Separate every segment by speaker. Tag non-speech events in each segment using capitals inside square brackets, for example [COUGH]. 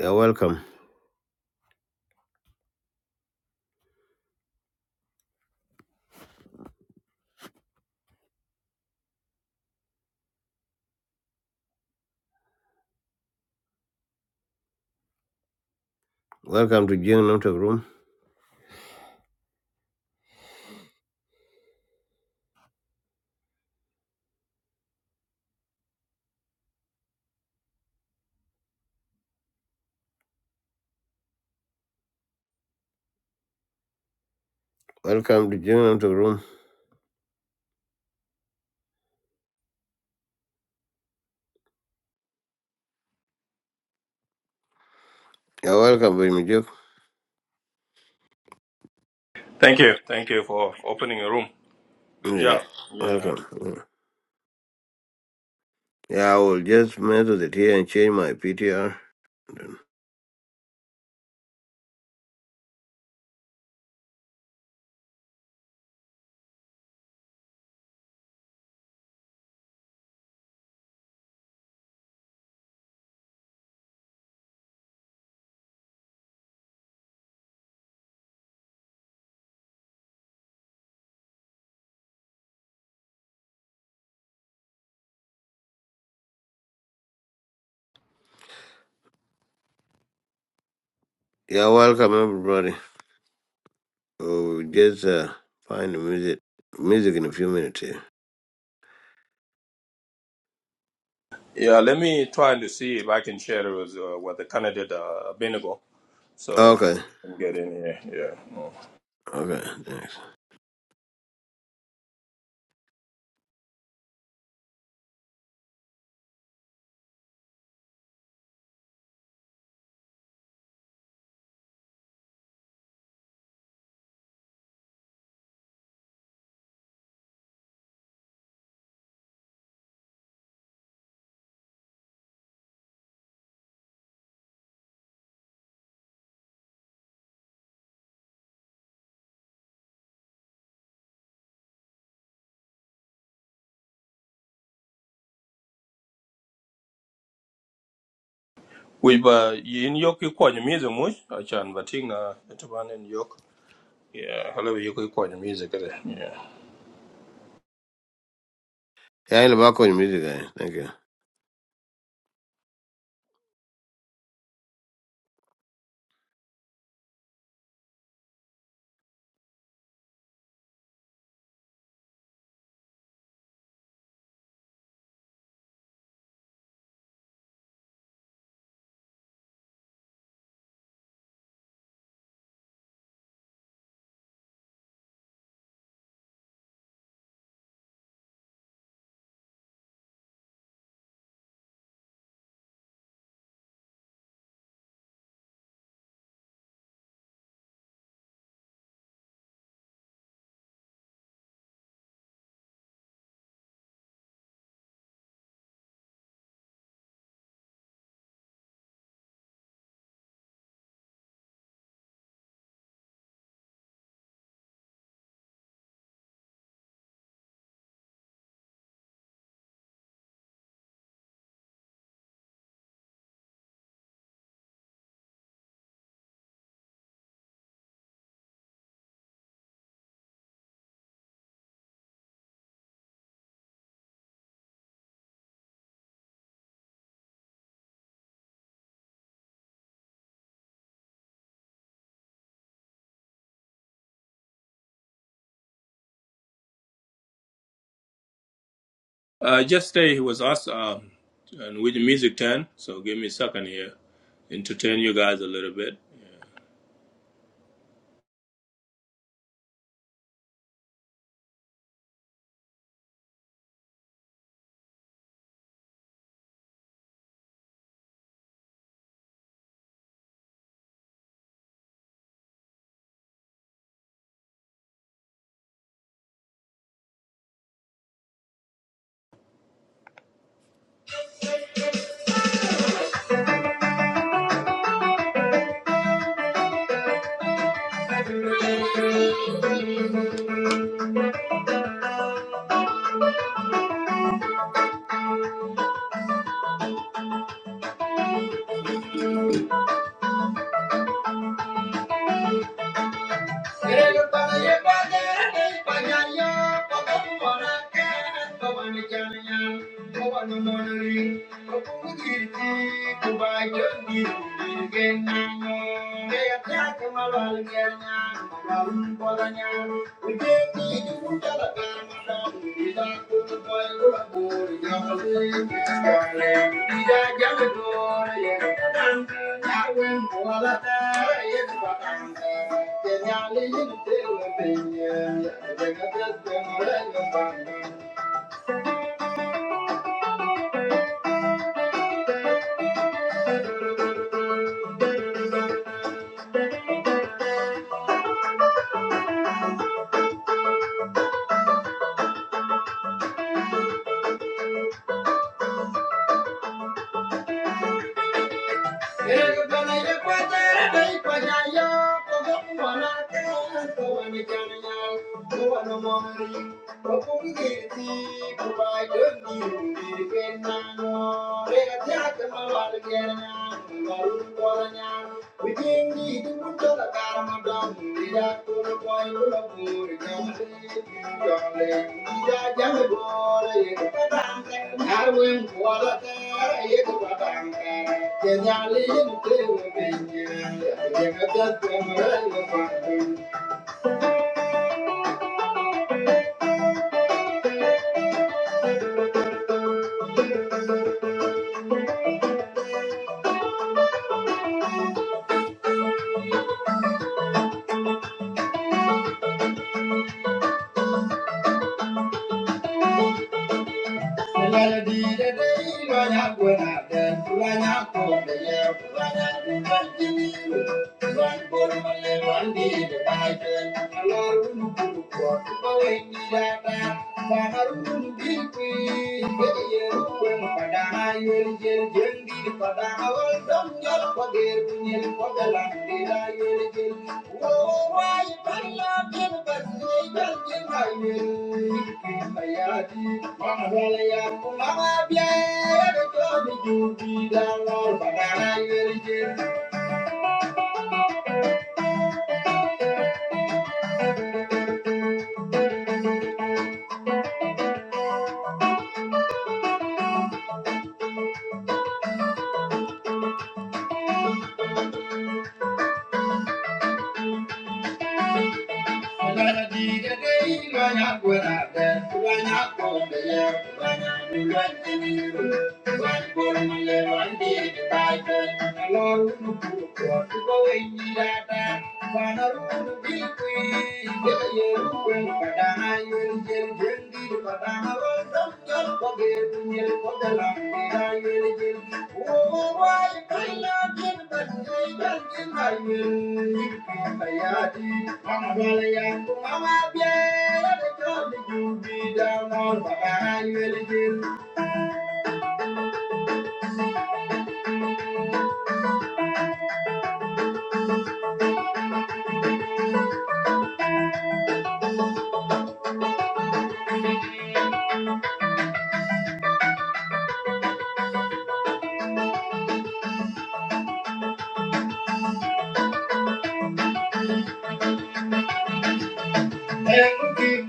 Speaker 1: Yeah, welcome. Welcome to Jing Nam Tok Room. Welcome to Jing Nam Tok Room. Yeah, welcome, Baby Juk.
Speaker 2: Thank you. Thank you for opening a room. Good
Speaker 1: Yeah,
Speaker 2: job. Yeah.
Speaker 1: welcome. Yeah, Yeah, I will just method it here and change my PTR. Then- Yeah, welcome, everybody. So we just uh, find the music music in a few minutes here.
Speaker 2: Yeah, let me try to see if I can share it with, uh, with the candidate, uh, Benigo, so I
Speaker 1: Okay,
Speaker 2: can get in here. Yeah. Mm.
Speaker 1: okay, thanks.
Speaker 2: We, but you in York, you quite music, much? I can, but in, uh, it's one in York. Yeah, hello, you could quite music. eh? Yeah.
Speaker 1: Yeah, in the background music, guy. Thank you.
Speaker 2: Uh, just say he was asked, um, and with the music turn, so give me a second here, entertain you guys a little bit. Queremos para llevar el pañario, poco como la cara, como mi cana, como no morir, como un grito, como yo ni un genio, que ataca mal al genio, como un podaña, porque ni yo mucha la Thank you. Thank you. Thank you. Thank you. Thank you. Thank you. Thank you.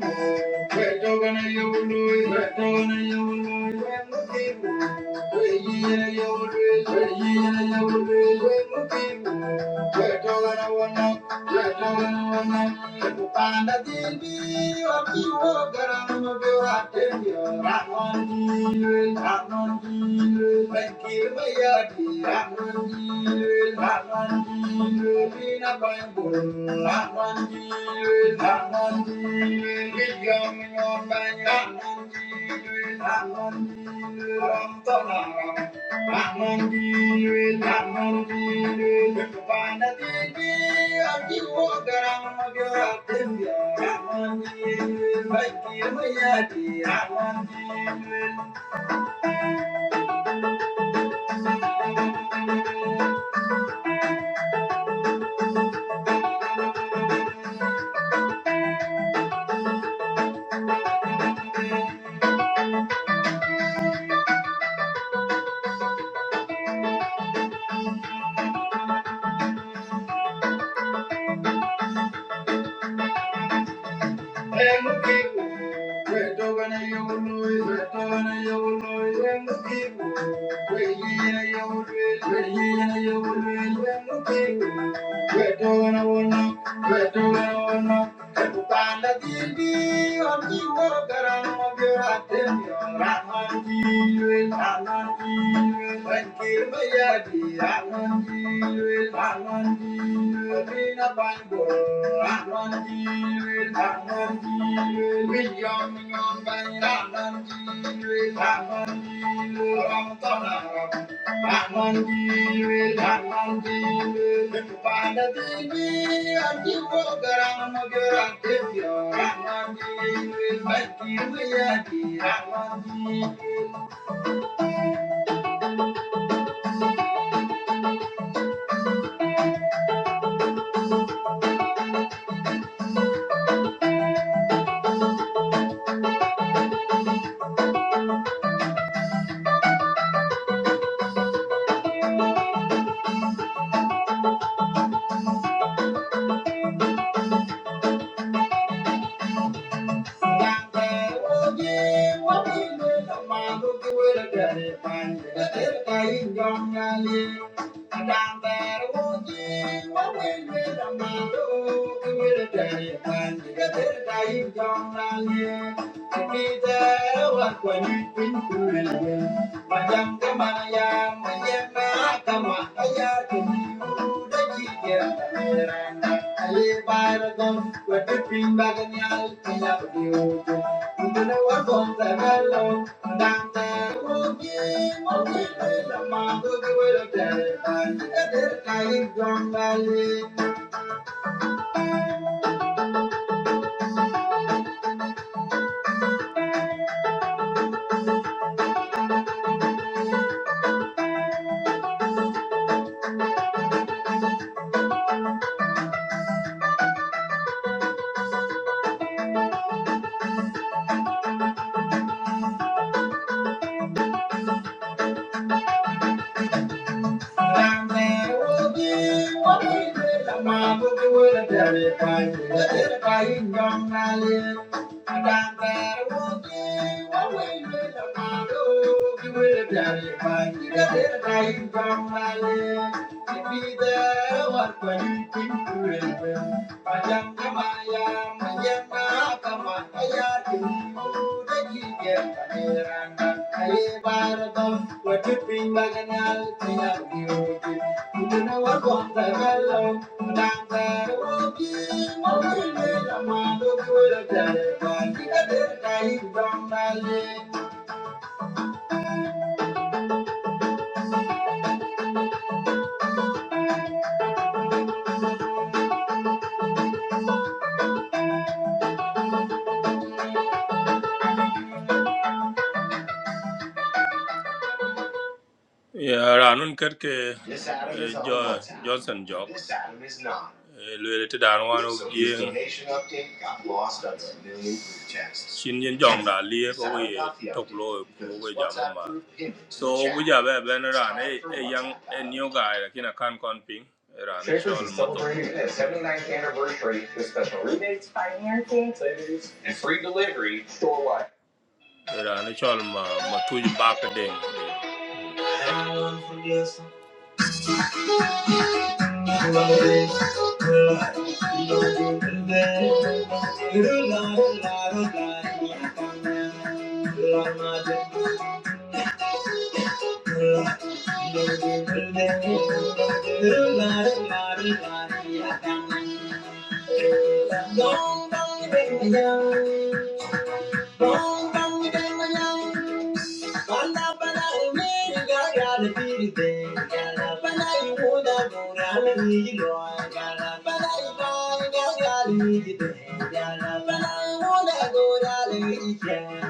Speaker 2: my dear. Thank you. Thank you. Thank you. Thank you. Thank you. Thank you. bring back now? Thank you. Yeah, Ranun Kirke, This atom is on jo, WhatsApp. Johnson Jock, This atom is not. related to Anwan So his Yang, donation update got lost under a million group texts. Shin Yin Jong Da Lia, This atom Kowe, got the update Toklo, because Kowe his Jaman WhatsApp Ma. group pinned it to the So, we chat. have been It's around time a, for a young, WhatsApp a atom. new guy, like in a can con ping, around a Traitors shawl is moto. celebrating its 79th anniversary with special rebates, financing, savings, and free delivery storewide. Around a shawl ma, ma tuj back a ding. Thank you.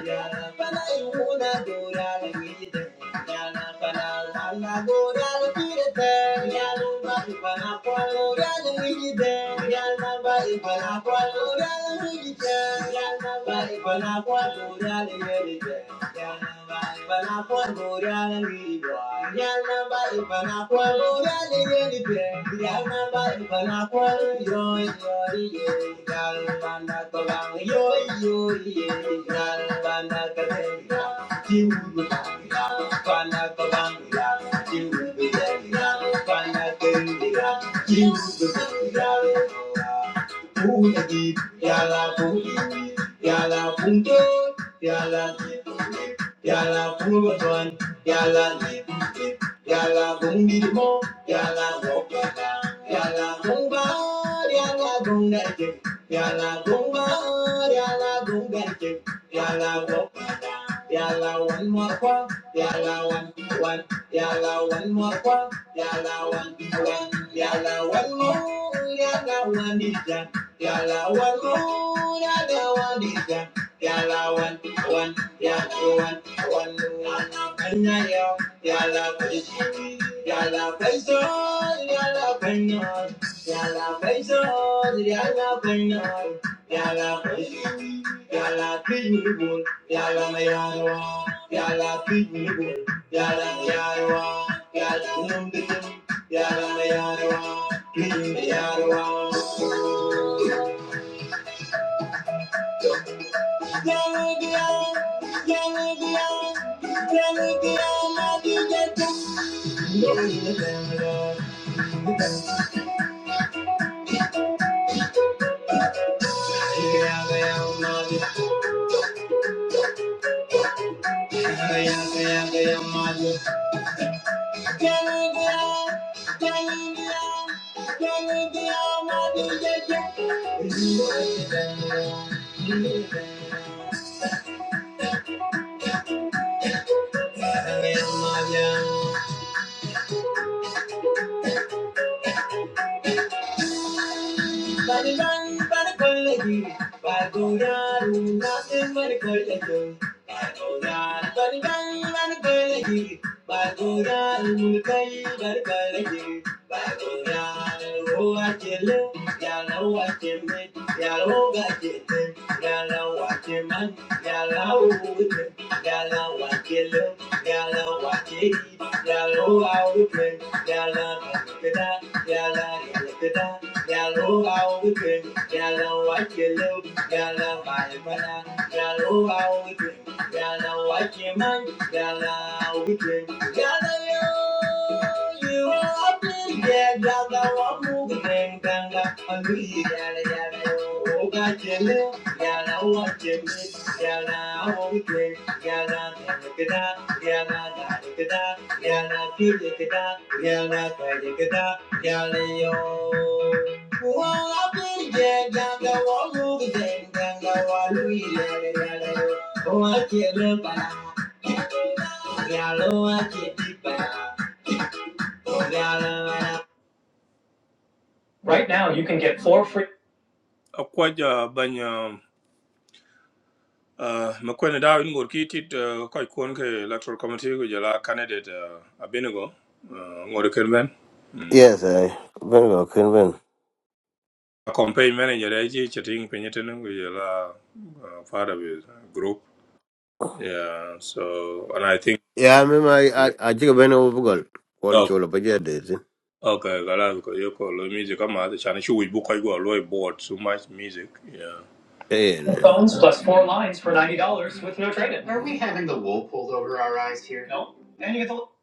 Speaker 2: Yeah. Yeah. Thank you. Pungi, yala pungi, yala pungi, yala, Pungi, yala pungi tuan, yala, Pungi, yala pungi mo, yala woka, yala gumba, yala gunga jim, yala gumba, yala gunga yala woka, yala one more kwa, yala one one, yala one more kwa, yala one one, yala one more, yala one Yalla one want more than I want yalla one one, I want, want, yeah, you want, want, want. And I am, girl, I yalla girl, I wish, oh, girl, I wish, oh. Girl, I wish, oh, girl, I wish, oh. Girl, I wish, yalla I oh. oh. oh. oh. Yeah. Balilang balikolegi, bagulan natin balikolegi. Bagulan, balilang balikolegi, bagulan kay balikolegi. Bagulan, uwakili, yala uwakili, yala ugakili, yala uwakiman, yala uwute, yala uwakili, yala uwakili, yala uwawute, yala kakita, Yala, yala, yalo, how we bring, yala, what you love, yala, my mana, yalo, how we bring. Gala Wakeman, Gala Weekend, Gala Yo, you are happy, yeah, Gala Wamu, Gang Ganga, Ali, Gala Gala Yo, Gajele, Gala wake me, Gala Weekend, Gala Gada, Gala Gada, Gala Gada, Gala Gada, Gala Yo. Well, I've been dead, ganga, walk over there, ganga, walk over Oh, I can't look back. you know I can't look back. Oh, y'all know I- akwaj bany makwene da in gor kitit koy ke electoral committee go jala candidate uh, abinigo uh, ngor ken Mm.
Speaker 1: Yes, I. Ben go, can
Speaker 2: a campaign manager ai ji chatting penyeten go jala uh, part of his group yeah so and i think
Speaker 1: Yeah, I mean, I I I think Ben over goal.
Speaker 2: oh
Speaker 1: Quality all up, but yeah, there's it.
Speaker 2: okay gala ko yo ko lo music kama the chana chu bu koy go lo board so much music Yeah.
Speaker 1: Yeah,
Speaker 2: phones plus four lines for ninety dollars with no trade-in.
Speaker 1: yeah.
Speaker 2: Are we having the wool pulled over our eyes here? No, and you get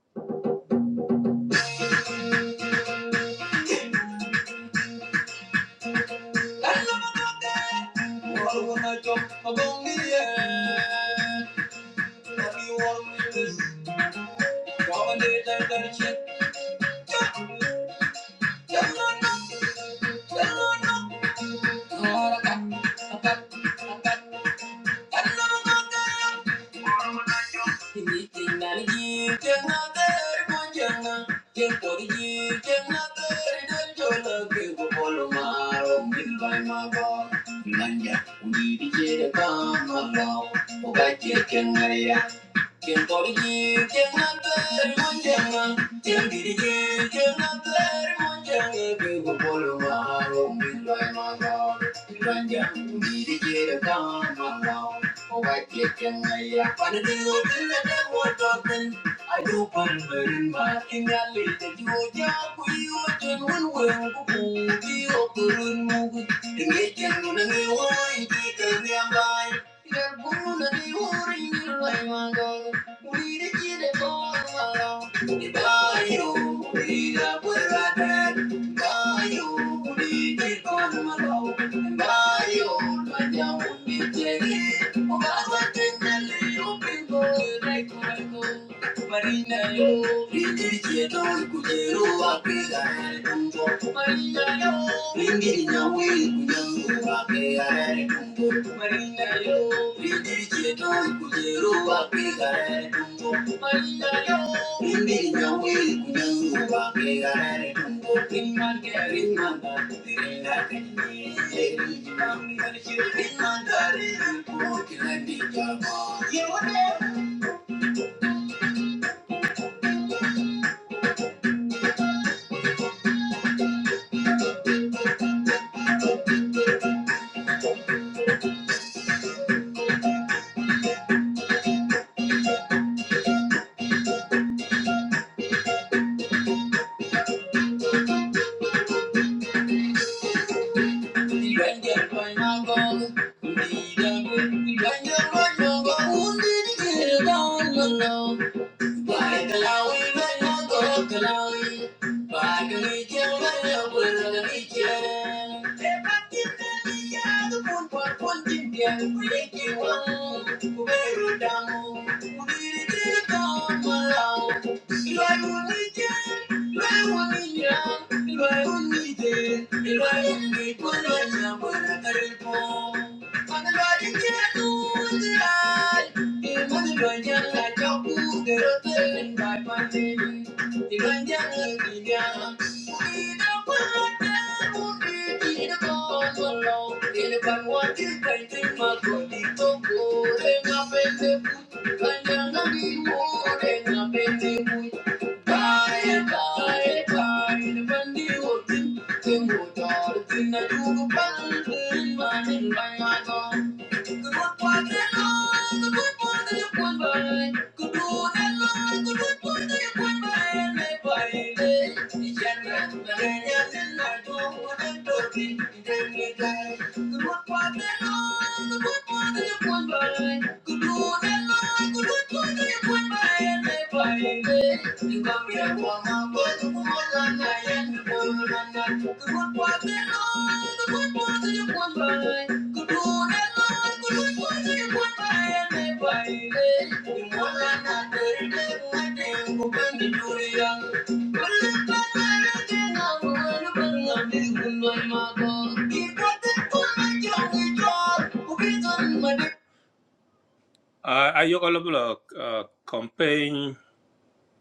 Speaker 2: the. [LAUGHS] Nanya, we need to get a bomb along. Oh, I can't get Tiang kori ji, tiang nakar munjanga, tiang diri ji, tiang nakar munjanga, kego polo maharong bilai mangal, ranjang diri ji rekang mangal, obat kekeng ayah panadu bilada watoten, adu panberin makin nyali jadi oja kuyu jen wen wen kuku biok turun mugut, dengejen nunangi wai di kenyang Thank you. Marina yo, ingiri don kujero apega kumbo. Marina yo, ingiri nyawe kunyango apega kumbo. Marina yo, ingiri don kujero apega kumbo. Marina yo, ingiri nyawe kunyango apega kumbo. Inmanga inmanga, inmanga kanyi. Inmanga kanyi, inmanga kanyi. Inmanga kanyi, inmanga kanyi. Thank you. Bacalawi, mano, todo calawi. Bacalique, mano, pues bacalique. Te patita liado, pun por pun tindia, cuique wang, cubero damo, cubiri tiri Thank you. Thank you. Thank you. Uh, I yok alabula uh, campaign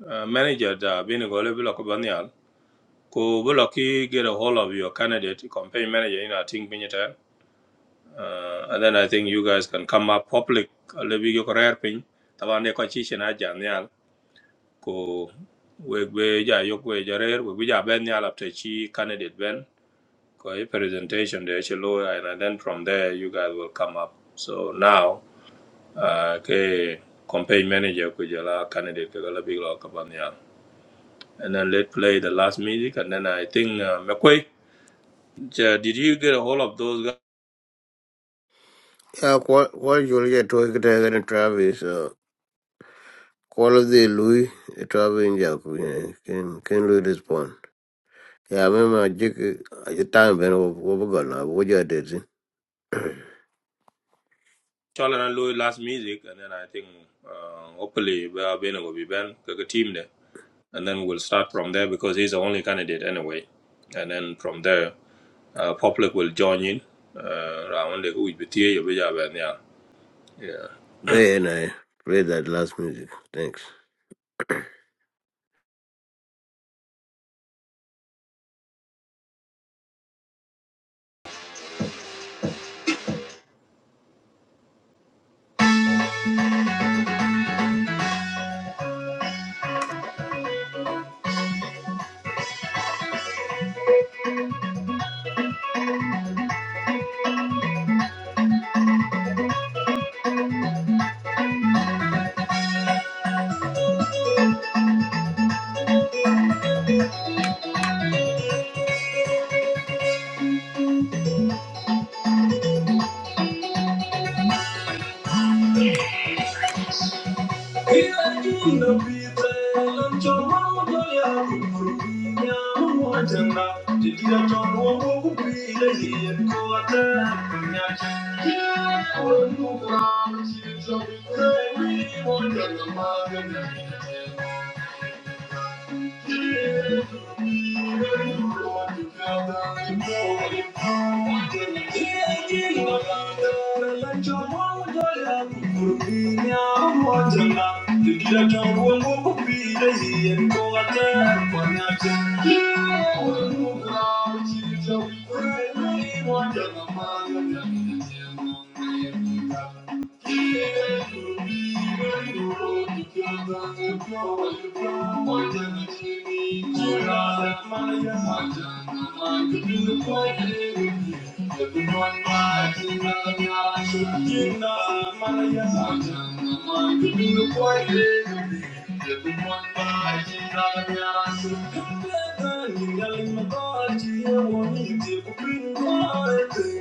Speaker 2: uh, manager da bini go alabula ko banyal ko bula ki get a hold of your candidate campaign manager you know I think bini uh, and then I think you guys can come up public alabi yo career pin taban de ko chi chena janyal ko we we ja yok we jarer we ja ben nyal apte chi candidate ben Because your presentation, the HLO, and then from there, you guys will come up. So now, uh, okay, campaign manager, could you allow candidate, could allow big law, come yeah. and then let's play the last music, and then I think, uh, McQuay, j- did you get a hold of those guys?
Speaker 1: Yeah, kwa kwa julia tuwe kitaka na Travis. Uh, qual of the Louis, eh, Travis in kuye. Can can Louis respond? Yeah, I mema jik ajitang bena wabagal na wabuja desi.
Speaker 2: Charlie and Louis last music, and then I think, uh, hopefully, we are will be Ben, the team there, and then we'll start from there because he's the only candidate anyway, and then from there, uh, public will join in. Uh, around the who will be here, you will have, yeah. Yeah.
Speaker 1: Gaya na eh, play that last music. Thanks.
Speaker 2: Thank you. Thank you. Thank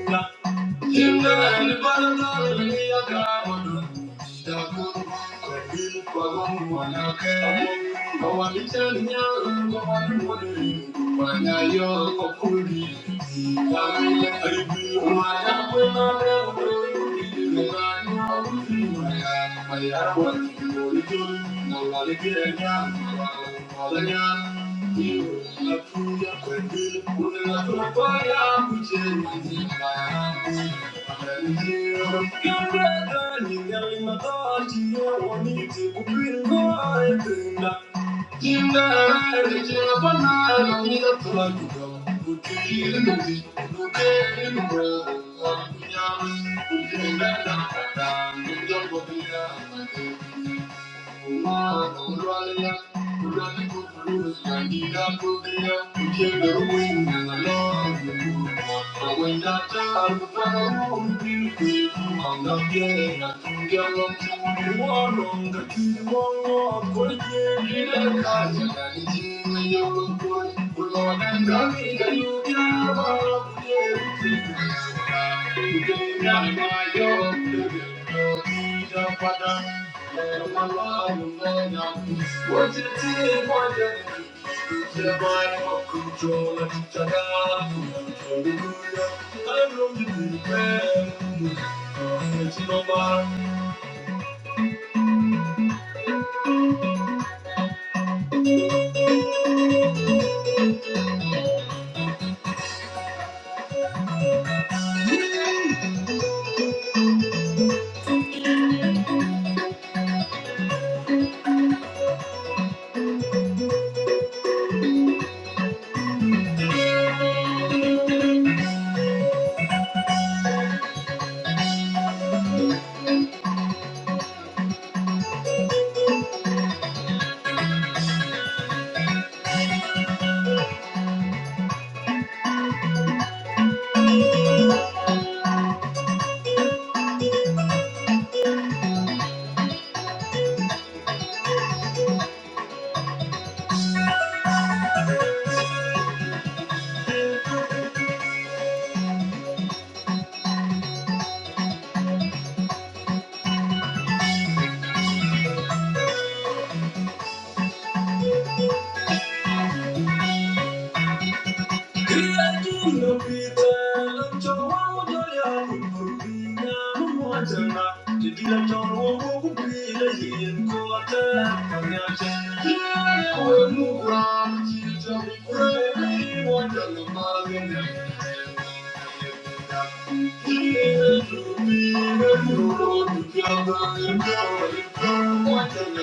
Speaker 2: you. Thank you. Thank you. I'm not getting Control and control the good. I know you prepare. Thank you.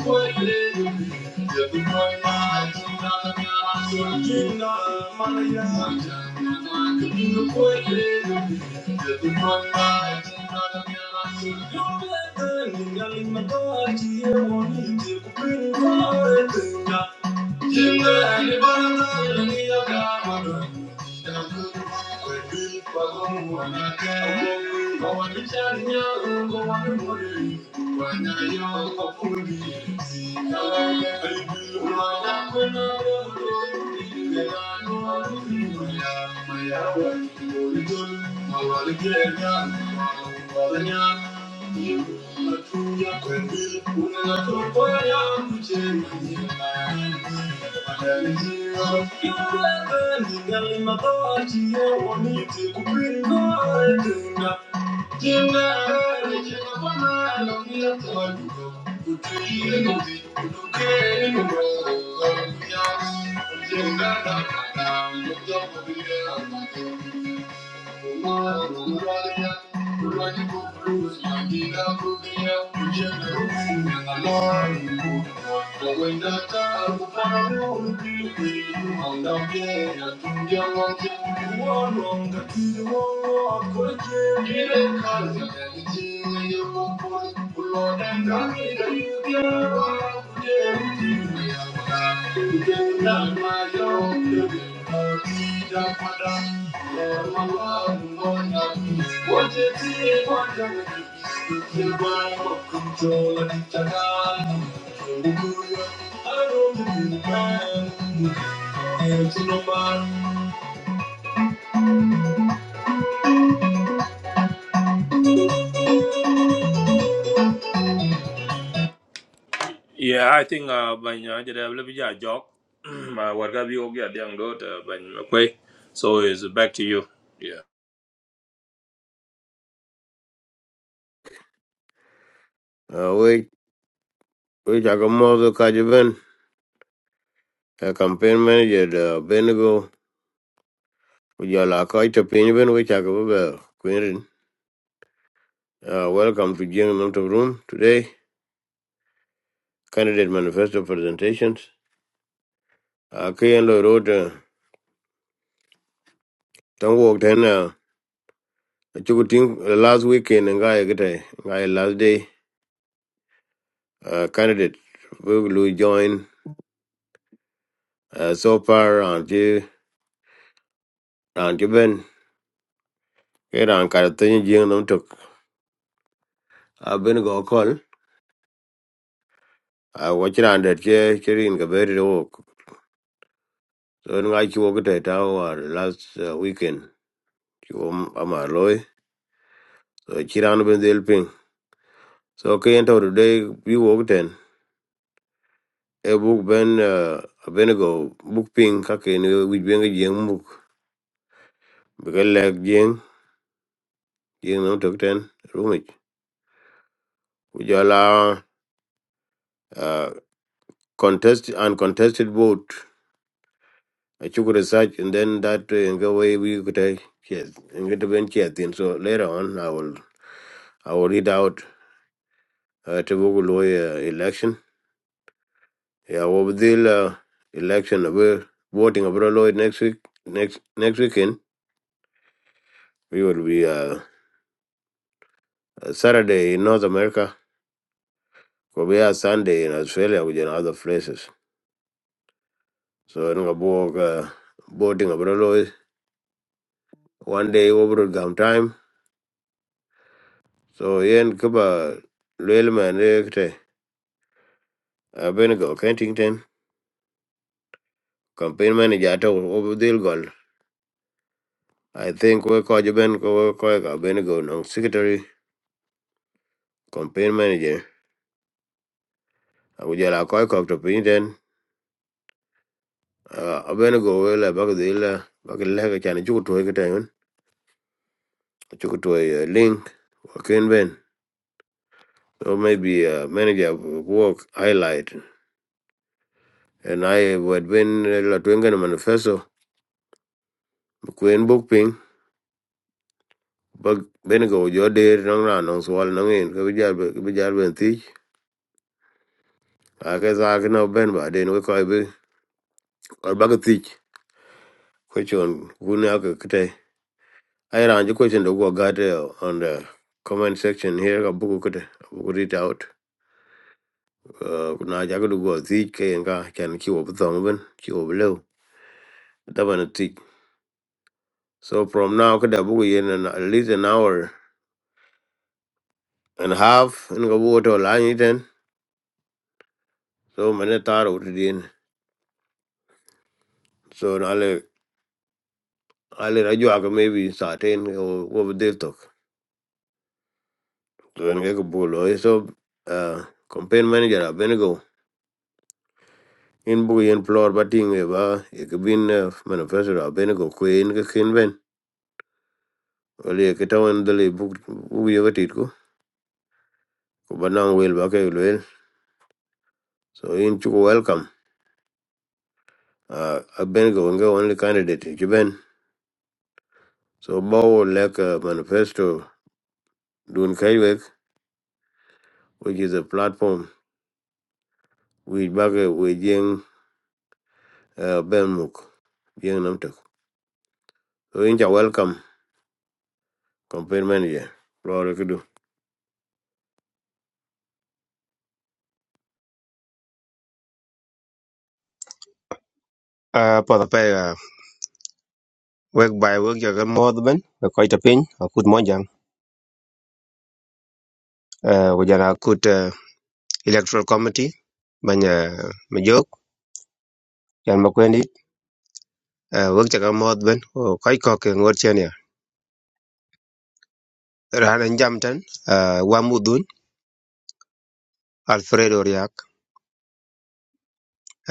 Speaker 2: Thank you. Thank you. Thank you. Thank you. Thank you. Yeah, I think uh ban uh did have a jog. [CLEARS THROAT] My work have you get young daughter ban okay. [CLEARS THROAT] So it's back to you. Yeah.
Speaker 1: Uh, we we chakamoto kajiben. A campaign manager da Benigo. Ujala koi chapini ben we chakabuga Queenin. Uh, welcome to Jing Namto Room today. Candidate manifesto presentations. Uh, Kian Lloyd wrote. Uh, don't walk then. Achuku ting last weekend ngai kete ngai last day uh, candidate we will join uh, so far and je and je ben ke ran kar tin jing nom tok a ben go call a watch ran det che chirin ka beri ro so ngai chuo kete ta war last uh, weekend chu amar loy so chiran ben del ping so ke ento today we walk ten e book ben uh, a ben go book ping ka ke ni we ben ga jing muk be ga leg jing Ding nom tok ten rumich. Ujala uh, contest uncontested vote. I took research and then that uh, in the way we could uh, yes, in the bench yes, then so later on I will I will read out uh, to Google lawyer election. Yeah, over the uh, election we voting abroad lawyer next week next next weekend. We will be uh, uh, Saturday in North America. or We are Sunday in Australia with in other places. So in Gabor uh, voting abroad one day over gum time so yen kuba lel man ekte aben go Kensington campaign manager to over deal gol i think we ko ben ko ko ga ben go no secretary campaign manager agu jala ko ko to pinten aben go we la bag deal bag le ga chan ju to ga tan ju to link ken ben so maybe uh, manager work highlight and i would been la twenga manifesto queen book bak bene go jo der nang ran nang swal nang en ke bijal be ke bijal ben ti a ke za ke no ben ba den we ko be or bag ti ko chon guna ke kete ai ran ji question do go gat on the comment section here ka buku kete buku read out Uh, na ja go go ti ke en ka chan ki wo thong ben ki wo lo da ban ti so from now ke da buku yen an- at least an hour and a half en go wo to la ni ten so mane taro ti din so na ale na jwa ka maybe certain or over there talk to en ga bulo so uh campaign manager a benego in bu yen floor batting e ba e ka bin eh, manifesto a benego ko en ga ken ben ole e ke tawan dele bu bu ye gatit ko ko banang wel ba ke wel so in chu welcome uh a benego nga only candidate e ki ben so bawo like a manifesto dun kaywek which is a platform we bag we jeng uh, ben muk jeng namtok Winja welcome campaign manager. Lord kudu.
Speaker 3: Uh, pada pa uh, wek by wek jagan mod ben uh, koi tapin akut monjang uh, wajan akut uh, electoral committee banya majok yan makwendi uh, wek jagan mod ben uh, koi kok ngot chen ya rana jam tan uh, wamudun alfredo riak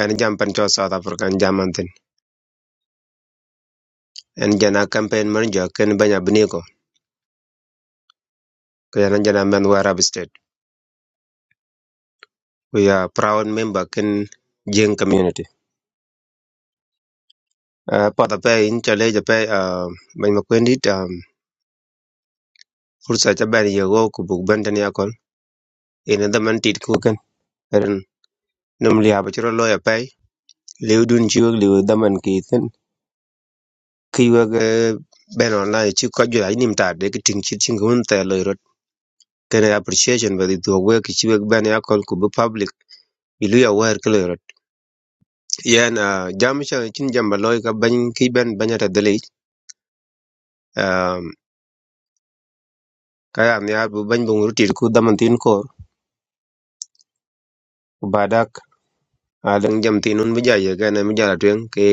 Speaker 3: an jam pan cho south africa an jam antin an jana campaign manager ken banya biniko kyan jana men warab state we are proud member ken jing community uh, pada pa in chale jape uh, banya makwendi fursa ca bɛn yego ku buk bɛn tɛn ya kɔl ini dhaman tit ku kɛn ren nim liab ci rɔ lɔ ya pɛi liu dun ci wek ki thin ki wek eh, online ci kɔc juɛl nim taar de ki tiŋ cit ciŋ ki wen thɛɛ appreciation bɛ dhi dhuɔk wek ki ci wek bɛn ku bi public i lu ya wɛɛr ki loi rot yen ah, jam ca jamba lɔi ka ban ki bɛn bɛnya ta dhilic ka ya niaar bi bɛny bi tit ku dhaman thin koor badak a jam tinun un bi ja ye kene mi jala tueŋ ki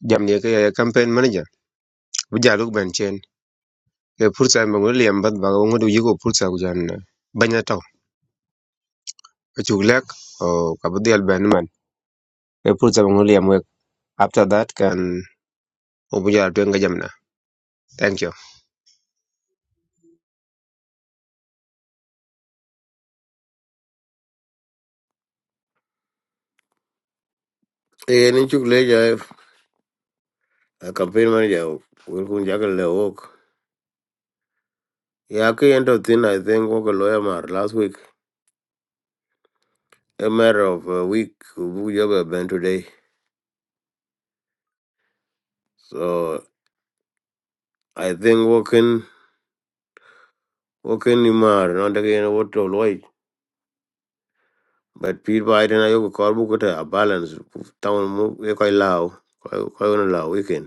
Speaker 3: jam ne ke campaign manager bu jaluk ben chen ke pursa ma ngol liam bat ba ngol du yigo pursa ku jan banya taw ke chuk lek o ka bu del ben man ke pursa ma ngol liam wek after that can obu jal tu nga jam na thank you
Speaker 1: E ni chuk le ja a campaign manager will kun jagal le wok. Ya ke end of thin I think wok a lawyer mar last week. A matter of a week we have been today. So I think woken woken ni mar not again what to avoid. But Pete Biden ayo ko korbu ko ta a balance town move, e can allow, Koy can allow weekend.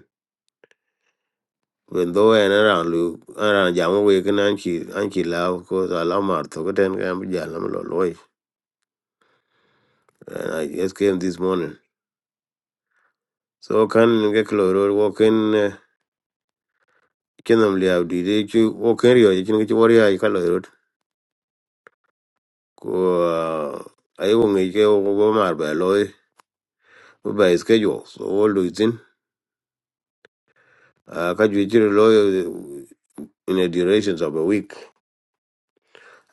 Speaker 1: When though and around Lu, around Jama waken and she and she laugh because Alamar took it and can be Jalam And I just came this morning. So can get clear walk in uh, Chenam Liao did you walk in Rio, you can get your chicken warrior, you can load. Go, uh, I won't make you over my by lawyer, by schedule. So all do it in. Uh, catch you a lawyer uh, in the durations of a week.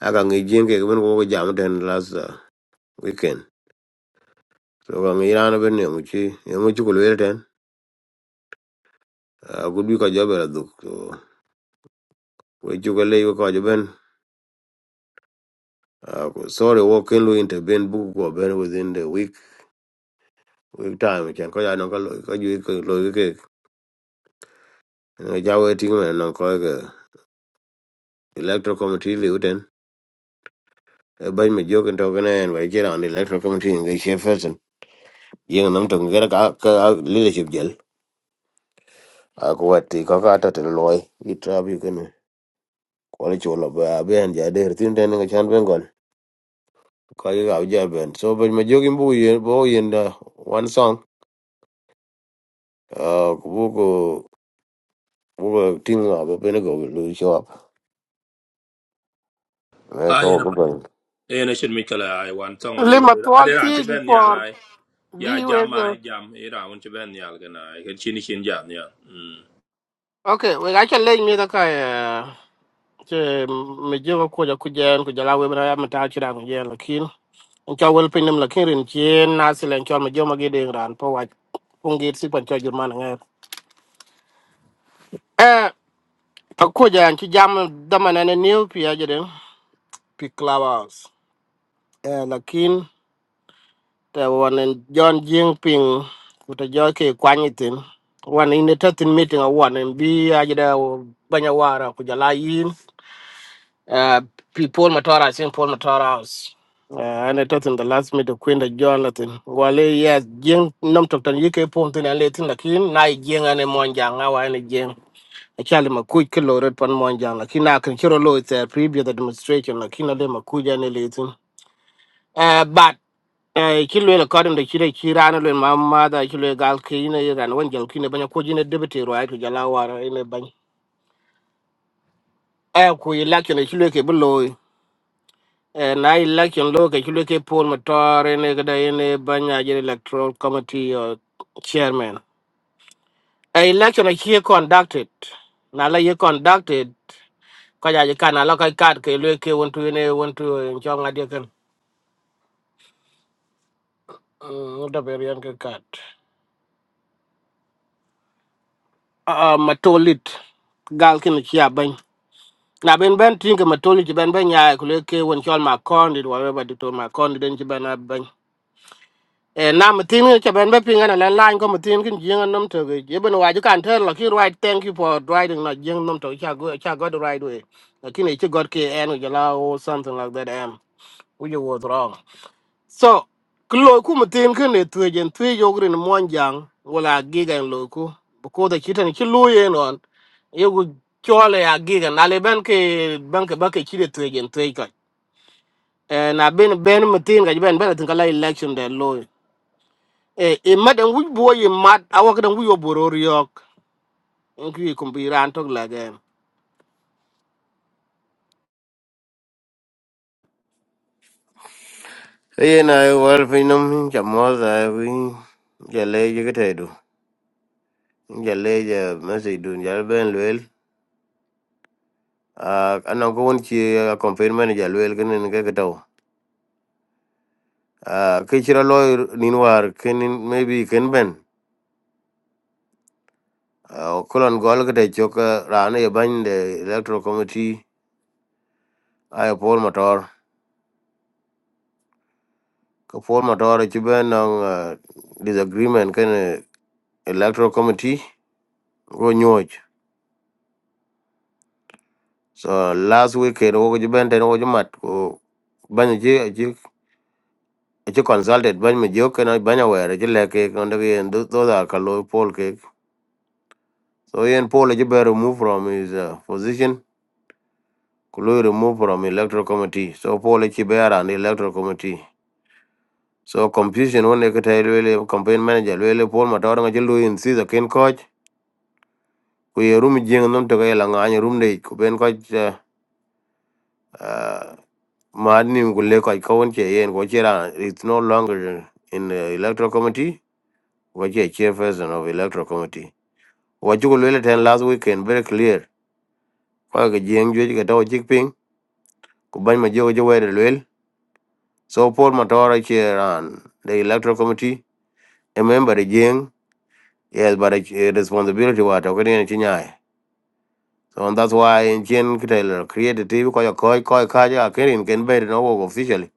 Speaker 1: I can get Jim Kevin over Jam ten last uh, weekend. So I'm Iran of a Yamuchi, Yamuchi could wait then. Uh, good be ko jobe la duk so we juga le ko joben sorry wo ken lu intervene Book ko ben within the week week time chen ko ya no ko lo- ko ju ko lo ke Eh, ja we ting men no ko ke electoral committee le uten e ban me jogen to gane en we jera on the electoral committee ngi che person yeng nam to ngera ka ka leadership jel a ko wati ko ka to ten loy i trap yu ken ko le chulo ba ben ja der tin den ngi chan ben gon ko ga ja ben so ban me jogin bu yen bo yen da one song Uh, buku buku ting apa pun aku lu jawab. Mereka
Speaker 2: I
Speaker 1: apa pun.
Speaker 2: in a should make I want tongue about
Speaker 4: Lima
Speaker 2: I did not
Speaker 4: Twalti
Speaker 2: ban
Speaker 4: for
Speaker 2: yeah Yeah,
Speaker 4: be
Speaker 2: jam
Speaker 4: with uh,
Speaker 2: I jam. Ira want to ben yal gana. I can chin chin jam yeah. Mm.
Speaker 4: Okay, we got your lane me the car. Che me jo ko ja kujen ku jala we bra ma ta chira ku jen lakin. Un cha wel pin nem lakin rin chen na silen chol me jo ma gede ran po wa. Kun git si pan cha jur man ngai. Eh, ko ja an chi jam da man ne new pi a jere pi clubhouse. Eh lakin te wan John Jing Ping kuta joke kwanyitin wan in the thirteen meeting a wan in bi ajida banya wara kujala yin uh, people matora sin Paul matora house uh, and it in the last meeting kwenda John latin wale yes jing nam toktan yike pontin and latin lakin na i jing ane monjanga wa ane jing Achali makuj ke loret pan monjang lakin akin chiro lo it's a preview the demonstration lakin ale makuj ane latin Uh, but uh, ci lwel according to chire chirana lwel ma madha ci lwel gal kine ran wan jal kine banya ko jine debete ro ay to jala wara ine bany e ku election ci lwel ke bloy e na election lo ke ci lwel ke pol motor ine gada ine banya jere electoral committee or chairman e election ci conducted na la ye conducted ko ja ji kana la ka kat ke lwel ke wontu ine wontu en chonga de kan Mm, da berian ke kat uh, matolit gal kin chia ban na ben ben tin ke matolit ben ben ya ko le ke won chol ma kon dit wa ba dit ma kon dit den chi ben ban e na matin ke ben be pinga na lan ko matin kin jing nam to ge ye ben wa ju kan ter la ki right thank you for riding na jing nam to cha go cha go the right way na kin e chi god ke en u or something like that am which was wrong So, ke loy ku matin ke ne tuwe jen tuwe yogri ni mwan jang, wala giga en loy ku. Buko da chita ni chi loy en on, yogu chole ya giga, na le ben ke, ben ke bake chide tuwe jen tuwe kach. Eh, na ben ben matin kaj ben ben atin kala election de loy. Eh, e mat en wuj buwa ye mat, awa kadan wuj yo boror yok. Enki yi kumbi ran tok lage.
Speaker 1: Iya na wal finom jamal saya pun jalai je kita itu. Jalai je masih itu jalai ben luel. Ah, anak kau pun cie confirm ni jalai luel kan ni kita tahu. Ah, kecira loy ninwar kenin maybe ken ben. Ah, kulon gol kita cok rana ya ban de electoral committee ayah Paul Motor. Ke Paul Motor cuba nang disagreement kan electoral committee go nyoj so last weekend wo ji ben ten wo ji mat ko ban ji ji ji consulted ban mi jo kana ban aware ji leke on the end those are kalo poll cake so yen poll ji be removed from his uh, position kulo remove from electoral committee so poll ji be around electoral committee so confusion one ke tay lele campaign manager lele poll ma tor ngi lu in si the ken coach ku ye room jing nom to ga la ngani room de ku ben coach uh, uh, Madnim Gule Kaikon Chain Wachira is no longer in the electoral committee, which is chairperson of electoral committee. What you will ten last weekend very clear. Kwaka Jiang Juj Gatawa Jikping, Kuban Majo Jawed Lil. So Paul Matora chair on the electoral committee, a member of Jiang, yes, but a responsibility what Okadian Chinyai. So and that's why in Chien Kitel created TV Koya Koi Koi Kaja Kerin can bear no work officially.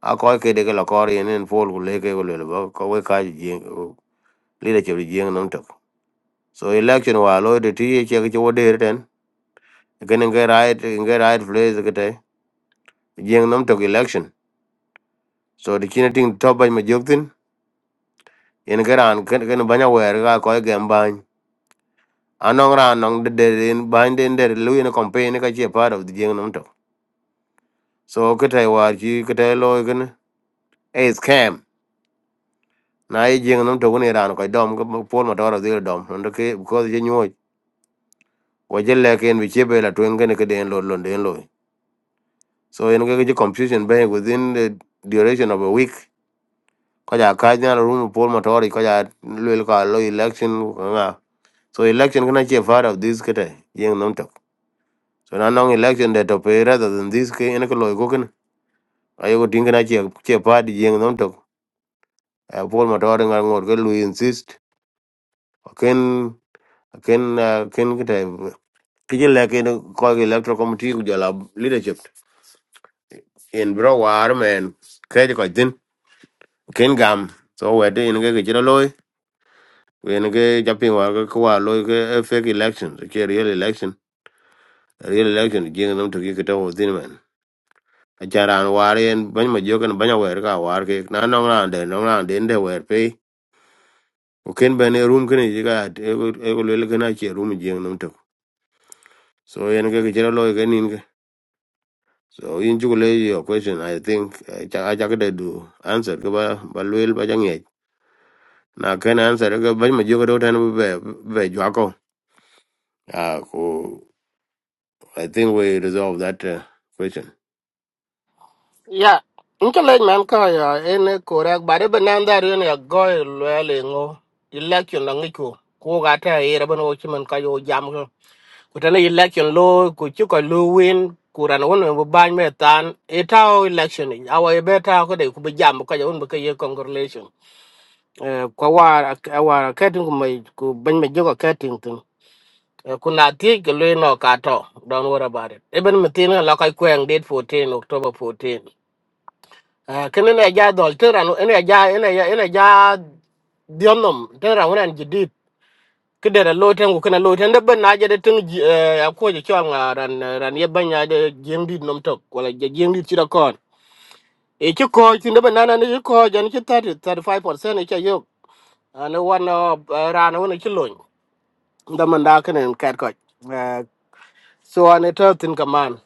Speaker 1: A Koi Kedekala Kori and then Paul Guleke Gulele Kaji Jiang leadership di jeng nam tok so election wa lo de ti ye che ko de ten gen ngai right ngai right place ke te jeng nam tok election so the kina ting top ban ma jok tin en garan ken ken banya wer ga ko gem ban anong ran nong de de in ban den de lu in campaign ka che part of the jeng nam tok so ke te wa ji ke te lo gen a scam na ye jeng nam tok ne ran ko dom ko pol ma tor de dom ndo ke ko je nyoy wa je le ken bi che be la twen gen ke den lo lo den lo So in cái confusion bay within the duration of a week. Kaja kaja na room poll motori kaja luel ka lo election ko nga. So election kana che part of this kete yeng nom tok. So na nong election that to pay rather than this ke in ko lo ko ken. Ayo ko tinga na che che part yeng nom tok. A poll motori nga ngor ke lu insist. Ken ken uh, ken kete kije le ke ko ke electoral committee ku jala leadership in bro war man. Kaja ko din ken gam. So we wedo in ke ke chiro wen ke japing wa ke kwa lo ke eh, fake election ke real election A real election jing nam to ki ke to din man a charan war yen ban ma jo kan ban wer ka war ke na no ran de no ran de de wer pe o ken ben e room ken ji ga e go le ke na che room jing nam to so yen ke ke chero lo e ke nin ke so in ju le your question i think eh, cha a cha ke de du answer ke ba ba lwel ba jang ye na ken answer ke ban ma jo ke do tan be be jwa ko ah ko I think we resolved that uh, question.
Speaker 4: Yeah. Nke lej man ka ya ene korak bare banan da ri ne go le le ngo. Election la ngiko. Ko ga ta e ra bano chi man ka yo jam ko. Ko ta ne election lo ko chi ko lo win ko ran won bo ban me tan e ta o election ni. Awa e be ta ko de ku be jam ko ya won be ka ye congratulation. Eh ko wa wa ka tin ko mai ko ban me jogo ka tin tin. E, Ku na ti ke le no ka to. Don't worry about it. Even me tin la ka kweng date 14 October 14. Ah, kene ne ja dol te ran ene ja ene ja ene ja dionom te ran ran jidit kedere lo tengu kena lo tende ben na jede teng ya ko je chon ran ran ye ban ya de jeng dit nom tok wala je jeng dit chira kon e chi ko chi ne ben na ne ko jan chi 30 35% e cha yo ane wan ran wan chi loñ da man da kenen kat ko so ane to tin kaman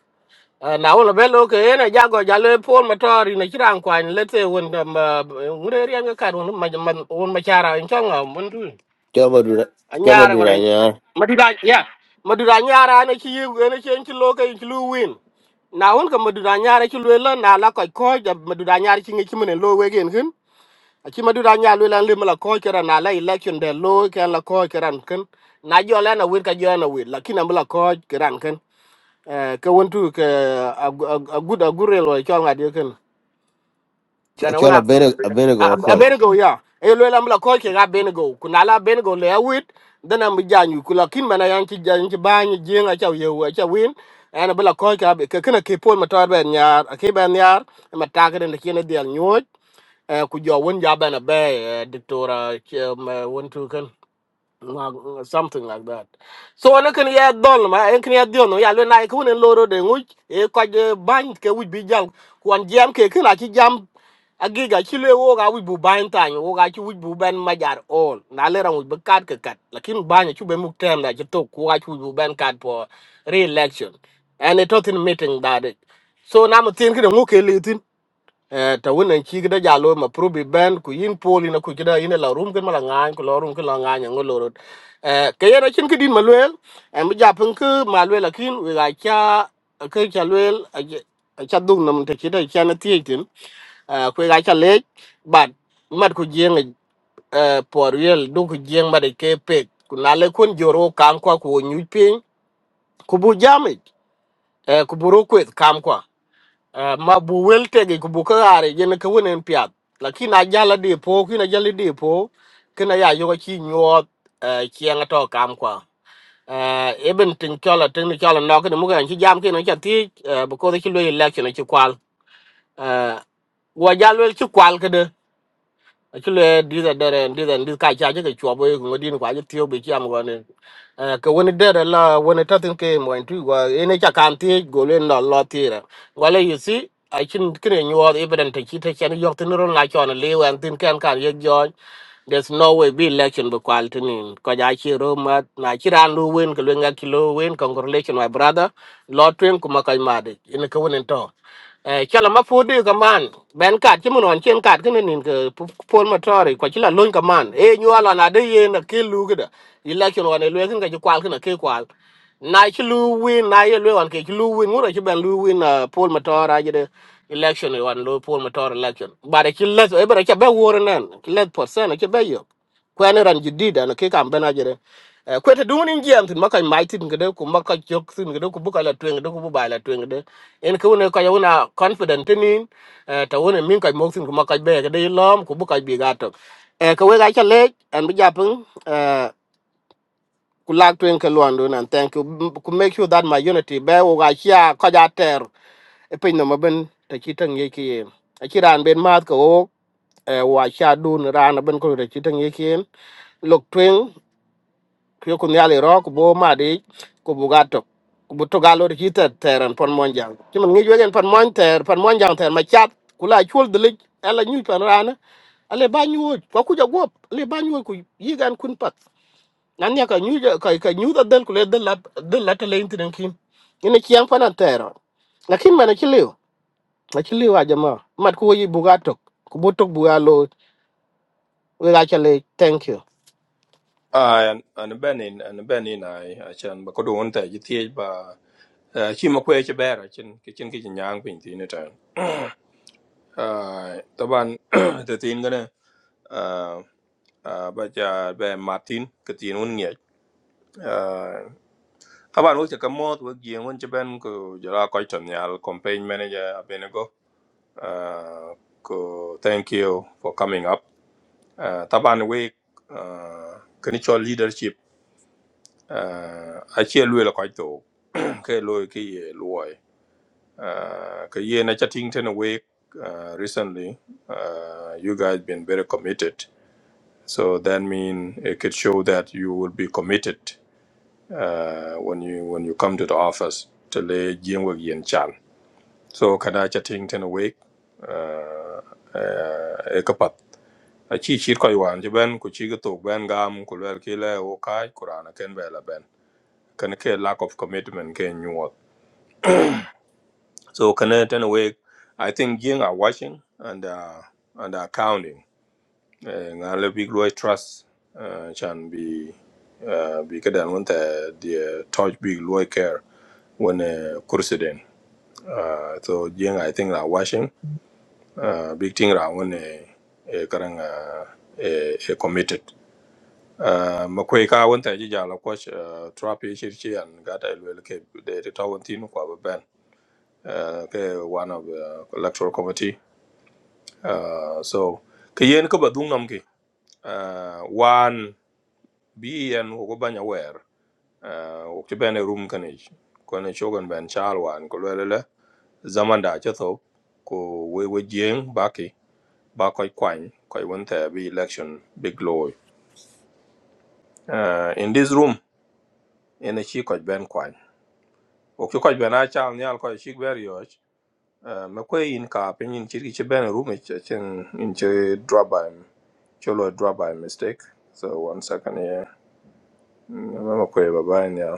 Speaker 4: Uh, na wala belo ke ena jago jalo pol matori na chiran kwa ni lete won um, uh, ngure ri anga kar won ma man won ma chara in changa mun tu
Speaker 1: Choma dura, choma
Speaker 4: anyara
Speaker 1: dura
Speaker 4: wala
Speaker 1: nyar.
Speaker 4: madura ya madura nyara na chi ene chen chi loke chi lu win na won ka madura nyara chi lu la na la ko ko ja madura nyara chi ngi chi mun lo we gen hin a chi madura nyara lu la lim la ko kera na la election de lo ke la ko kera kan na jo la na wir ka jo na wir lakini ambla ko kera kan eh ka wontu ka agud agurel wa chol ngadi ken
Speaker 1: Ch-
Speaker 4: dana
Speaker 1: Chola
Speaker 4: wona
Speaker 1: bene, bene go call.
Speaker 4: abenego ya e lo lam la ko ke ga benego kuna la benego le awit dana mi janyu kula kin mana yan ki jan ki ban jenga chaw ye wa chaw win ana bla ko ka be ka kana ke pol matar ben yar ke ben yar mataka den ke ne dial nyoj eh, ku jo won ja bana be eh, diktora wontu Mag- something like that so nó kan ya dol ma en kan ya dio no ya lo nai ku ne loro de ngu e ko je ban ke wi bi jam kon jam ke kila ki jam agiga ki le wo ga wi bu ban tan wo ga ki wi bu ban majar all na le ran wi bu kat ke kat lakin ban ki be muk tem da ki to ku ga bu ban kat for re election and it was in meeting that it. so na mo tin ki de ngu ke ta wona chi gida jalo ma probi ben ku yin poli na ku gida yin la rum gen mala ngan ku lorum ku la ngan ngo lorot eh ke yana chin kidin malwel em ja pun ku malwel akin we ga cha ke cha lwel a cha dung nam te chi da cha na ti tin eh ku ga cha le bat mat ku jeng eh por yel du ku jeng ma de ke pe ku na le kun joro kan kwa ku nyu pin ku bu jamit eh ku buru ku kam kwa Eh, ma bu wel tegi ku bu ka are yen ka wonen piat lakin a jala de po kina jala de po kina ya yoga chi nyuot chiang to kam kwa Eh, eben tin chola tin ni chola no kina mugan chi jam kina cha ti eh bu ko chi lo election chi kwal Eh, wa jal wel chi kwal kede actually this and that and this and this kai cha ke chwa boy ngo din kwa je tio be chi am go ne eh ke woni der la woni ta tin ke mo ntu go ene cha kan ti go le no lo ti ra wala you see i can kre nyu od evident te chi te chen yok tin ron la chon le wan tin kan kan ye jo there's no way be election be quality ni ko ja chi ro ma na chi ran lu wen ke lu nga kilo wen congratulations my brother lot twen kuma kai ma de ene ke eh chala ma fodi kaman ben kat chimun on chen kat kene nin ke pol motori kwa chila lon kaman e nyuala na de ye na ke lu gida election on elwe kin ke kwal kene ke kwal na chi lu win na ye lwe on ke chi lu win ngura chi ben lu win pol motora jide election on lo pol motora election bare chi let e bare cha be wor nan let percent ke be yo kwene ran jidida na ke kam bena jere Eh, kwete dungun jiam tin makai mai tin gede ku makai jok tin gede ku buka la tweng gede ku buba la tweng gede en ku ne ka yuna confident tin eh ta wona min kai mok tin ku makai be gede lom ku buka bi gato e ka we ga chale an bi japun eh ku lak tweng ke luandu nan thank you M- ku make sure that my unity be wo ga chia ka ja ter e pin no maben ta chitang ye ki a chiran ben mat ko wo eh, wa sha dun ran ben ko ta chitang ye ki lok tweng kyo ku nyali ro ku bo ma di ku bu gato, tok ku bu to ga lo ki ter ter an pon mon jang ki man ngi jo gen pon mon ter pon mon ter ma chat ku la chul de lik ala nyu pan rana ale ba nyu wo ko ku ja gop ale ba nyu wo ku yi gan kun pat nan ya ka nyu ja- ka ka nyu da den ku le den la den la te le intin kin ina ki an pan an ter on. lakin mana ki liu ma ki liu a jama mat ku wo yi bu ga tok ku bu tok bu ga we ga chale thank you
Speaker 2: Ah, an an benin an benin ai achan ba ko don ta ji tie ba eh, chi ma kwe che bera chin ki chin ki chin yang pin ti ne tan [CLEARS THROAT] ah taban [CLEARS THROAT] te tin gane ah ah, ba ja be martin ke tin un nge ah taban wo che kamot wo gi un che ben ko jara ko ton yal campaign manager abenego ah ko thank you for coming up Uh, taban we uh, kinichol leadership uh, achie lwe la kwaj to [CLEARS THROAT] ke lo ke ye luoy uh, ke ye na chatting ten we uh, recently uh, you guys been very committed so that mean it could show that you will be committed uh, when you when you come to the office to lay jing yen chan so kada chatting ten we uh, uh, aci cit kɔc waan ci bɛn ku ci ki tok gam ku luɛl ki lɛ wo kaac ku raan akën bɛɛ la bɛn kene ke lack of commitment ke nyuɔɔt so kene tɛn week i think jiŋ are watching and uh, and are counting Eh, ŋa le big luɔi trust eh, can be uh, bi kedɛn wen thɛ deɛ touch big luɔi care when uh, kursi uh, so jiŋ i think are watching uh, big thing ra wen e karaŋ e committed makwei ka won ta ji jala ko uh, trap ye shir chi an ga dai lwel ke de de ta tinu kwa ba ben Eh, ke one of the electoral committee uh, so ke yen ko ba dung nam ki eh, wan bi yen ko ba wer eh, wo ti ben room kan ko ne shogan ben chal wan ko lwel le zaman tho ko we we jeng ba ki ba ko kwan ko won bi election big law uh, in this room in a chi ko ben o ki kɔc bɛn a caam nial kɔc cik bɛr yɔc me kue yin kaa piny in cit ki ci bɛn rum in ci drop by ci drop by mistake so one second here, me kue ba bai nial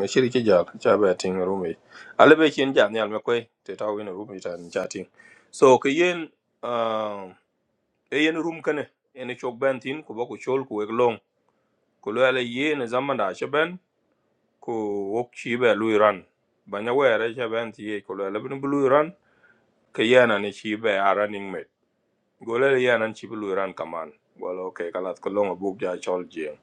Speaker 2: me cit ki jal ca bɛ ting rum ic ale be cin jal nial me kue te ta win rum ic tan ca ting so ke yen ah, e yen rum kene ene cok bɛn thin ku bɔ ku col ku wek long ku lo ale ye zamanda ci bɛn ku wok ci bɛ lui ran ba nya wɛɛre ci bɛn thi ye lo ale bini ke yana ni chi be a running mate gole le yana chi bulu ran kaman gole okay kalat ko longa buk ja chol jing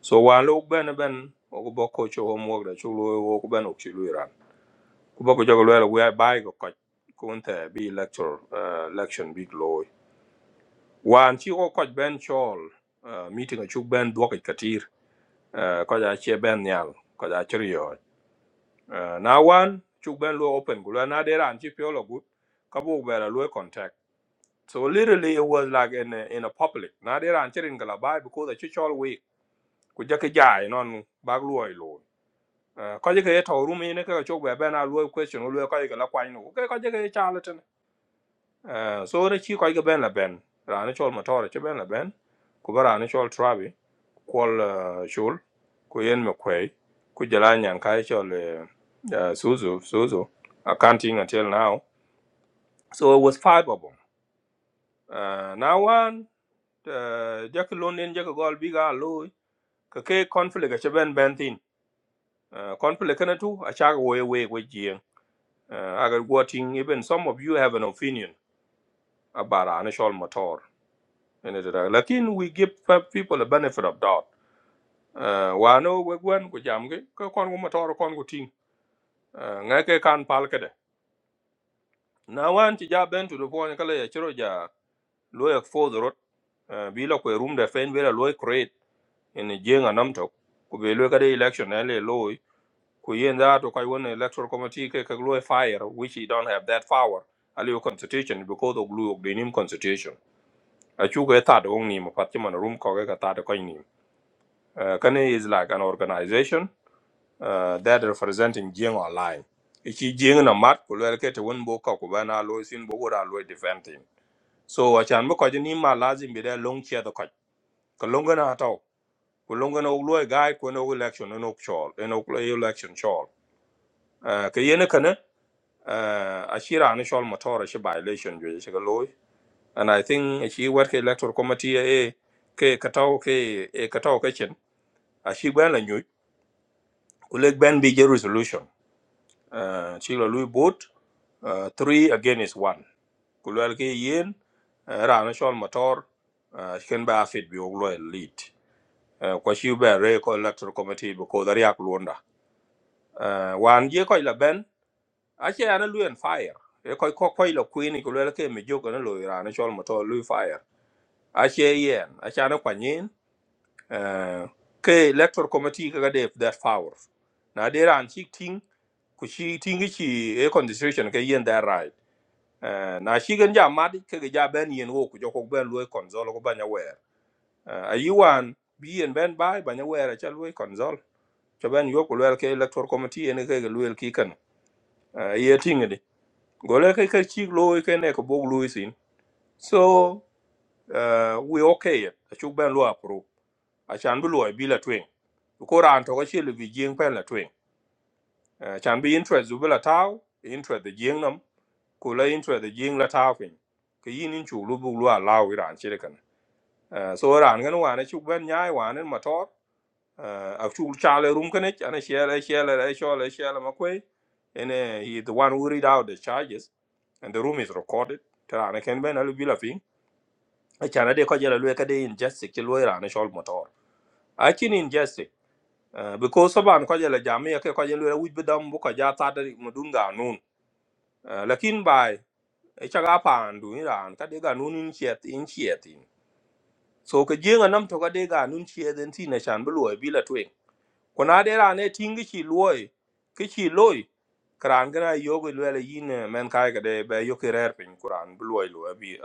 Speaker 2: so wa lu ben ben o ko bokko cho homework da chu lu wo ben ok chi lu ran ko bokko jogo le we bai ko ko kun te bi lecture uh, election big loy wan chi ko ko ben chol uh, meeting a chu ben dwo ka katir uh, ko ja che ben nyal ko ja chriyo uh, na wan chu ben lu open gule na de ran chi pyo lo gut ka buk be lu contact So literally, it was like in a, in a public. Now they are answering Galabai because the church all week. Kujaki jai non bagluoi lo. Kaji ke to room in ke chok be ben a lo question lo kaji ke la kwai no. Ke kaji ke charlatan. Eh, So the chi kaji ke ben la ben. Rani chol motor che ben la ben. Kuba rani chol trabi. Kwal eh, shul. Kuyen me kwei. Kujala nyan kai chol eh, eh, suzu suzu. Accounting until now. So it was five of them. Uh, now one. ta jaki lon den jaki gol biga loy ka ke conflict a chaben ben thin uh, conflict kana tu a chaga way way we jien uh, agar guating even some of you have an opinion about anishol motor and it lakin we give people a benefit of doubt uh, wa no we gwen ku jam ge ka kon gu motor kon gu ting uh, nga ke kan pal kede na wan ti ja ben tu do pon kala ya chiro ja loy for the road uh, bi lo ko room da fen bela loy create in jien anam tok ku be loy kade election ele loy ku yen da to kai electoral committee ke glue fire which he don't have that power ali yo constitution because of glue of the nim constitution a chu ga ta do ni ma pat room ko ga ta da kai ni kane is like an organization uh, that representing jing online ichi jing na mat ko le ke te won bo ka ko bana lo sin bo wora lo defend him so a chan bo ko ni ma lazim be da long chair da kai ko long na ta ko long na lo ga ko no election no chol no election chol ke uh, Ashira initial motor she violation jo she loy and I think she work electoral committee e ke katao ke e katao ke chen a she gwen la nyu kuleg ben bi je resolution uh, she lo lui boat uh, three against one kulwel ke yen uh, ra initial motor uh, she can ba fit bi oglo lead uh, kwa she be re ko electoral committee because ari ak luonda uh, wan je ko la ben ache ana lu en fire e koy ko koy lo kuin ko le ke mi jogo na lo ira na chol moto lu fire ache yen ache ana kwanyin eh ke electoral committee ka de that power na de ran chi ting ku chi ting chi e constitution ke yen that right eh na chi gen ja mad ke ge ja ben yen wo ku jo ko ben lu konzol ko banya wer Eh, ayi wan bi yen ben bai banya wer ache lu konzol cho ben yo ku le ke electoral committee en ke ge lu el ki kan Eh ye tingi Gole ke ke chik lo ke ne ko bog lo sin. So uh, we okay. it. A chuk ben lo approve. A chan bi lo e bi la twing. Ko ran to ko chi le bi jing pen la twing. Uh, chan bi interest zu bi la taw, interest the jing nam. Ko la interest the jing la taw fin. Ke yin in chu lu bu lo allow iran chi le kan. Uh, so ran gan wa ne chuk ben nyai wa ne motor. uh, ak chul chale share, kene share, shele share shele shele makwe and uh, he the one who read out the charges and the room is recorded tara ana ken ben alu bila fin a chana de ko jela lwe kade injustice ke lwe rana shol motor a chin injustice uh, because saban ko jela jamia ke ko jela lwe wuj bedam bu ko ja tada mudun ga nun uh, lakin bai e chaga pandu iran kade ga nun in chet in chet so ke jenga nam to kade ga nun chet en tin na chan bu lwe ko na de ran e ting ki loy ki ki loy kran gra yogo lele yin eh, men kai ga de be yo ki rer pin kuran bu loy lo bi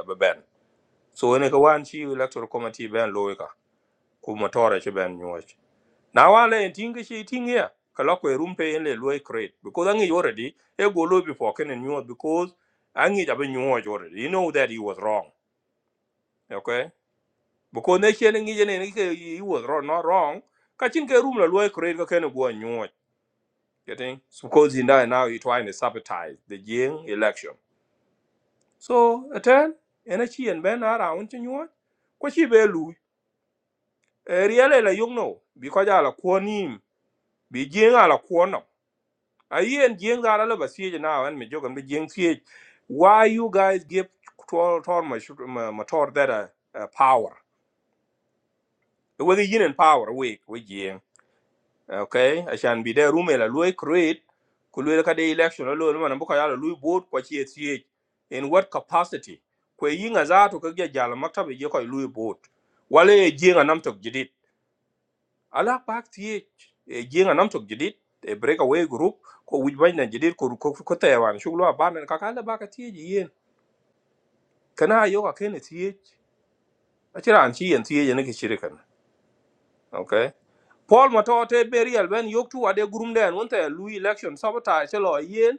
Speaker 2: so ne ko wan chi electoral committee ben loy ka ku motore chi ben nyoch na wan le ting ki ting ya ka lo ko rum pe en le loy create because angi already e go lo before ken nyoch because angi ja be already you know that he was wrong okay because ne chen ngi ne ne ke he was wrong not wrong ka chin ke rum la loy create ka ken go nyoch getting so because in that now you're trying to sabotage the Jing election. So attend energy and ben are around in you want. kwachi be lu really la young no because ala kuonim be Jing a ala kuono a yen Jing are that ala ba siege now and me joke and be Jing siege why you guys give to all my motor that uh, uh, power whether yin and power week with Jing. okay ashan bi de rume la loy create ku loy ka de election lo lo man bu ka ya loy vote ko chi chi in what capacity ko yinga za to ka ge jala maktabe je ko loy vote wala e jinga nam tok jidit ala pak ti e jinga nam tok jidit e breakaway group ko wij ban na jidit ko ko ko taiwan shuglo aban ka ka la ba ka ti ji yen kana yo ka ken ti a tira an chi yen ti yen ke shirikan okay paul matote berial ben yoktu ade gurumden wonte loy election sabotage lo yen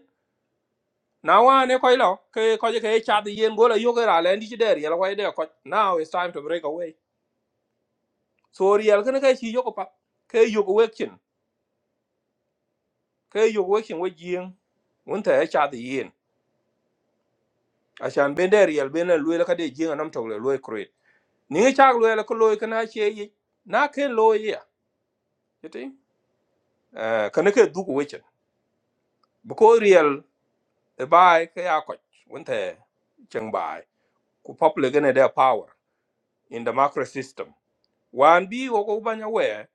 Speaker 2: Now one koi lo ke ko je ke cha de yen gola yo ke ra le ndi ci der yel koi de ko now it's time to break away so real ken ke chi yo ko pa ke yo ko wekin ke yo ko wekin we jing un ta cha de yen a chan ben der yel ben lu le ka de jing nam to le lu kre ni cha lu le ko lu ke na che yi na ke lo yi ya you think eh ken ke du ko wekin because real e bai ke ya ko un ta chang bai ku pop le ne their power in democracy system wan bi wo ko banya we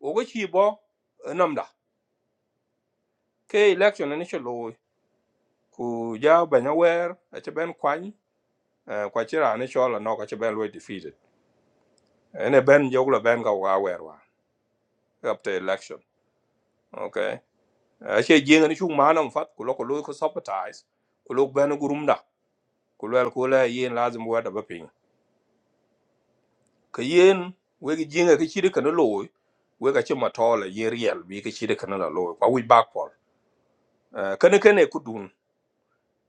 Speaker 2: wo ko chi bo eh, namda ke election ni chelo ku ja banya wer a che ben kwany eh, kwa chira ni chola no ka che ben we defeated ene ben joglo ben ka wa wer wa up to election okay a che jing ni chung manam fat ku lo ko lo ko sympathize. ku lo ben gurumda ku lo ko la yin lazim wa da bapin ka yin we gi jinga ka chiri kana lo we ka che matola ye riel bi ka chiri kana la lo kwa wi back for kane kane ku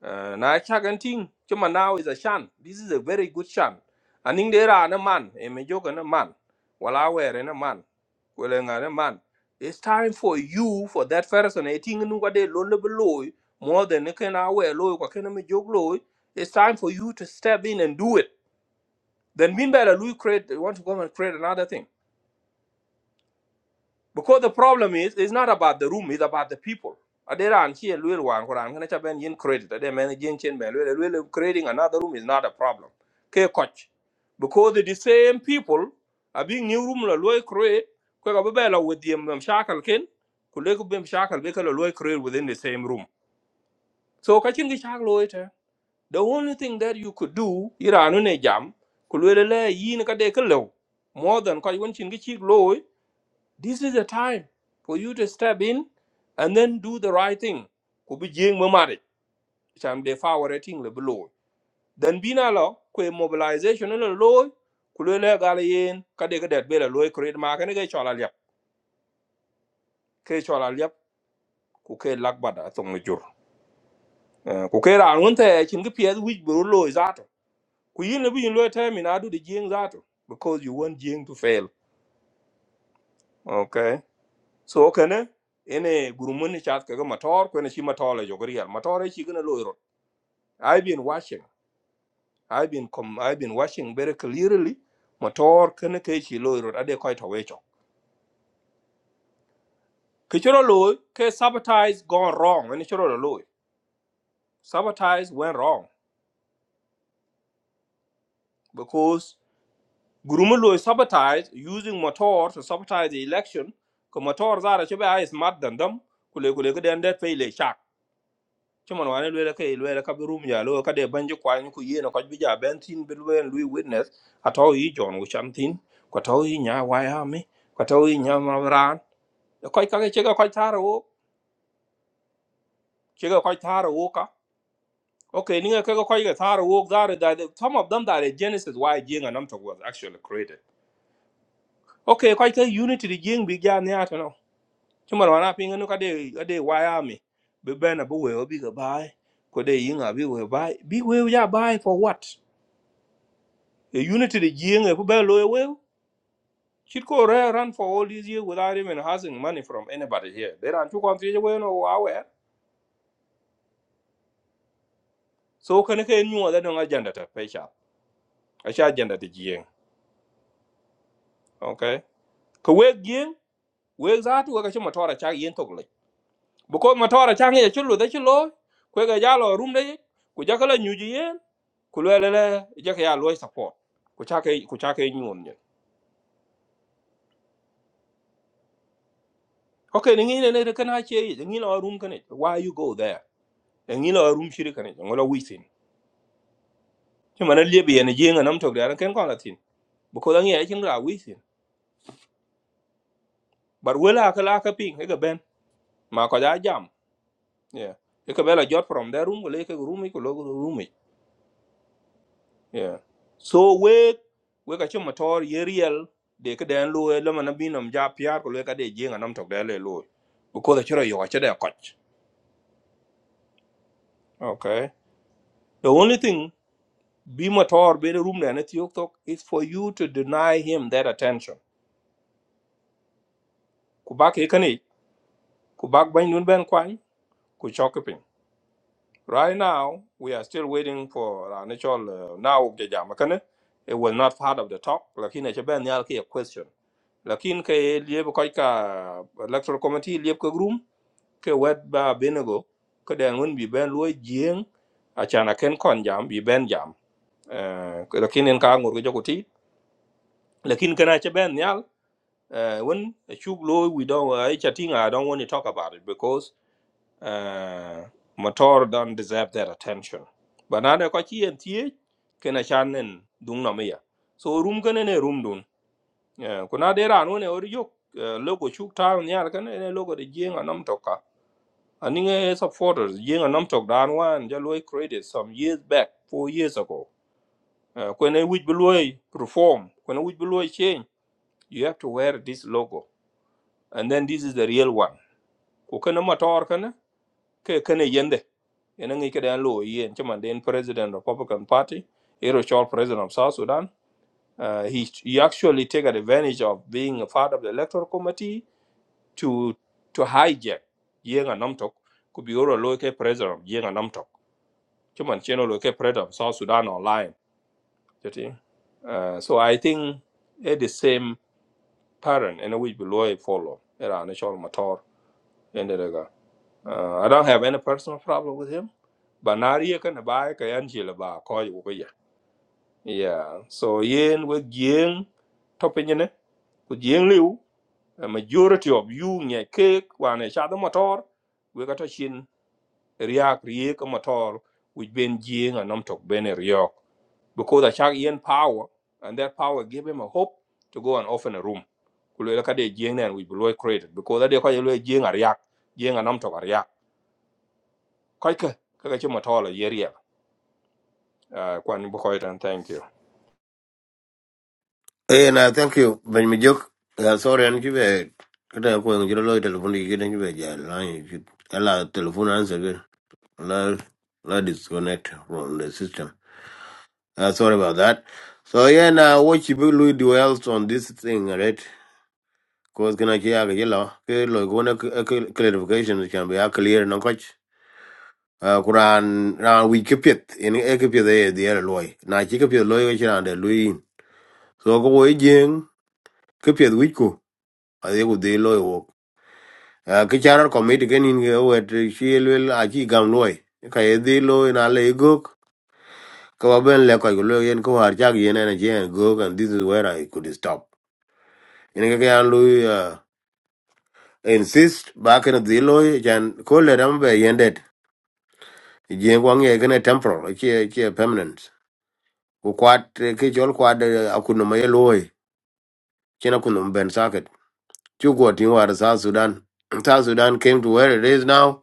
Speaker 2: Uh, na chagan ting now is a shan this is a very good shan aning dera na man A me joga na man wala were na man wala nga na man it's time for you for that person e ting nu ga de lo le loy more than e ken awe loy ko ken me jog loy it's time for you to step in and do it then mean better lui create want to go and create another thing because the problem is, it's not about the room, it's about the people. Aderan here, Lil Wan, Koran, can I have yin credit? they man, yin chin man, Lil- Lil- creating another room is not a problem. Okay, coach. Because the same people are being new room, la loy create, kwa kababela with the mshakal kin, kuleku bim shakal, beka la loy create within the same room. So, catching the shark loy The only thing that you could do, ira anune jam, kulwele le yin ka de ka lew. More than kwa yun chin ki chik this is the time for you to step in and then do the right thing. Ku bi jeng ma mari cham de fawre ting le blo. Then bina lo ku e mobilization le lo ku le le gal yen ka de ka det be le lo create ma ka ne ke chola lep. Ke chola lep ku ke lak bada tong le jur. Eh, Ku ke ran won te chin ke pie wi bro lo zato. Ku yin le bi yin lo te mi na du de jeng zato because you want jeng to fail. Okay. So kana ene gurumun ni chat ka ga motor ko ne shi motor le jogriel motor shi gna lo I've been watching. I've been com- I've been watching very clearly. Motor kene ke chi loy road ade koi to wecho. Kichoro loy ke sabotage gone wrong when choro loy. Sabotage went wrong because gurumu loy sabotage using motor to sabotage the election. Ko motor zara chobe ay smart than them. Kule kule ke den det pay cuman wane lwela ke lwela ka bi rum ya lo ka de banji kwa ni ku yeno ko bi ja ben tin bi lwen lui witness ato yi jon wu cham tin ko to yi nya wa ya mi ko to yi nya ma ran ko ka ke chega ko taro wo chega ko taro wo ka okay ni ke ko ke taro wo da da some of them that are genesis why jing and amto was actually created okay ko ke unity di jing bi ja ne ato no cuman wana pinga no ka de ka de wa ya mi bi bena bu we obi ga bai ko de yinga bi we bai bi we ya bai for what The unity the Jing and Kubel Loya well. She'd go rare run for all these years without even asking money from anybody here. They ran two countries away no aware. So can I knew that no agenda to Pesha. I shall agenda the Jing. Okay. Kuwait Jing, where's that to a Matora Chang Yin Tokle? Because Matora Chang is a chulu that you law, Quaker Yalo room day, Kujakala New Jien, Kulele Jakia Loy support. Kuchake Kuchake knew on you. Okay, the Nina can I cheer you? The Nina room can it. Why you go there? The Nina room she can it. I'm going to wait in. chứ mà nó liên biển này riêng ở nông thuộc đấy nó kén còn là thìn bố cô đang nghe chính là quý thìn bà quên là cái lá cái pin cái cái bên mà có giá giảm yeah cái cái bên là jot from there room cái lấy cái room ấy cái lô cái room ấy yeah so we we cái chung mà thôi ye real để cái đèn lùi là mà nó bị nằm giá piar của lùi cái để riêng ở nông thuộc đấy lùi lùi bố cô ta chưa rồi cái đấy cắt okay the only thing be mà thôi bên room này nó thiếu thuốc is for you to deny him that attention kubak cái này kubak bánh luôn bên quan ku chọc Right now, we are still waiting for our natural uh, now of the Jamakane. It was not part of the talk. Lakin it's been a question. Lakin ke lieb koika electoral committee lieb ke room ke wet ba binigo ke den won bi ben loy jing a chana ken kon jam bi ben jam. Eh, Lakin en ka ngur ke jokoti. Lakin kana che ben nyal eh, when a chuk loy we don't I chatting I don't want to talk about it because uh, motor don't deserve their attention but now they kochi and tie kena chanen dung na so room can ne room dun Eh, kuna dera no ne ori yok eh, logo chuk town yar kene ne logo de And nam toka aninge supporters jenga nam tok dan wan ja loy created some years back four years ago Eh, kwene which beloy perform when kwene which beloy change you have to wear this logo and then this is the real one ko kana motor can ke kene yende ene ngi ke dan lo yen chama den president of republican party ero chol president of south sudan uh, he he actually take advantage of being a part of the electoral committee to to hijack yen anamtok Could be oro lo ke president yen anamtok chama cheno lo ke president of south sudan online you think? uh, so i think it is same pattern and we below follow era ne chol motor Uh, I don't have any personal problem with him. But now you can buy ka angel chila ba ko yu ko Yeah. So yen with yen topping in it. With yen liu, a majority of you nye cake one a shadow motor. We got a shin react reak a motor which been yen and um talk ben a reak. Because a shag yen power and that power gave him a hope to go and open a room. Kulwe la ka de yen and we will created because that they call you yen a react. Yen and um talk a react. koike kaka ci motolo yeria uh, kwan bu koy tan thank you
Speaker 1: Hey, na thank you. Ben mi jok. Uh, sorry, an kibe kada ko ng jiro loy telephone ki kidan kibe ja line ki ala telephone answer ki la la disconnect from the system. Uh, sorry about that. So yeah, now what you will do else on this thing, right? Cause kana ki aga yellow. Ke loy ko na clarification can be a clear na Uh, kuran ran we keep it. en e ke pet e di er loy na chi ke pet loy ke ran de lui so ko wo jeng keep it wi ko a de ku de loy wo Uh, ke chara committee ken in ge wet chi lel a chi gam loy ka e di loy na le go ka ba ben le ko go loy en ko har cha gi en jen go and this is where i could stop en ke kan lui uh, insist ba ke di loy jan ko le ram be yendet jeng wa nge ken temporal chi chi a permanent ku kwat eh, ke chol kwat eh, akuno ma yeloi chena kuno ben saket chu go tin war south sudan [CLEARS THROAT] south sudan came to where it is now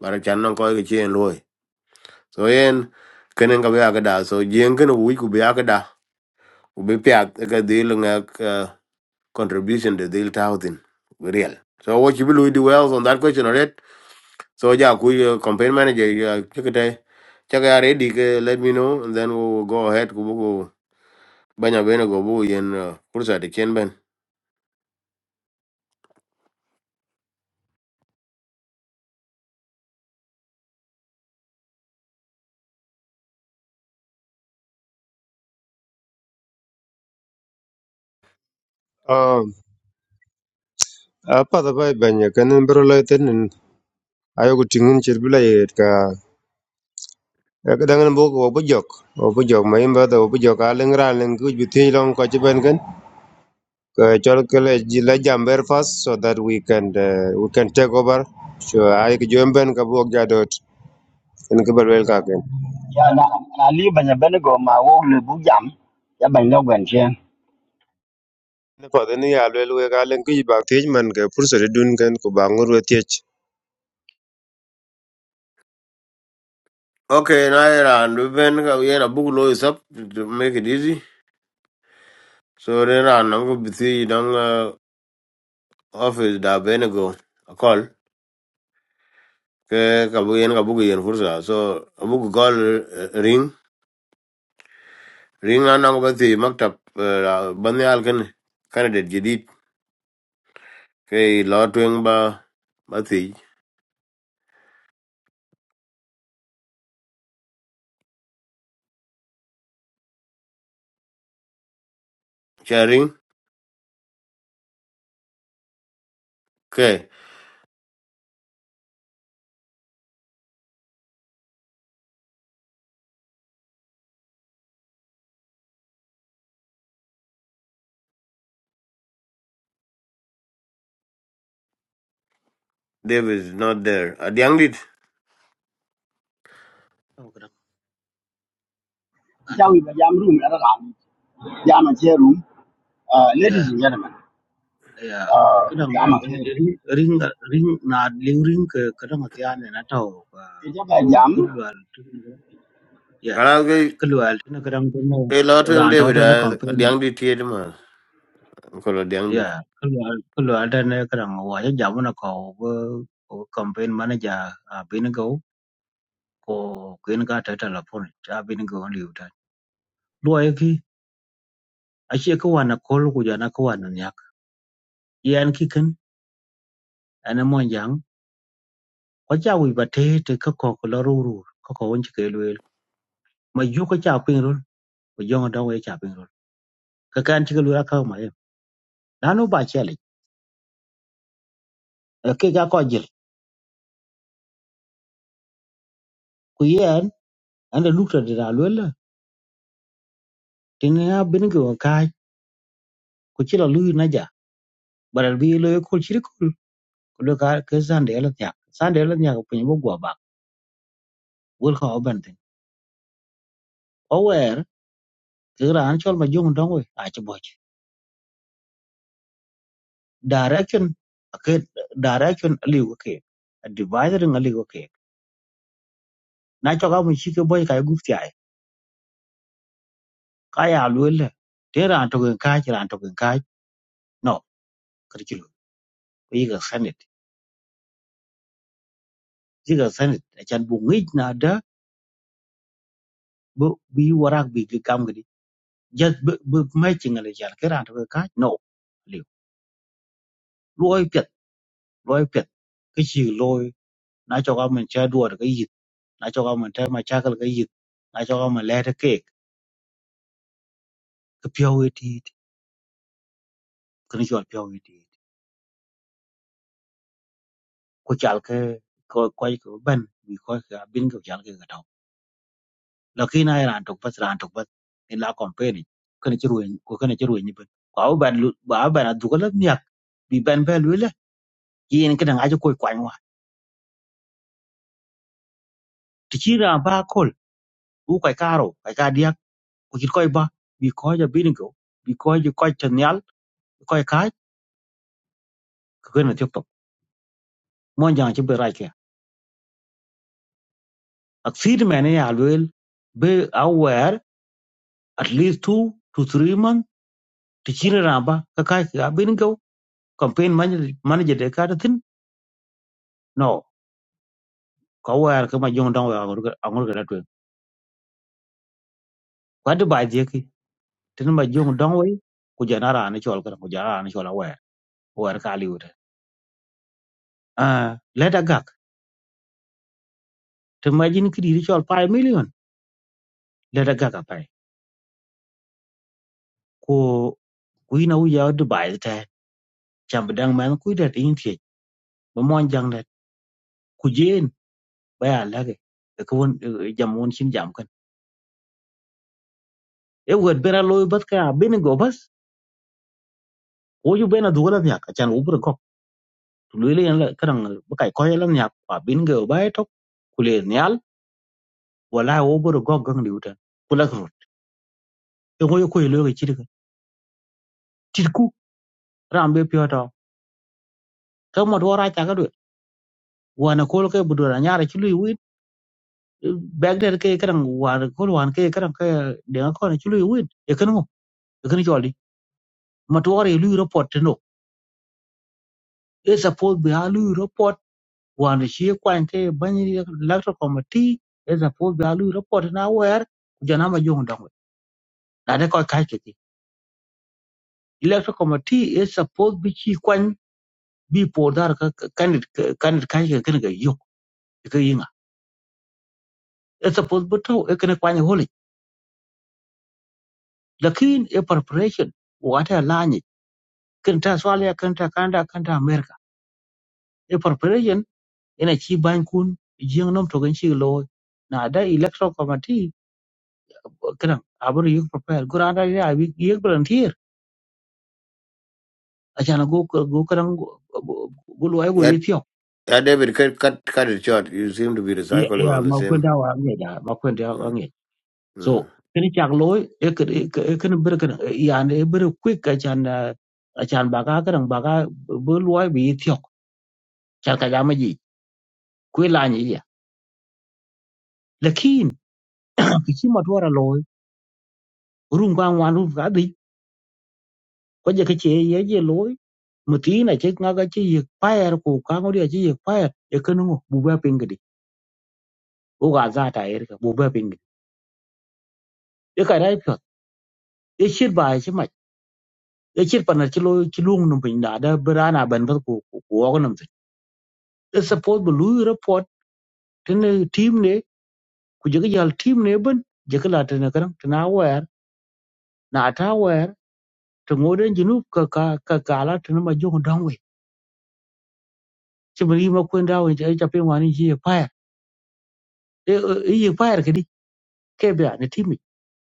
Speaker 1: bara chan non ko ke chen loi so yen kenen ka ba da so yen ken wi ku ba da u be pya ka dil nga ka contribution de dil thousand real so what you will do well on that question already so ja ku eh, campaign manager ya chekete chaka ya ready ke let me know and then we will go ahead ku bu ku banya bene go bu yen eh, kursa de chen ben
Speaker 3: Um, apa da bai banya kanin bro lai tenin ayo ku tingin chir bila yet ka ka dangan bo ko bo jok bo jok mai ba da bo jok a leng ra leng ku bi thi long ko chi ben uh, Cholkele Jila jamber first so that we can uh, we can take over. So I Jumben Kabuok Jadot and Kibarwell Kaken.
Speaker 5: giờ na na li ba ben go ma wo le bu jam ya ban lo gwen chen
Speaker 3: For the near railway island, Kibak Tijman, Pursa Duncan, Kubangur with Tich.
Speaker 1: Okay, now Iran, we been yeah, a book law is up to to make it easy. So then I know go busy down uh, office da ben go a call. Ke kabu yen ka book. yen fursa. So a book call uh, ring ring na nango busy maktab uh, bani alkan candidate jadid ke law tuing ba busy sharing ke David is not there. A Adiang dit
Speaker 6: Oh, kadang
Speaker 5: cha
Speaker 6: anto
Speaker 5: wi ba giờ room la la jam che room uh, ladies
Speaker 6: ya
Speaker 5: and gentlemen
Speaker 6: ya
Speaker 5: uh,
Speaker 6: kadang
Speaker 5: jam
Speaker 6: eh,
Speaker 5: ke
Speaker 6: eh, ring ring ring na liu ring ke kadang atian na tau
Speaker 5: e
Speaker 6: ah,
Speaker 5: ja ba
Speaker 6: ko
Speaker 5: jam
Speaker 6: kulwal tu ni, ya
Speaker 1: kalang ke
Speaker 6: kulwal tu na kadang tu na
Speaker 1: ke law tuing
Speaker 6: ran tau
Speaker 1: David
Speaker 6: da na
Speaker 1: A
Speaker 6: campaign
Speaker 1: adiang dit tiye man. Kalau adiang
Speaker 6: ya kulwal kulwal da na kadang wa ya jam na ko ko campaign manager a bin go ko kin ka ta telephone ta bin go liu ta lo ya ki a che ko wa na kol ku ja na ko wa na yak yan ki kan ana mo ko cha wi ba te te ka ko ko la ru ru ko ko won ke lwel ma yu ko cha pin ru ko jong da we cha pin ru ka kan ti lu ka ma e na no ba che le ke ga ko jil ku yen an da lukta de da lwel la tin ya bin ko ka ku chi la lu na ja baral bi lo ko chi ko ko lo ka ke san de la nya san de la nya ko pin bo gwa ba wol ko ban tin o wer ke ran chol ma jong da we a che bo direction ke direction li ko ke divider ngali ko na cho ka mu shi ke boy ka gup ti ai ka ya lu le te ran to gen ka ran to gen ka no kar ki lu yi ga sanit yi ga sanit a chan bu ngi na da bu bi warak bi ki kam gi just bu bu mai chi ngale jan ke ran to gen ka no liu loi pet loi pet cái chi loi na cho ka mun cha duor ga yit na cho ka mun ta ma cha kal ga yit na cho ka mun le ta ke ke pyo wi ti kan jo pyo wi ti ko chal ke ko ko ko ban bi ko ka bin ko chal ke ga lakini ai ran tok bas ran tok bas ni la compare kana ci ruwen ko kana ci ruwen ni ben ko ba lu- ba ba na dugala miak bi ben be lu la yin kana ngaji ko kwa wa ti ci ran ba kol u ko karo ko ka dia ko ci ko ba bi ko ja bin ko bi ko ji ko ta nyal ko ka ko kana ci tok mon jang ci be ra ke ak fi de mena ya lu be aware at least two to three month ti ci ran ba ka ka bin ko campaign manager manager de ka ta tin no ko wer ke ma jong dong we angol ke latwe ko de ba je ki tin ma jong dong we ku jana ra ni chol ko jana ra ni chol wer wer ka li wute ah leta gak to ma jin ki di chol 5 million leta gak a pai ko ku ina u ya de ba ta cham dang man ku de tin ti ba mon jang de ku jen ba ya la ke ko won jam won shin jam kan e wer bera loy bat ka bin go bas ko ju bena dugala nya ka chan u bur ko tu le le kan ba kai ko lan nya ba bin go ba to ku le wallahi wo bodo gog gang liu tan kula kro e ngoy ko yelo ci de tirku rambe pioto ka mo wora ta ga do wana kol ke budo na nyara ci lui win bag der ke kran wana kol wan ke kran ke de ko na ci lui win e kan mo e kan jolli mo to wora lui report te no e suppose be a lui report wana ci kwante bani electro committee e suppose be a lui report na wer jana ma jong dong na de ko kai ke electro committee is supposed to be ci kwany bi po dar ka kan kan ka ka kan ga yok ka yinga it's supposed but to e kan kwani holi lakin e preparation wata lani kan ta swala kan ta kanda kan ta america e preparation ina ci ban kun jing nom to gan ci lo na da electoral committee kan abur yuk prepare gurada ya bi yek volunteer a jana go go kan go lo ai go
Speaker 1: dit.
Speaker 6: yitio
Speaker 1: Yeah, David, cut, cut, cut it short. You seem to be recycling
Speaker 6: ya
Speaker 1: on the
Speaker 6: ma
Speaker 1: same.
Speaker 6: kwenda wa ngeja ma kwenda wa
Speaker 1: Mm. Mm.
Speaker 6: so kini chak loy e kini bir kini yani e bir quick achan ah, achan baga kadang baga bu loy bi thiok chan ka jama ji kwe la ni ya lakin kichi matwara loy rum ga wan rum ga di ko je kichi ye je loy mutina che nga ga chi ye fire ko ka ngori chi ye fire e kini ngo bu ba pingdi o ga za ta er ka bu ba pingdi e ka dai pyo e shir ba e chi ma e shir pa na chi loy chi lung num pin da da brana ban ba ko ko ko nam te e support bu lu tene team ne ku jege jal team ne ben jege la tene karam tena wer na ta wer to ngoden jinu ka ka ka kala tene ma jong dong we chimri ma kwen dawo je ja ja pe wani ji pa e e pa ke di ke be ne team ni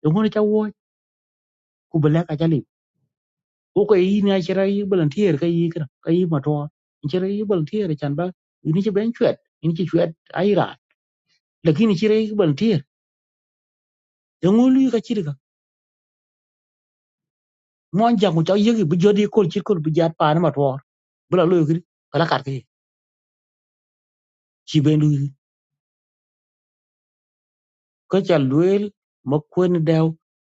Speaker 6: yo ngone cha wo ku bele ka jali ko ko yi na chira yi volunteer ka yi kra ka yi ma to chira yi volunteer chan ba ini che ben chwet ini che chwet ai ra lakini chira yi volunteer yo ngolu ka chira ka mon jangu cha yegi bu jodi kol chi kol bu jat pa na ma to bï la lwel kï ka la kat kï cï ben luithi ka ca lwel ma kwen dëw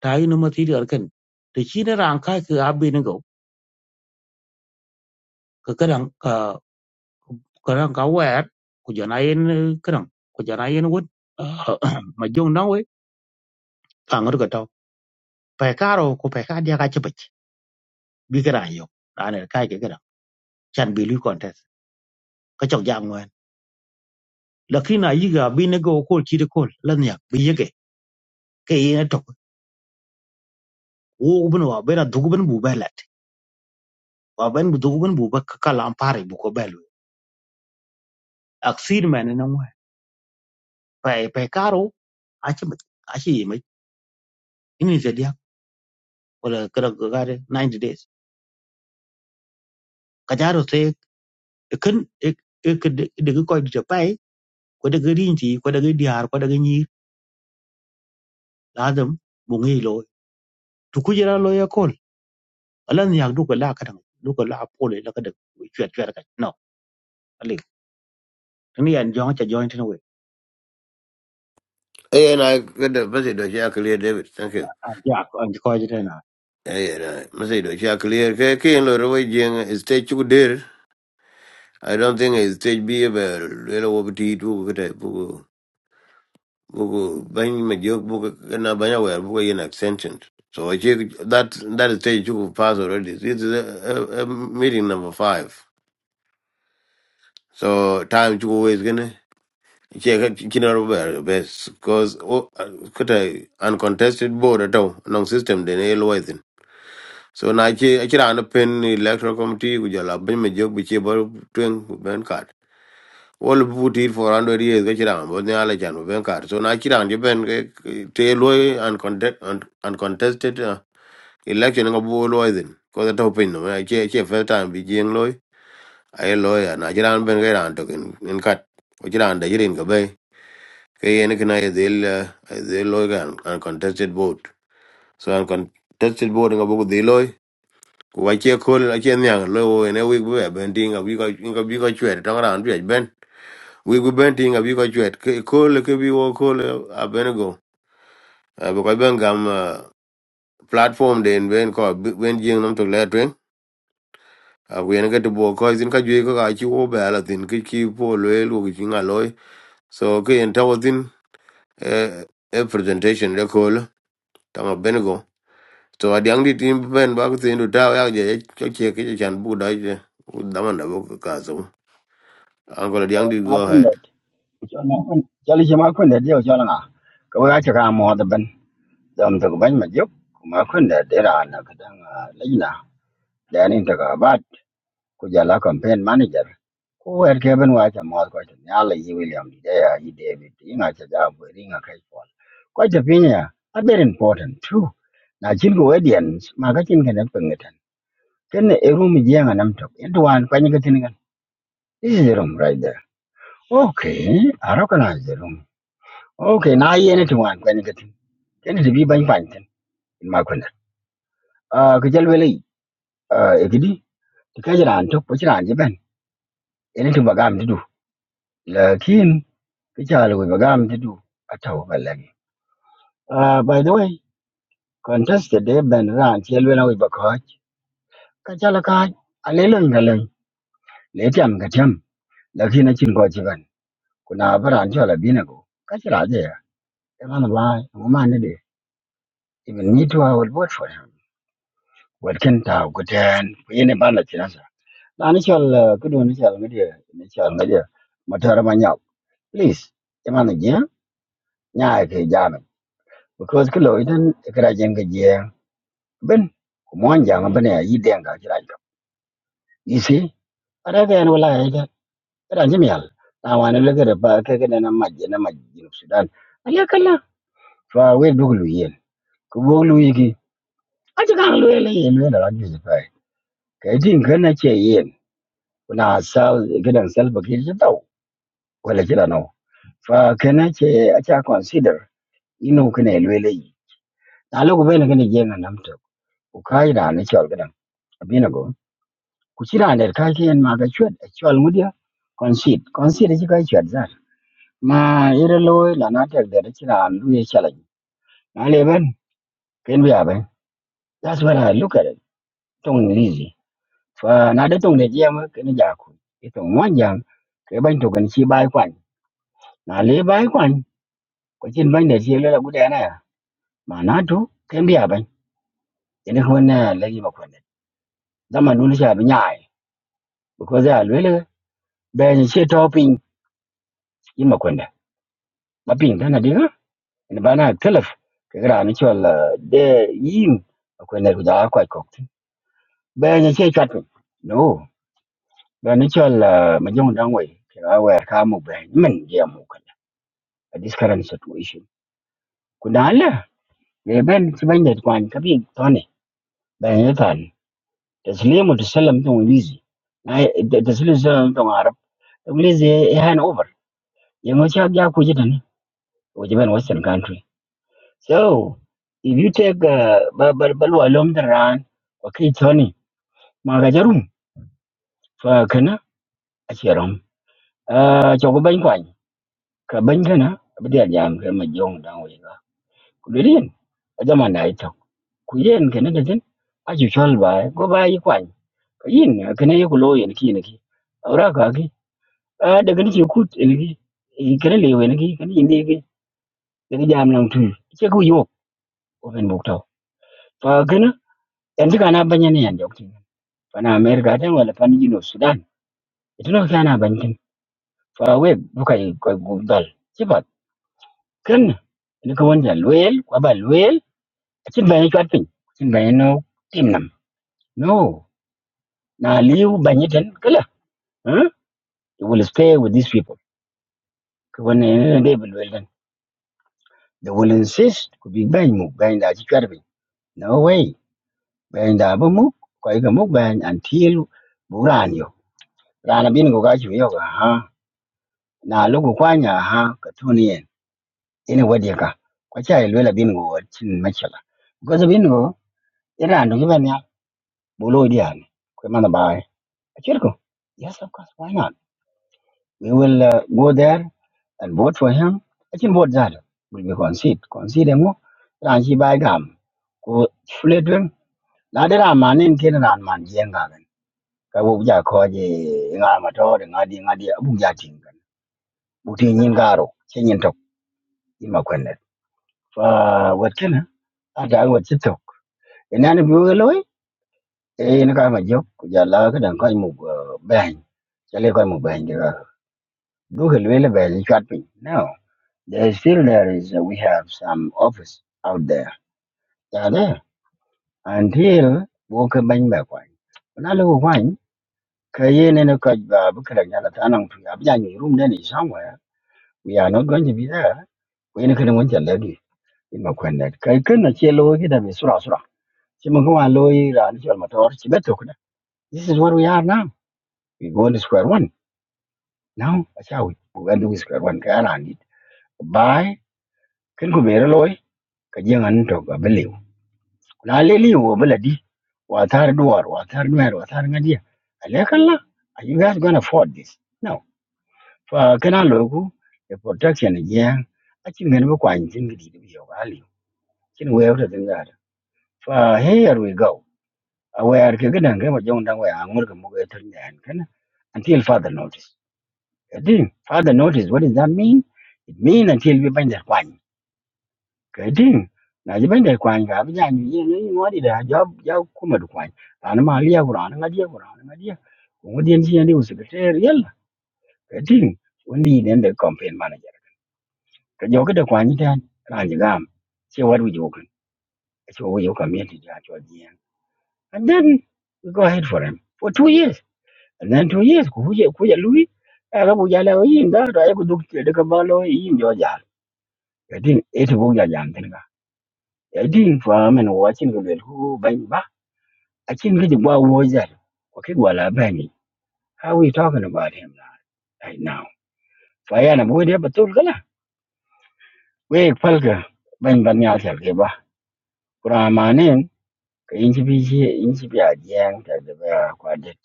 Speaker 6: tayi nï mathïdï öd kën tɛ ci ni raan kai ki a bini go ka kadan ka kadan ka wɛɛr ku jɔn a yen kadan ku jɔn a yen wot ma jong naŋ we ka ŋor ka tɔ pɛi kaaro ku pɛi kaa dia ka cipɛc bi ka raan yɔk raan er kai ki kadan can bi lui kɔntes ka cɔk jaŋ ŋwɛn lakin a yiga a bini go kol ciri kol la niak bi yeke ke yen tɔk wuu bin wa bena dhuk bin bu bɛ lɛt waben bu dugu ben bu ba kala ampare bu ko belu aksir men na ngwe pe pe karo achi mit achi mi ini je dia wala kala gare 90 days kajaro te ken ek ek de ko de pai ko de rinti ko de diar ko de ni ladam bu ngi lo tu ku jira lo ya kol alan yak du ko la ka dang du ko la pole la ka de chwet chwet ka no ali ni an jong cha joint ni we
Speaker 1: Hey, and I got the message that you clear, David. Thank you.
Speaker 6: ya ko an ko je na
Speaker 1: Hey, and I message that you clear. Okay, okay, and the way Jing is stage two there. I don't think it's stage B, but little over T two. eat, book, book, book, bang, my joke, book, and I bang away, book, an extension. So I check that, that is stage two pass already. This is a, a, a meeting number five. So time to go is gonna. Because kinaro ber bes cause o uh, kuta uncontested board at all. nong system de ne loithin so na che achira an pen electoral committee ku jala ben me jog bi che bar twen ku ben card all butir for 100 years ga chira bo ne ala jan ben card so na chira an je ben ke te loy uncontested uncontested uh, election ga bo loithin ko da to pin no na che che first time bi jeng loy ai loy na chira an ben ga ran to in kat ko chira an de jirin ke yen kina ye dhil dhil loy kan uncontested vote so uncontested vote nga buku dhil loy ku wache kol ache nyang loy wo ene wik bwe ben ti nga biko nga biko chwet tong ran chwet ben wik bwe ben ti nga biko chwet Ke- kol ke bi wo kol a ben go bu ben gam ah, platform den ben ko ben jing nam to le twen a ku yen ke to bo ko zin ka jwe ko ka chi wo ba la tin ki ki po loy lu ki nga loy so ke yen tawo tin eh, eh, presentation de kol tama ben go. So adiang di tim ben bak tin du tau yak je cho che ke chan bu dai je. U daman da bu ka so. Uncle adiang di
Speaker 5: ma
Speaker 1: go
Speaker 5: kun
Speaker 1: ahead.
Speaker 5: da cho na kun cho li ma quên được điều cho la nga ko ga cha ka mo da ban dam to ban ma juk ma kun da de ra na ka da la ina da ni ba. ku jala campaign manager ku wer ke ben wa cha mo ko cha nya le yi william de ya yi david yi na cha ja bu ri na kai ko ko cha pin ya a very important too na jin go edian ma ka jin kan pen ngetan ken e room ji nga nam tok en duan pa ni ka tin gan this is the room right there okay i recognize the room okay na yi ne tuan pa ni ka tin ken de bi ban pan tin in ma ko na ah ka jal wele ah e gidi ka jira an tok pa jira an ji ben en tu bagam du lakin ki cha lo ba gam ti du a ta ba le ah by the way contested de ben ran che lo na ba ko ka cha la ka a le leng ga leng le jam ga jam la ki na chin ko chi ban ku na ba ran cha la bi na go ka cha la de e ma na ba mo ma ne de even me too i would vote for him what can ta go ten ku ye ne ba la chi na sa na ni cha la ku du ni cha la me de ni cha la de ma ta ra ma nya please e ma na je nya ke jam because cái lỗi đó cái ra dân cái gì ben ko mon jang ben ya yi denga jira jo you see ara ga en wala ya kada jimi yal na wani le gare ba ka ga na majje na majje no sudan ala kala fa we duglu yen ko boglu yiki aji kan lo le yen we na ji fa ka din kana ce yen kuna sa gidan salba ke ji tau wala kira no fa kana ce a ta consider ino kana lo le na lo ko ben kana je na namta ko kai da na ce gidan abina go ku ci raan der ka ken ma ga chwet chwal ngudia kon sit kon sit ci ka chwet zar ma ire loy la na tek der ci raan lu ye chala na le ben ken bi abe that's what i look at it tong lizi fa na de tong de jam ke ni ja ku e tong mon jam ke ban to gan chi bai kwan na le bai kwan ko cin ban de ci le la gudia na ya ma na to ken bi abe ene ko na le gi ma kwan dama nu ni sha bi nyaai because ya le le be ni ci topin yin ma kwan da ma pin da na de ina bana kalaf ka gara ni cewa da yin akwai na guda akwai kokti bayan ya ce chatun no ba ni cewa mu je mu dan wai ka waya ka mu bayan min je mu kalla a this current situation kuna Allah ne ban ci ban da kwan ka bi tone bayan ya tani taslimu tasallam tun wizi na taslimu tasallam tun arab wizi ya hand over yango cha ya ku jita ne wajiban western country so if you take uh, balwa lom da ran wa kai tone mà cái jarum fa kana a cheram a chogo ban kwan ka ban kana abdiya jam ka ma jong dan we ga ku dirin a jama na ito ku yen kana ga tin a ju chol ba go ba yi kwan ka yin kana ye ku lo yen ki ne ki aura ka ki a daga ni ku ne ki in kana le we ne ki kana yin ne ki daga jam nan tu ke ku yo ko ben bok taw fa kana yanzu kana banya ne yan jok tin fa na amerika tan wala fa ni no sudan ito no kana ban tin fa we bukai ko dal ken ni ko wonja loyel ko ba loyel chin ba ni chat pin chin ba no tim no na liu ba ni ten kala huh they will stay with these people ko won ne ne ba they will insist ko big bang mu ba ni da chi chat no way ba ni da ba mu ko ga mu ba ni until buran yo rana bin ko ga chi yo ga ha na lugu kwanya ha ka tuni yen ina wadi ka ko cha loyel bin ko chin ma cha ko za bin ko ira ndo ga ne Bolo Dian, Kwemana Bai, Achirko. Yes, of course, why not? We will uh, go there and vote for him. Achin vote Zado. We will concede. Concede mo. Ranchi Bai Gam. Ko Fledwin. Na de ra manin kin ran man jenga gan. Ka bu ja ko je nga ma to de nga di nga di bu ja tin gan. Bu ti nyin garo. Chen yin tok. Ima kwenet. Fa wat kana. Ada wat chitok. Enani bu loy. Eh ni ka ma jok. Ku ja la ka dan ko mu bang. Chale ko mu bang Look at Lillibelle shopping. No, there is still there is uh, we have some office out there. Yeah, there. Until walk bang back one. When I look one, Kayin and a cut Bukalang Yalatanang to Abjani room then is somewhere. We are not going to be there. We ain't going to let you. In my quenet. Kaikun, a chill over them is Sura Sura. Chimakua Loy and Chalmator, Chibetokuna. This is what we are now. We go to square one. Now, that's how we go to square one. Kaya rangit. Bye. Can go ka jiyan an to ga bele na le li wo bele di wa tar duwar wa tar duwar wa tar ngadiya ale kala are you guys going to afford this no fa kana lo ku the protection again a chin ngene ko an jin gidi di yo ga ali chin we ta din ga fa here we go a we are ke gidan ga ma jong dan we an murga mu ga tar ne an kana until father notice din father notice what does that mean it mean until we banja kedin na ji ban de kwan ga bi jan yi ni mo di da job job kuma du kwan ta na ma liya gura na ngadiya gura na ngadiya ko ngodi en ji ni usu ke ter yalla kedin wani ne da campaign manager ka jo ka da kwan dan ran ji gam ce what we do kan ce wo yo ka mi ti ja jo ji en and then we go ahead for him for two years and then two years ku je ku je lui a ga bu ja la yi da da ya ku duk ce daga ba lo yi jo ja kedin e ti bu ja jan tin ga kedin fa men wa chin ga le ku ban Akin Gijigwa Wozar, Wakigwa Labani. How are we talking about him now, right now? Fayana Bwede Batul Gala. We Falka, Ben Banyal Keba. Kuramanin, Inchipi, Inchipi Adian, Tadabara Quadet.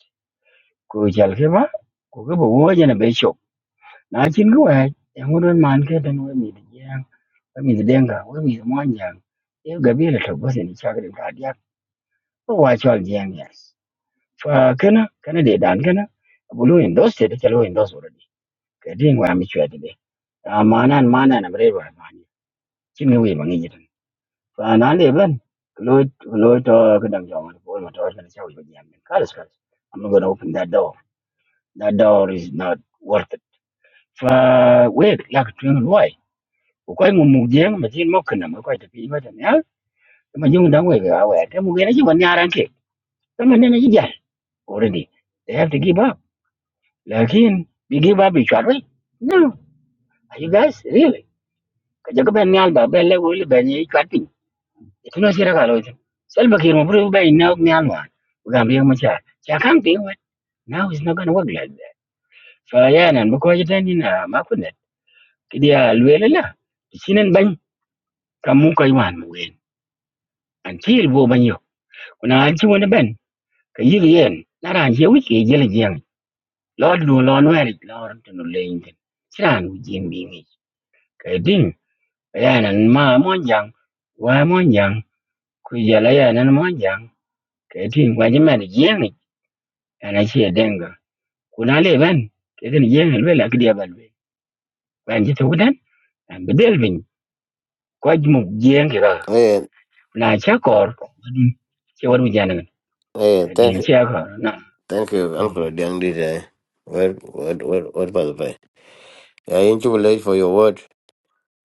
Speaker 5: Kujal Keba, Kukuba Wozan a Bishop. Nachin Gua, and wouldn't man get and we meet the Yang, we meet the Denga, we meet the Mwanjang. If Gabriel was in Chagrin Kadiak, watch all Yang, yes. Fa kana kana de dan kana bulu endos te chalo endos kadin wa mi chwa de amana mana na bre wa ma ni chin ngi wi ma ngi jitan fa na le blan lo lo to ka dang jong ma ko ma to na chau ba yam ka ras ka i'm not going to open that door that door is not worth it fa we la ka twin loy ko kai mu mu je ma chin mo kana ma kai ta pi ma tan ya ma jung dang we ga wa ta mu ge na ji ban ya ran ke ta ma ne na ji ja already they have to give up lakin bi give up bi chwa no are you guys really ka jaga ben nyal ba ben le wo le ben yi chwa tuna sira ka loitin salva kiir mo bro bay na ni alwan gam yang macha cha kan pi wa now is not going to work like that fa ya nan bu ko jitan ni na ma kunna kidiya luwela la sinen ban kam mun koy wan mu wen an til bo ban yo kuna an ci wani ben ka yi yen na ran je wiki je le jeng lord do lo no eri lo ran tunu le yin siran u jin bi ni ka din ya nan ma mon jang wa mon jang ku ya la ya nan mon jang ka din wa jima de jeng ana ce denga kuna le ben eden yen el bela kidi abal be ben je togudan an bedel bin ko mu yen ga
Speaker 1: Hey,
Speaker 5: na cha kor che waru janan
Speaker 1: hey, thank
Speaker 5: den che
Speaker 1: you,
Speaker 5: ko na
Speaker 1: thank you
Speaker 5: Hmm.
Speaker 1: Uncle adiang di eh. What what what what by the pay? I ain't too late for your word.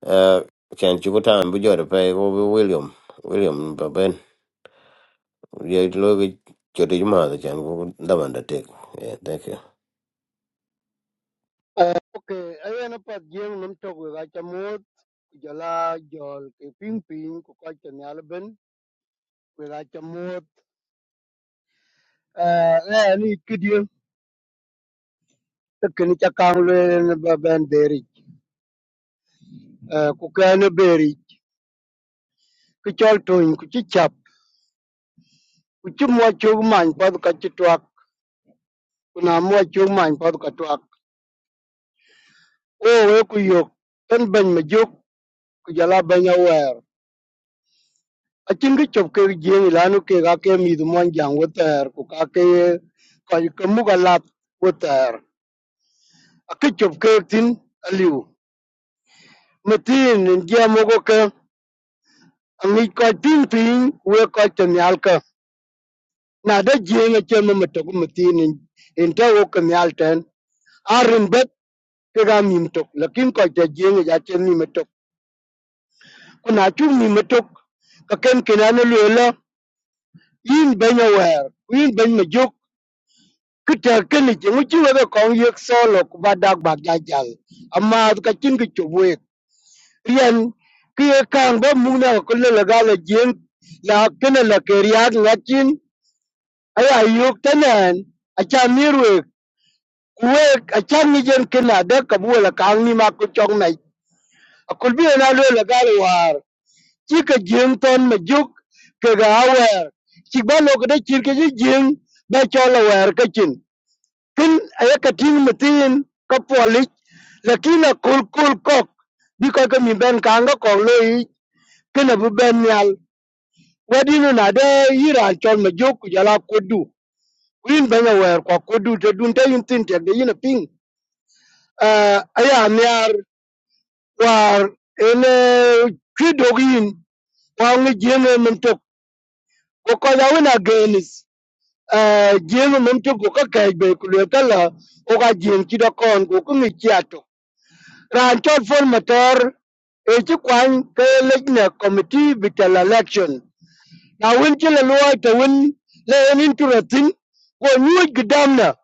Speaker 1: Uh chan you go tan bu jor pay wo wo William. William ba ben. Ye lo ge cho di ma da chan bu daman da tek. Yeah, thank you.
Speaker 7: Uh, okay, ayana pat jeng num tok we gacha mot jala jol ke ping ping ko ka chen yal ben we gacha mot uh eh ni kidye te ken cha kang le ne ba ben deri uh ku ka ne beri ku chol tun ku chi chap ku chi mo chu man pa ka chi twak ku na mo chu man pa ka twak o we ku yok ten ben me juk ku jala ben ya a chin ki chop ke jeng lanu ke ga ke mi du mon jang wo ter ku ka ke ka ke mu ga lat wo ter a tin aliu matin en je mo go ke a mi ka tin tin we ka te nyal ka na da jeng a chen mo to matin en en te wo ke nyal ten a rin bet ke ga mi to lakin ka te jeng ja chen mi to ku na chu mi to ka ken ke na lu la yin ben wer yin ben ma cứ ki ter ke ni ngu chi webe còn việc solo và đặc dak bak ja mà cái ka chin ki chu riêng rien ki ye muốn ba mu na ko le ga le jing la ke ne la ke riak la ai ay ay này tanan a cha mi we ku we a cha mi jen ke na de ka bu la ni mà ku chọn này, a kul bi na le la ga le war chi ka jing ton ma cái ke ga wer chi ba lo ko de chin ke ji jing ba cho la wer ka kin ayakating matin ka polic lakini akol kol kok bi ko ka min ben kan ga kok lo yi kin abu ben nyal wadino na de yira chol ma jok ku jala kodu win ben ya wer ko kodu te dun te yin tin te de yin ping uh, aya nyar war ele kidogin wa ngi jene mum tok ko ko ya wona genis uh, jene mum tok ko ka kay be ku le kala o ka jen ki do kon ko ku ngi Ran chol fol motor e ci kwan ke lejne committee bitel election. Na win ci le luwa te win le en inturatin ko nyuj gidamna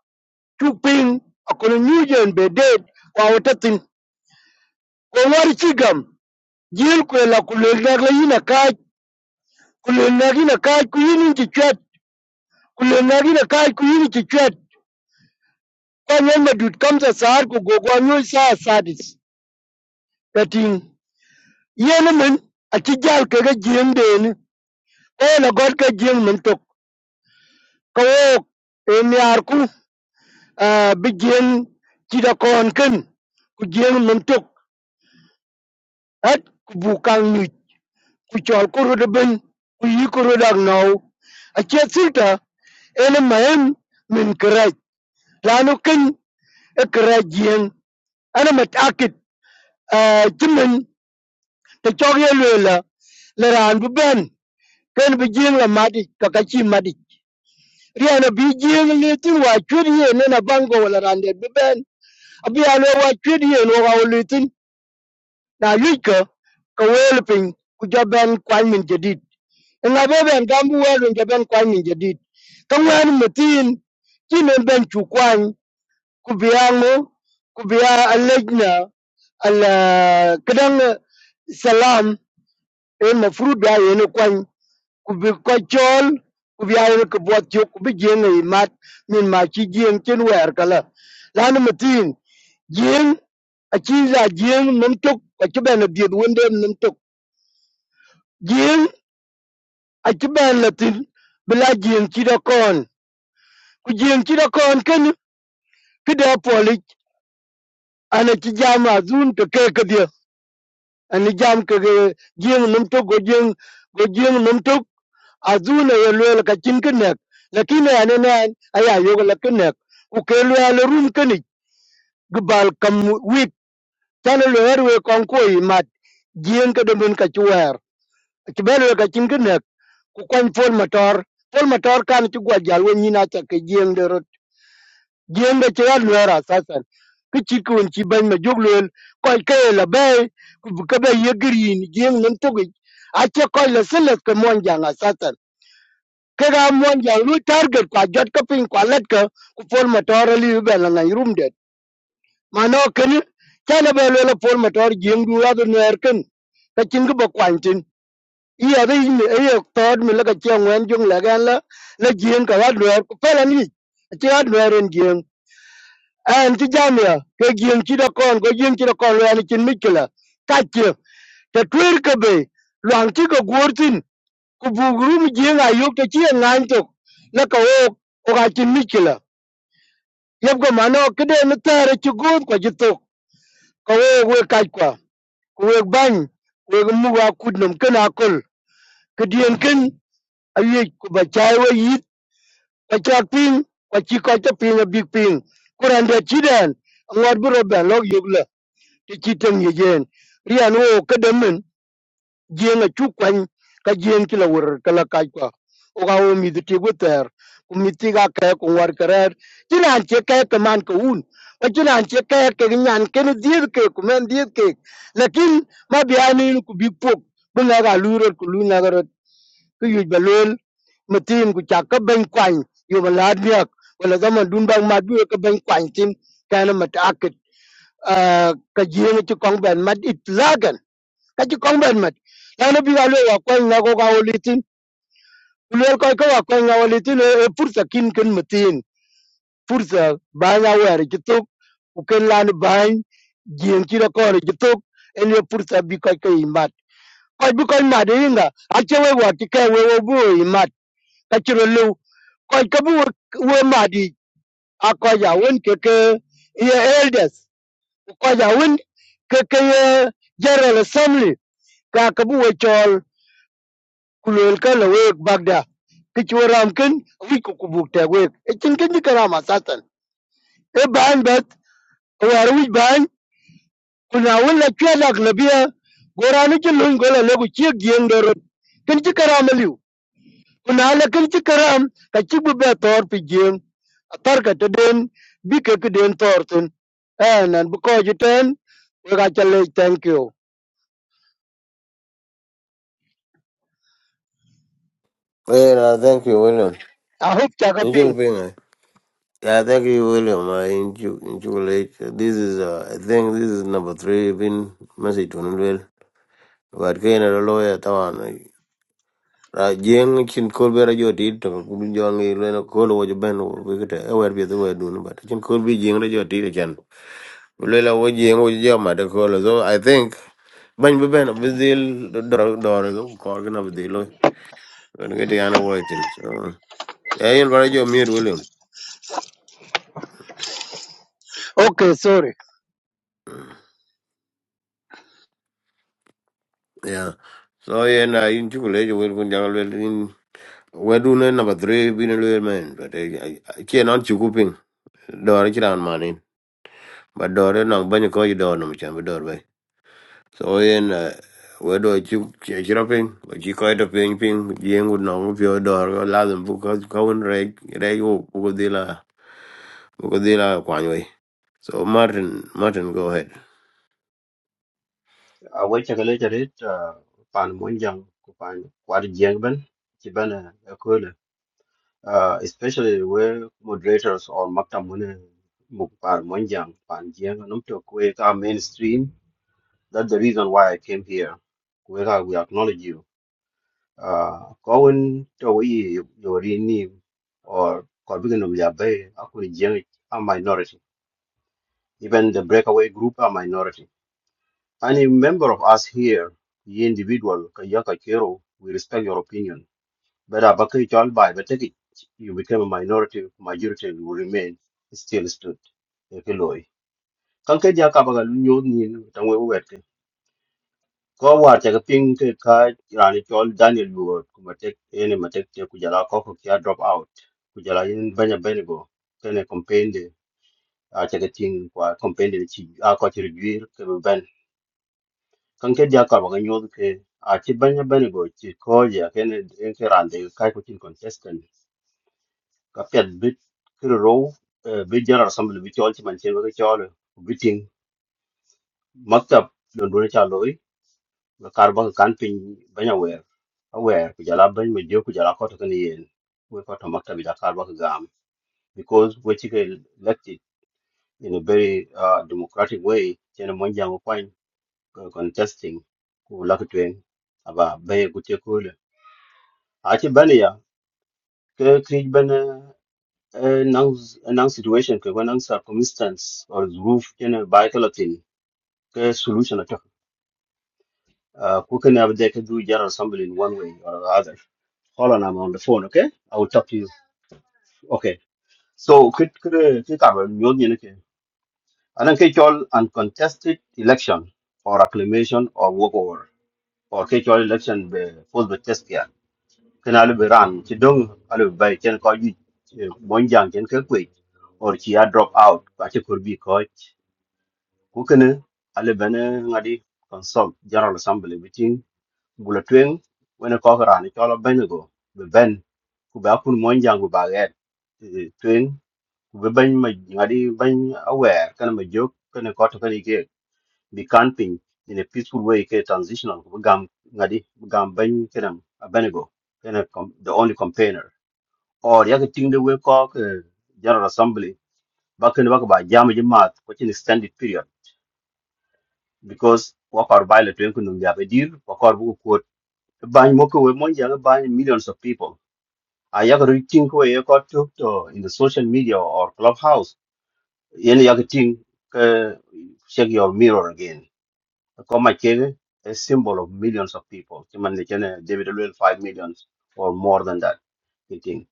Speaker 7: chuping akono nyujen be dead kwa watatin. Ko ngwari chigam jil kwe la kulel nag la yina kaj kulel nag yina kaj ku yini ci chwet kulel nag yina kaj ku yini ci chwet. Kwa nyen madut kamsa saar ku gogwa nyuj saa sadis. Kating yene min a ci jal kega jiem Ko na god ka jing min tok ka wok e miar ku ah, bi jing ci da kon ken ku jing min tok hat ku bu kang ni ku chol ko ro de ben ku yi ko ro dag no a che silta ene mayem min kraj lanu ken e kraj jing ana matakit jimin te chog ye lwela le ran bu ben ken bi jing la madi ka ka chi madi riana bi jing litin wa chud ye ne na bango wala rande bi ben abi alo wa chud ye no wa litin na yika ka wel pin ku jaban kwan min jadid nga be ben gambu wel min jaban kwan min jadid ka wan mutin kine ben chu kwan ku biango ku bia alejna ala kadang uh, salam e mafruda ye ne kwan ku bi ko chol ku bi ayel ko bot chok ku bi jeng e mat min ma chi jeng chen wer kala lan ma tin jeng a chi la jeng num tok a chi ben di wonde num tok jeng a chi ben la tin bila jeng chi da kon ku jeng chi da kon ken ki da poli ana chi jama zun to ke ke dia ani jam ke jeng num tok go jeng go jeng num tok azuna ye luel ka chin kenek lakini ane nan aya yoga la kenek ku ke luel rum keni gbal kam wik tan luel we kon ko i mat jien ke domin ka chuwer ti bel ka chin kenek ku kon fol motor fol motor kan ti gwa jal we nyina ta ke jien de rot jien de chwa luel asasan ki chi kun chi ban ma jog luel ko ke e la be ka be ye green jien nan to ge ache ko la selet ke mon jang ke ga mon jang lu target kwa jot ko pin kwa let ko ku pol motor li yu be la na rum det ma no ken cha na be le pol motor jing du la do ner ken ka chin ko ba kwan tin i ya dai mi e yo tod mi la ka che ngwen jung la gan la la jing ka wa ner ku pe la ni ti wa ner en jing an ti jam ya ke jing ti da kon ko jing ti da kon la ni chin mi kila ka che te twer ke be lang ti ko gurtin ku bugru mu jeng a yok ta ci ngan to la ka wo ko ga cin mikila yeb go mano kede no tare ci god ko jito ko wo we kaj kwa ko we ban we mu wa kudnum kana kol kedien ken ayi ku ba chai we yit ba chak ping ko ci ko ta ping a big ping kuran da ci den ngor bu roben log yugla ti ci tan yejen rian wo kedem jeng a chu kwany ka jeng ki la wur ka la kaj kwa o ga o mi de ti go ter ku mi ti ga ka ko war karer ti nan che ka ka man ko un o ti nan che ka ka nyan ke ni dir ke ku men dir ke lakin ma bi ani ku bi pok bu na ga lu ro ku lu na ga ro ku yu ba lol mi tin ku cha ka ben kwany yu ba la diak wala ga man dun bang ma bi ka ben kwany tin ka na ma ta ka ka jeng ti kong ben ma it lagan kachi combat mat yani bi galo wa kwenya ko ka olitin lel ko ko wa kwenya olitin e e, fursa kin kin mutin fursa banya wer kituk ku ken lan bany jien kira ko ri kituk en e fursa bi ko ko imat ko bi ko imat inga a che we wa ki ka we wo bu imat ka chiro lu ko ka bu we madi a ko ya won ke ke ye elders ko ya won ke ke ye general assembly ka ka bu we chol ku lol ka la wek bagda ki ci waram ken wi ko ku buk ta wek e cin ken ni kara ma satan e ban bat o war wi ban ku na wala ci la la biya gora ni ci lon gola le ku ci gieng do rot ken ci kara ma liu ku na la ken ci karam ka ci bu be tor pi gieng a tar ka te den bi ke ke den tor ten eh nan bu ko ji ten we ga chale thank you
Speaker 1: Hey, uh, thank you William.
Speaker 7: i hope cha ka pin
Speaker 1: Injo ping. Yeah, thank you, William. Uh, in Ju- in Jubilee, this is uh, I think this is number three been message to Nulwell. But Kenya the lawyer Tawan Rajang Chin Colby Rajo did to Kunjong Lena Colo was a band we could ever be the way doing, but Chin Colby Jing Rajo did again. Lela was Jing was Jama the Colo. So I think Bang Ben of Bizil Dor Dor Corgan of the Loy and get Anna Whiting. So I invite your mute, William.
Speaker 7: okay sorry
Speaker 1: Yeah. So yeah, na in Jubilee will Kunjang we do ne number three bin lu men but ke non chu kuping do ri chiran manin but do re nang ban ko do no chan do be so yen eh, we do chu che chiraping we chi ko do ping ping yeng un nong pyo do ro la dum bu ko ko un re re yo bu ko de la bu ko de la kwan we so martin martin go ahead
Speaker 8: Awai cakale carit pan monjang ku pan kwar jeng ben ci ben ekole especially where moderators or makta mune muk pan monjang pan jeng num to kwe ka mainstream that's the reason why I came here kwe ka we acknowledge you uh kawun to wi yori ni or korbigen um ya bay akuri jeng a minority even the breakaway group are minority Any member of us here, ye individual, Kayaka Kiro, we respect your opinion. But Abaka Chal by Bateki, you became a minority, majority will remain still stood. Ekeloi. Kanke Jaka Bagalunyo Nin, Tangwe Wete. Ko war take a pink card, Rani Chol Daniel Ward, Kumatek, any Matek, Kujala Koko Kia drop out. Kujala in Banya Benigo, Kene Compende, I take a thing, Compende, I got a review, kan ke dia ka ba nyu ke a chi ban ban go chi ko ya ke ne en ke ran de ka ko chin contestant ka pet bit ke ro bi general assembly bi chol chi man chen ba chol bi ting maktab don do cha loy ka kar ba kan pin ban ya wer a wer ku jala ban me jo ku jala ko to ken yen we ko to maktab ja kar ba gam because we chi ke elected in a very uh, democratic way chen mon jang ko contesting ku la ku twen aba be ku te aci bɛn ya ke kric bɛn naŋ situation ke bɛ naŋ circumstance or zuruf kene bai kala tin ke solution attack. uh, ku kene abde ke do general assembly in one way or the other hold on i'm on the phone okay i will talk to you okay so kit kre ke karba nyod nyene ke anan ke chol uncontested election or acclamation or walkover or ke All election be force be test kana lu ran ci dong alu bay ken ko yu mon jang ken ke kwe or ci a drop out ba ci kur bi ko ku kana alu bana ngadi consult general assembly meeting bula twen wona ko ko ran ci lo ben go be ben ku ba kun mon jang bu ba ga twen ku be ben ma ngadi ben aware kana ma jok kana ko to kana ke bi camping in a peaceful way ke transitional ku gam ngadi bu gam ben kana a ben go kana the only campaigner or yake ting de we ko general assembly bakin baka ba jam ji mat ko chin extended period because what par baile to ko num yabe dir wa kor bu ko ban mo millions of people a yake ru ting ko ye ko to to in the social media or clubhouse yen yake ting ke check your mirror again ko ma a symbol of millions of people chiman ne chene david will 5 millions or more than that you think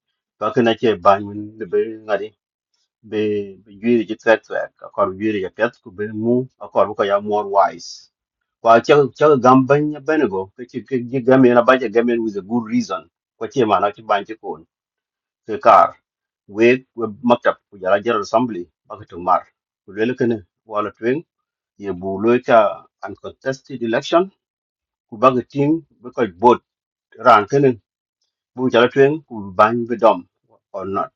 Speaker 8: bakin ake ban de be be be yuri ji tret tret ka kor yuri ja pet ku be mu a kor bu ka ya more wise kwa cha cha gam ban ya ban go ke chi ke ji gam na ba ja gam with a good reason ko chi ma na chi ban chi kon ke kar we we maktab ku ja la general assembly ba ka tung mar ku le ke ne wala twen ye bu lo cha uncontested election ku ba ka ting be ka bot ran ke ne bu ja la twen ku ban be dom or not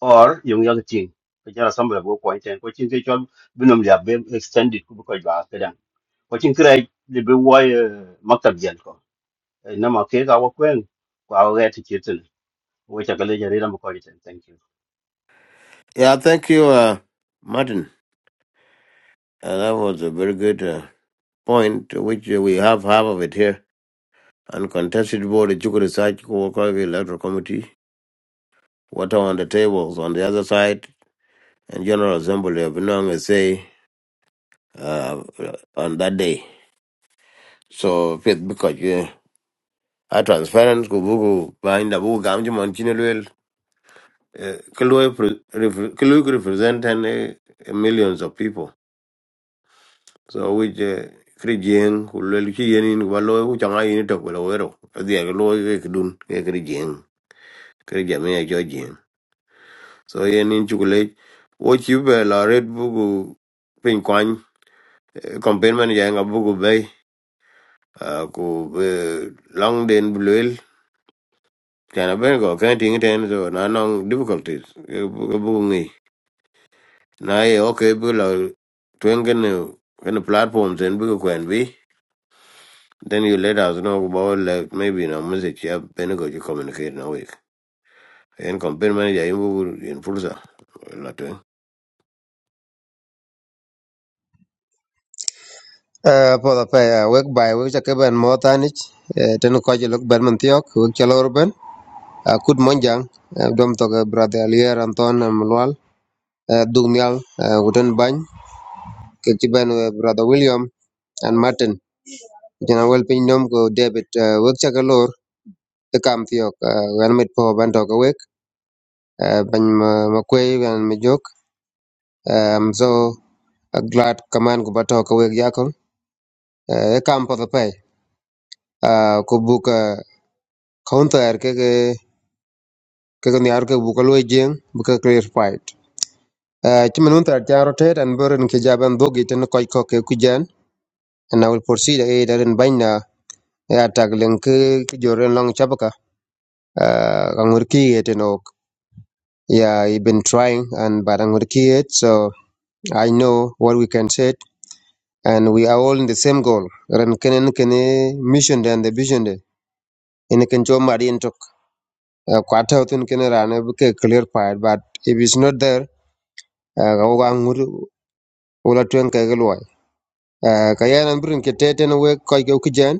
Speaker 8: or yung yak ting ko jara sambal go ko ten ko chin ke chol binum ya be extended ku ko ba ka dan ko chin krai de be wa maktab jan ko na ma ke ga wa kwen ko a ga ti chitin wo ta ga le jare ram ko ten thank you
Speaker 1: yeah thank you uh, martin uh, that was a very good uh, point which uh, we have half of it here uncontested board the Chukwudi Research Worker Electoral Committee water on the tables on the other side, and General Assembly of Inong is say uh, on that day. So faith because yeah, a transparent kubuku behind the book gamji monchinelwell kalui represent and uh, millions of people. So which uh, Krijeng kulwel chi yenin walo ku changa yini tok wala wero adhi aglo ke kdun ke Krijeng Krijame ya jo jeng so yenin chukule what you be la red bugu campaign man jang abu ku bay ku eh, long den bluel kana ben go kan ting ten so na nong difficulties Abu bu bu ngi na ye okay bu la twen gen gen platforms en bu ku en bi then you let us know about like maybe na message ya ben go you communicate na week en campaign man jang bu en fursa la twen
Speaker 3: For the pay, work by which I can Motanich, Tenukaji look Bermantiok, Wikalorben, Kud Monjang, Dom Toga brother Lier Anton and Mlual, Dugnial, Wooden Bany, Kichiban brother William and Martin. General Pinom, go David, work The kam tio uh, wan mit po ban to wek uh, ban ma, ma wan mi jok um, so uh, glad kaman ku ba to ka wek yakon uh, e kam po the pay uh, ku buka counter ke ke ke ni ar ke buka loy jeng buka clear fight uh, ti men unta ja rotate and burn ke jaban dogi ten koy ko ke ku jan and i will proceed e daren banya ya tag len ke ke joren long chabaka uh, angurki eteno yeah, he been trying and but angurki it so I know what we can say, and we are all in the same goal. Ran kene kene mission and the vision de. In can jo mari in tok. Kwata utun kene rane buke clear part, but if it's not there, kawa ngur ula tuen kage luai. Kaya nan burin kete tene we koi ke ukijan.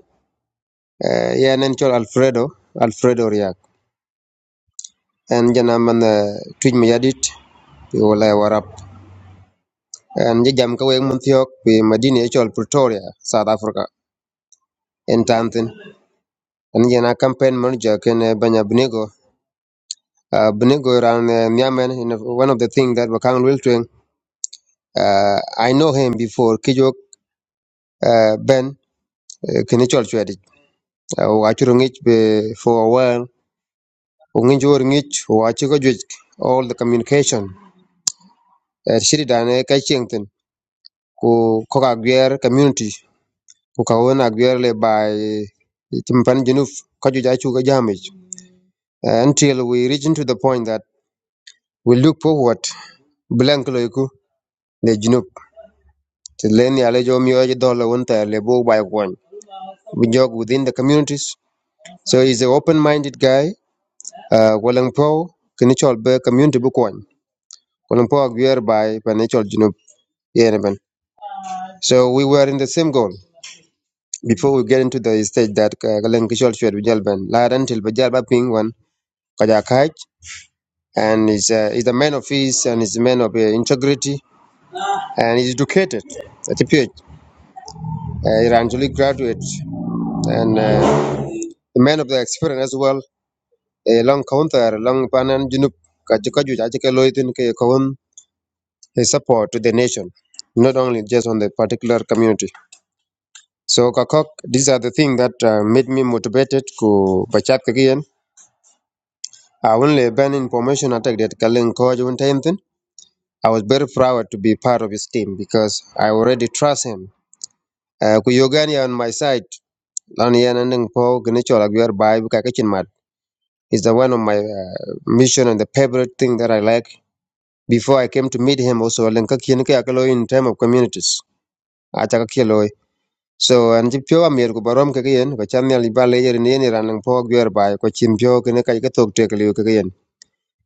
Speaker 3: Ya nan chol Alfredo, Alfredo riak. And jana man eh, tuj mayadit. Wala warap. And jam kawe mun thiok. Madini e chol Pretoria, South Africa. In time And again, a campaign manager can uh, Banya Bunigo. Uh, Bunigo around uh, Niamen, in a- one of the things that Bakang will doing. Uh, I know him before Kijok uh, Ben Kinichol Chwedik. Wachurungich for a while. Unginjurungich, Wachigojik, all the communication. Uh, Shiridan Kachington, ku Kokagier community, Kukawona Gierle by uh, Timpan Junuf, Kajujachu Jamich. Uh, Until we reach into the point that we look forward, Blank Loiku, the Junub. to learn the knowledge of your dollar, Myoji Dolo Wunta Lebo by one. We jog within the communities. So he's an open minded guy. Uh Walang Po, Kinichol Be community book one. Walang Po Agwear by Panichol Junub Yereban. So we were in the same goal. Before we get into the stage that uh, Kalang Kishol Shred Vijalban, Ladan till Vijalba Ping one, Kajakaj, and he's, uh, he's a man of peace and he's a man of uh, integrity and he's educated at a PhD. Uh, he actually graduate and uh, a man of the experience as well e long counter, long panan junup ka ji- ka ju ja ji ke loy ke kaun a support to the nation not only just on the particular community so kakok these are the things that uh, made me motivated ku bachat kagien i only ban information attack that kalen ko jun time i was very proud to be part of his team because i already trust him uh, ku yogani on my side lan yan nang po gnichola gwer bai ka kachin mat is the one of my uh, mission and the favorite thing that i like before I came to meet him also len ka kien ka akalo in time of communities acha ka kielo so an ji pyo amir ku barom ka kien ka chan yal ba le yer ni ni ran nang po gyer ba ko chim pyo kene ka ka tok tek liu ka kien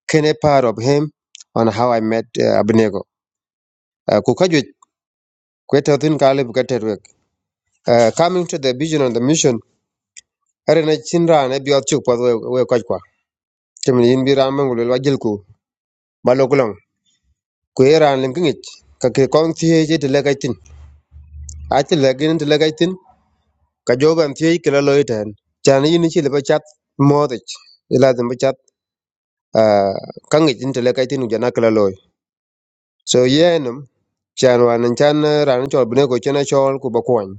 Speaker 3: kene part of him on how I met uh, Abnego uh, ku ka ju kwete tin ka le ka ter wek uh, coming to the vision and the mission are na chin ra ne bio chuk pa we we ka kwa chim yin bi ram ngul wa jil ku ba lo kulong ku era len ka ngich ka ke kong thie je te le ka tin a te le gin te le gaitin ka joban thiec ki lo lo iten chan yin chi liba chat modich lazim bi chat ah, kaŋ tin tele kai tin jana ki loy so yenim chan wan in chan eh, ran chol bine ko chena chol ku ba kwany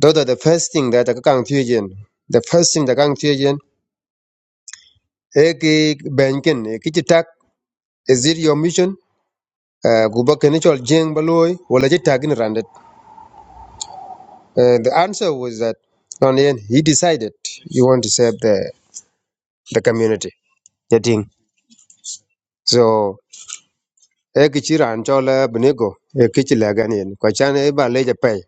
Speaker 3: Those the first thing that ka kang thiec yen the first thing that kang thiec yen e ki benkin e ki chi tak is it your mission Ah, ku ba kene chol jeng ba loy wala chi tak in randet Eh, the answer was that on the end he decided he want to serve the the community the thing so e ki ran cho la e ki ci lagan e ba leja pay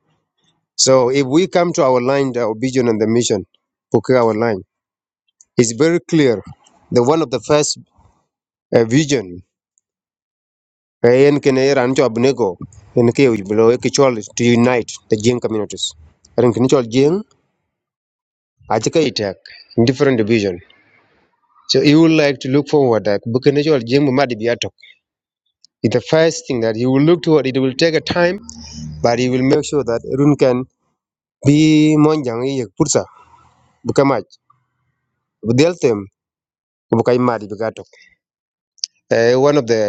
Speaker 3: so if we come to our line our vision and the mission puke our line is very clear the one of the first uh, vision e yen ken e ran cho binigo en ke u blo e ki to unite the jing communities ran kin chol jing a ci itak in different division so you would like to look forward that bukene chol jing ma di biatok It's the first thing that you will look toward it will take a time but you will make sure that everyone can. bi monjang ye pursa buka maj bu mari buka eh one of the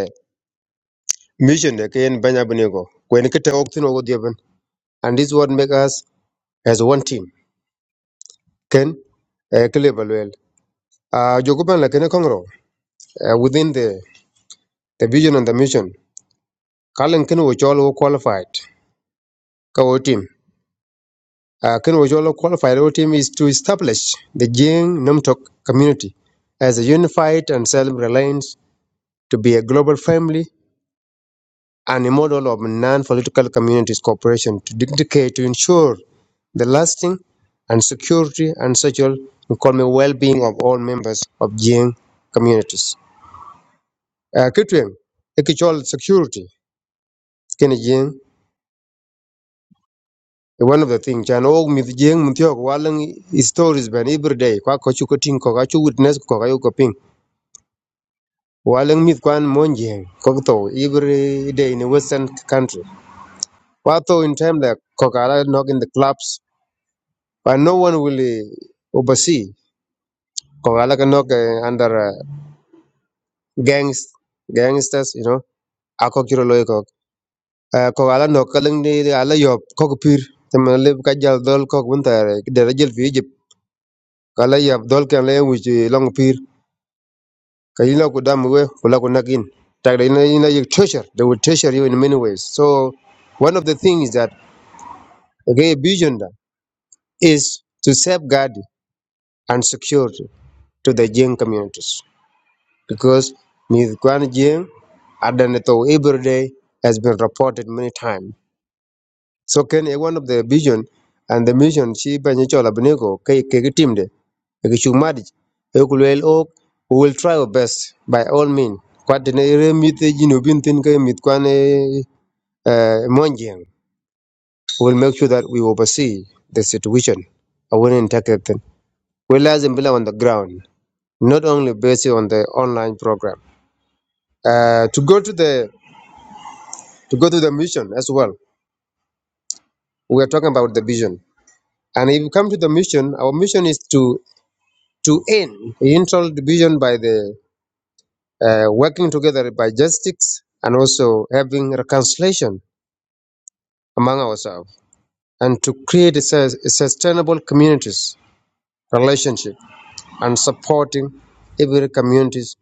Speaker 3: mission de ken banya bunego kwen kete oktin ogo dieben and this what make us as one team ken eh clever well ah jogoban la ken kongro eh, within the the vision and the mission kalen ken wo cholo qualified ka team ah ken wo cholo qualified Our team is to establish the jing namtok community as a unified and self-reliant to be a global family and a model of non-political communities cooperation to dedicate to ensure the lasting and security and social and economic well-being of all members of Jing communities. Uh, Kitwem, ekichol security kene Jing one of the things And all mith Jing muthiok walang stories ben every day kwa kochu koting ko kachu witness ko ping walang mith kwan mon Jing every day in a western country. Kwa in time like kokara nog in the clubs but no one will eh, oversee. Kung ala ka nok, eh, under uh, gangs, gangsters, you know, ako kiro loy kok. Eh, Kung ala nok kalang ni ni ala yop kok pir. Temen le ka jal dol kok bunta dera jel fi Egypt. Kala yop dol kan le wuji long pir. Kayila ku dam we kula ku nakin. Tak da ina ina you treasure. They will treasure you in many ways. So one of the things that okay vision da is to safeguard and secure to the Jain communities. because Ms. Guan Jing Adanito every day has been reported many times. So can a one of the vision and the mission she Banichola Benego Kekimde, Ekishumadi, Ekulel Oak, we will try our best by all means. Quatinere mite jinubin tinke mitkwane monjing. We'll make sure that we oversee the situation. I will not take it. We lies and on the ground, not only based on the online program. Uh, to go to the to go to the mission as well. We are talking about the vision. And if you come to the mission, our mission is to to end the internal division by the uh, working together by justice and also having reconciliation among ourselves and to create a, sus- sustainable communities relationship and supporting every communities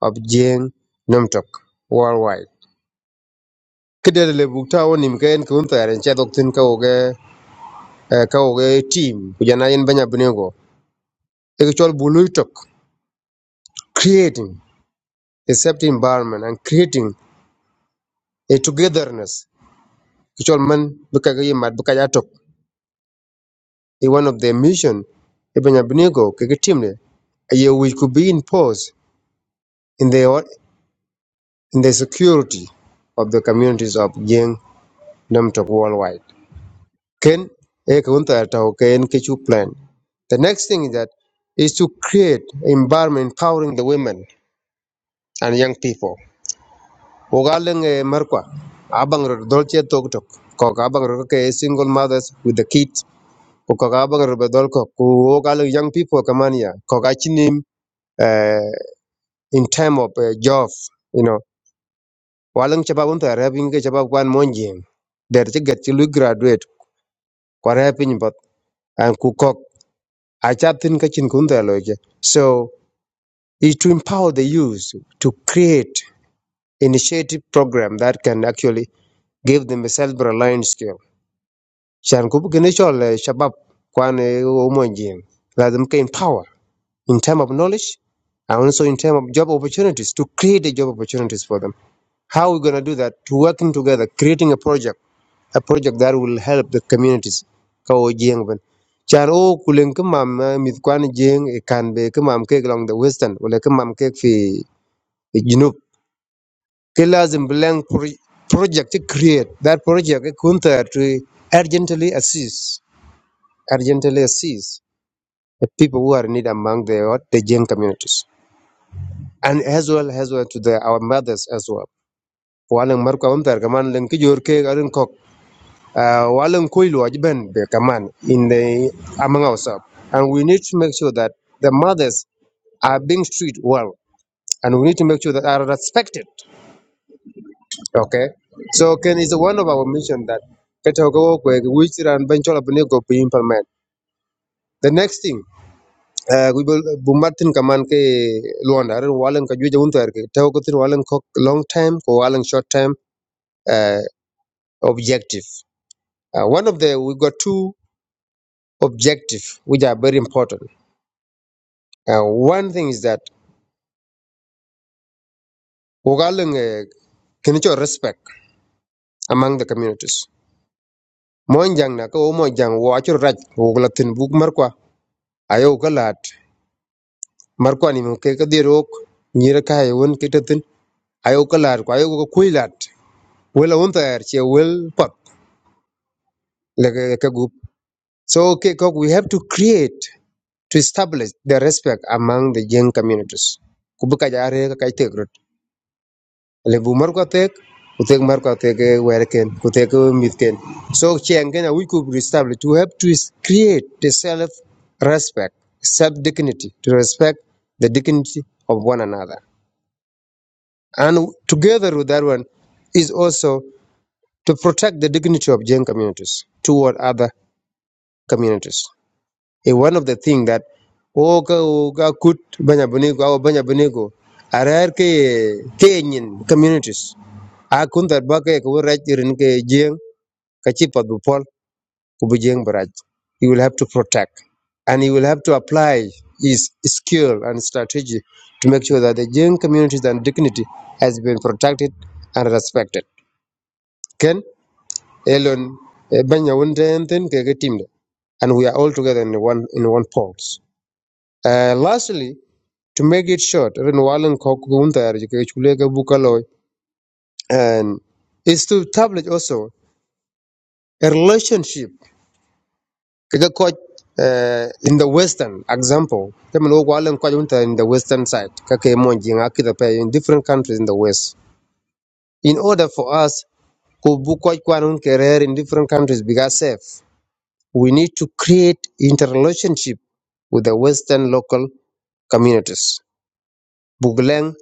Speaker 3: of Jane Nomtok worldwide. Kidel le bukta woni mkaen kunta ren cha dok tin ka oge eh, ka oge team kujana yen banya actual bului tok creating a safety environment and creating a togetherness actual man bika ga yimat bika ya tok is one of their mission ibn abnigo kege timne a year which could be imposed in the in the security of the communities of Jing Nam Tok worldwide. Ken e ka unta ta o ke en ke chu plan. The next thing is that is to create an environment empowering the women and young people Wogaleng merkwa Abang dolce toktok ko abangor ke single mothers with the kids ko kok abang bedol ko abangor be dolko ko wogal young people kamania ko achinim uh, in time of uh, job you know walang chaba un ta rabin ke chaba kwan monjing der ti get ti lu graduate ko rabin but and ku kok a chatin ka chin kun ta loje so is to empower the youth to create initiative program that can actually give them a self-reliant skill عشان كوب كنيشول الشباب كوان ومونجين لازم كاين power in term of knowledge and also in term of job opportunities to create the job opportunities for them how are we going to do that to working together creating a project a project that will help the communities ka wo jieng ben chan o kulen ke mam eh, mit kwan jieng e kan be ke mam kek along the western wala ke mam kek fi fi junub ke lazim bilang pro- project to create that project eh, kunta to urgently assist urgently sees the people who are in need among the what the Jain communities, and as well as well to the our mothers as well. Walang marko am tar kaman lang kijor ke arin kok uh, walang kuilu ajben be kaman in the among ourselves, and we need to make sure that the mothers are being treated well, and we need to make sure that are respected. Okay, so Ken is one of our mission that Ketago which and ran bench go be implement. The next thing. Eh, we will bumbatin kaman ke luanda ren walan ka juja unter ke long time ko walan short time uh, objective uh, one of the we got two objective which are very important uh, one thing is that wogalan can cho respect among the communities mon jang na ko mo jang wo acho raj woglatin buk markwa ayo kalat markwa ni mo ke kadirok dirok nyira ka ay won ke ayo kalat ko ayo ko kuilat wela unter che wel pat like a, like a group. So okay, Kok, we have to create to establish the respect among the young communities. Kubuka jare ka kai tegrut. Le bumar ko tek, utek mar ko tek eh, wer kutek eh, mit So chengen we could establish to have to is- create the self respect, self dignity, to respect the dignity of one another. And together with that one is also to protect the dignity of young communities toward other communities. is one of the things that o ka o ka kut banya bunigo au banya bunigo arar ke kenyin communities a kun that ba ke ko raj irin ke jeng ka chi pat bu pol ku bu jeng baraj you will have to protect and you will have to apply his skill and strategy to make sure that the jeng communities and dignity has been protected and respected ken elon eh, banya wunde enten ke ke timde and we are all together in one in one pulse uh, lastly To make it short, even Walan Kokuntar, Chulega Bukaloi, and is to establish also a relationship. Kaga coach uh, in the Western example, kama lo Walan Kokuntar in the Western side, kake monji ngaki pay in different countries in the West. In order for us to book kwanun career in different countries, because safe, we need to create interrelationship with the Western local communities. Bugleng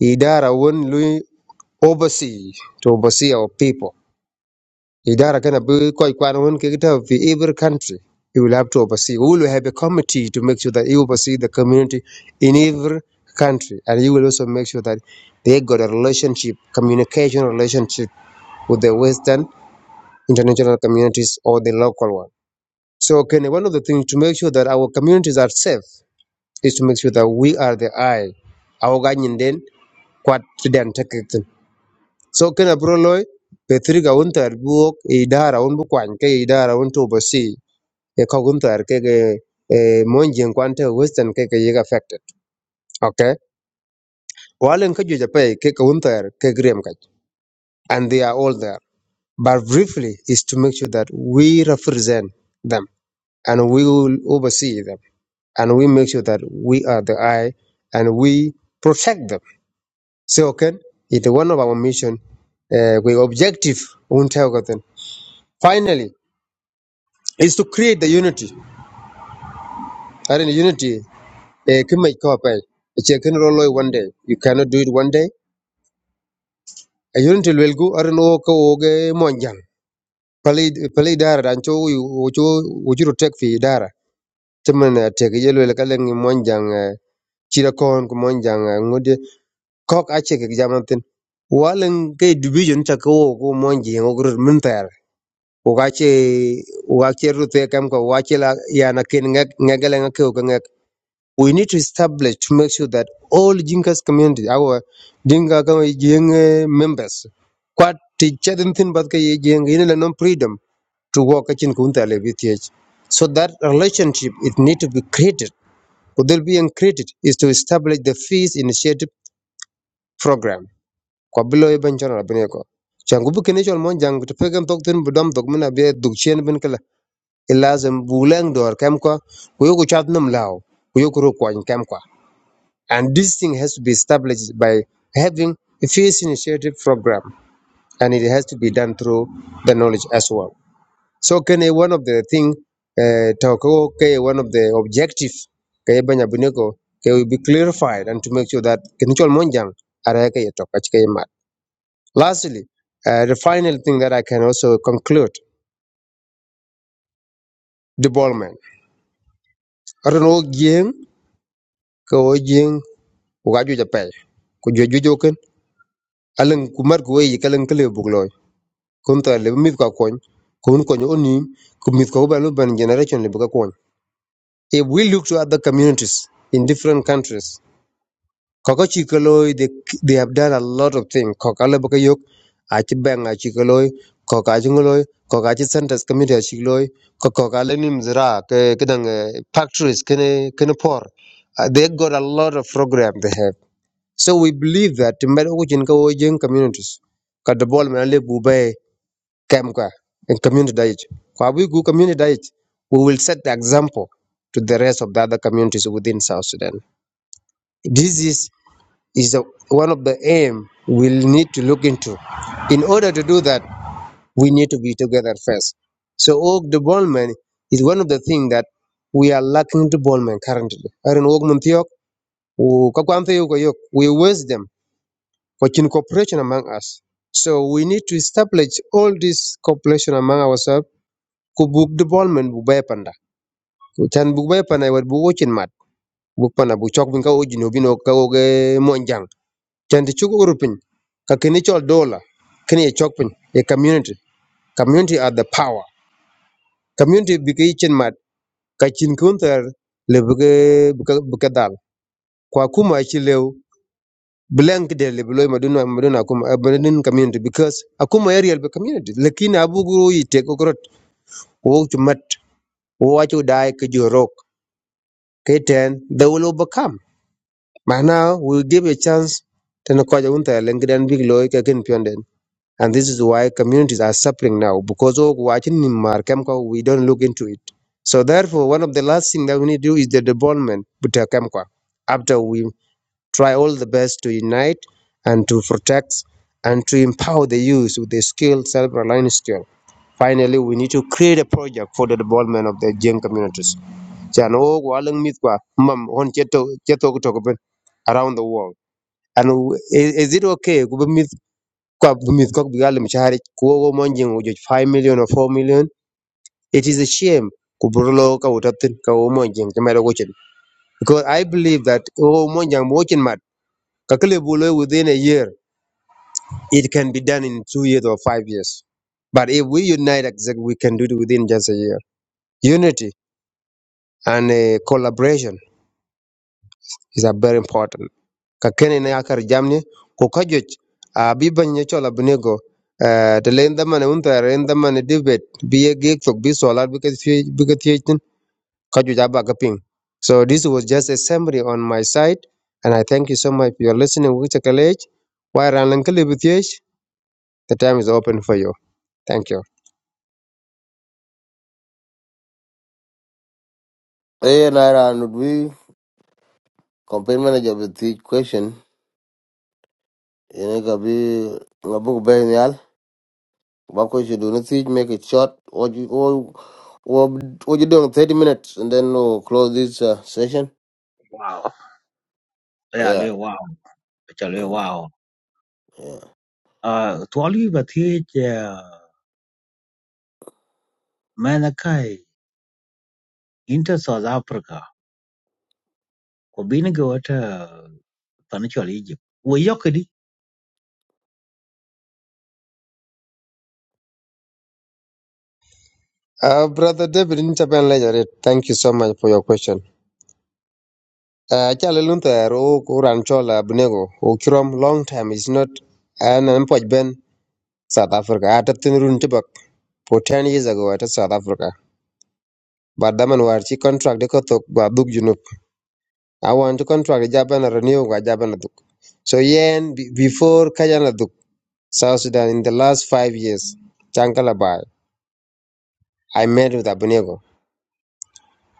Speaker 3: idara won oversee to oversee our people. Idara kana bi koi kwana won kikita fi every country. You will have to oversee. We will have a committee to make sure that you oversee the community in every country, and you will also make sure that they got a relationship, communication relationship with the Western international communities or the local one. So, okay, one of the things to make sure that our communities are safe is to make sure that we are the eye. Our guardian then, what So kina bro loy Petriga unter buok e idara un bukwany ke e idara un to oversee e kogunter ke ke e monjen kwante western ke ke yega affected. Okay. Walen ke juja pay ke ke unter ke grem kaj. And they are all there. But briefly is to make sure that we represent them and we will oversee them and we make sure that we are the eye and we protect them. So okay, it's one of our mission uh, we objective unter gotten. Finally, is to create the unity. And in unity, eh, kin mai kawa pai, ice kin rolo one day. You cannot do it one day. A unity will go arin o ka o ga monjang. Pali pali dara dan cho o cho o jiro tek fi dara. Temen eh, tek yelo le kaleng monjan chira kon ko monjang. eh, ngode kok ace ke jamantin. Walang ke division ta ko ko monji o gro mentar. O ga ce o ga ce rute kam ko wa ce la ya na kin ngak ngagale ngak ko ngak. we need to establish to make sure that all Jinkas community, our Dinka Jing members, quite teacher and thin but Jing in non freedom to work at Chinkunta Levitch. So that relationship it need to be created. What Will be created is to establish the fees initiative program. Kwa bilo iban chana bineko. Changubu kinishol mon jang to pegam tokten budam dogmina be dukchen bin kala. Ilazem bulang dor kemko kuyoku chat num lao kuyoku ro kwany kem kwa. And this thing has to be established by having a face initiative program, and it has to be done through the knowledge as well. So, can one of the thing, uh, talk, okay, one of the objective, kaya banya buneko, kaya will be clarified and to make sure that kinichol monjang arayaka yetok achikaya mat. Lastly, uh, the final thing that I can also conclude development. Arono jing, ko jing, ugajuja pay, kujujujoken, alang kumar kuwe kun ta le mit ka kon kun kon oni ku mit ko ba lu ban generation le ka kon if we look to other communities in different countries kokochi koloi they they have done a lot of things kokale ba yok a chi bang a chi koloi koka chi ngoloi koka chi centers community a chi loi ko koka le nim zira ke kedang factories kene kene por Uh, they got a lot of program they have so we believe that timber ko jin ko jin communities ka the ball man le came qua in community diet. Kwa we go community diet, we will set the example to the rest of the other communities within South Sudan. This is is a, one of the aim we'll need to look into. In order to do that, we need to be together first. So org development is one of the things that we are lacking development currently. Aron org muntiok, u kakwante yuko yok, we waste them for cooperation among us. So we need to establish all this cooperation among ourselves ku buk development bu bay panda ku chan bu bay panda wat bu wochin mat buk panda bu chok bin ka o jino bino ka o ge monjang chan ti chugo rupin ka kini chol dola kini e chok pin e community community are the power community bi ka yichin mat ka chin kunter le bu ge bu ka dal kwa kuma chi lew blank de le bu maduna maduna kuma abandon community because akuma area be community lakini abu guru yite ko grot wo chumat wo achu dai ke jorok keten they will overcome But Now we give a chance to Nkoja Unta Lengren Big Loy Kakin Pyonden. And this is why communities are suffering now because of watching Myanmar Kemko, we don't look into it. So therefore, one of the last thing that we need to do is the development with uh, Kemko. After we try all the best to unite and to protect and to empower the youth with the skill, self-reliant skill. Finally, we need to create a project for the development of the Jain communities. Chan o walang mit kwa, mam hon cheto- cheto ko toko ben around the world. And w- i- is it okay? Kubumit kwa bumit kwa bigal mshahara kuogo monjing ujoj 5 million or 4 million. It is a shame. Kuburulo ka utatin ka wo monjing chimero gochin. Because I believe that wo monjang mochin mat kakule bulo within a year. It can be done in two years or five years. But if we unite, exactly, we can do it within just a year. Unity and uh, collaboration is uh, very important. ka kene ne akar jamni ko kajuc a bi ne chol abnego eh te len damane un ter debet bi ye gek tok bi solar bi ka thie bi ka thie tin kajuc aba ka ping so this was just a summary on my side and i thank you so much for your listening with college why ran lan kle bi thie the time is open for you thank you
Speaker 1: eh na ra nu bi campaign manager with the question ene kabi bi ngabu ku bay nyal. What coach you do? not see, make it short. Or you, or, or, or you doing 30 minutes and then we'll close this uh, session.
Speaker 6: wow ya
Speaker 1: Yeah.
Speaker 6: le wow cha le
Speaker 1: Uh,
Speaker 6: wow
Speaker 1: yeah.
Speaker 6: Uh, tuwali ba thiye cha mana kai inter South Africa ko bini ga wata panichol Egypt. Wo yokedi
Speaker 3: uh, brother david in lejaret thank you so much for your question uh, chale lun ter o ko ran chol o krom long time is not an an poj ben South Africa. Ata tin run tibak for 10 years ago at South Africa. But daman war chi contract de kotok gwa duk junub. I want to contract de jaban renew gwa Japan. duk. So yen be- before kajan a duk, South Sudan in the last five years, chankala bai, I met with Abunego.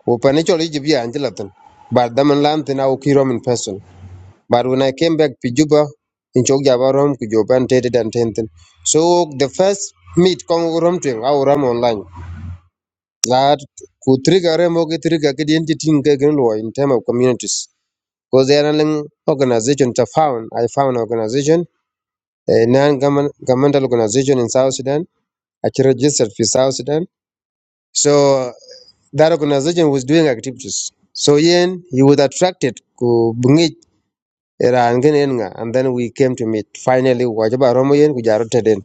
Speaker 3: Upane chol Ijibia anjilatin. But daman lam tin au kirom in person. But when I came back to Juba, in chok jabarom ku joban tete tenten. So the first meet kong rom twing au ram online. that could trigger remote trigger kidinti tinga law in terms of communities because there are an organization to found i found organization a non governmental organization in south sudan actually registered for south sudan so that organization was doing activities so yen he was attracted ku bungit and then we came to meet finally wajaba romo yen ku jaru teden.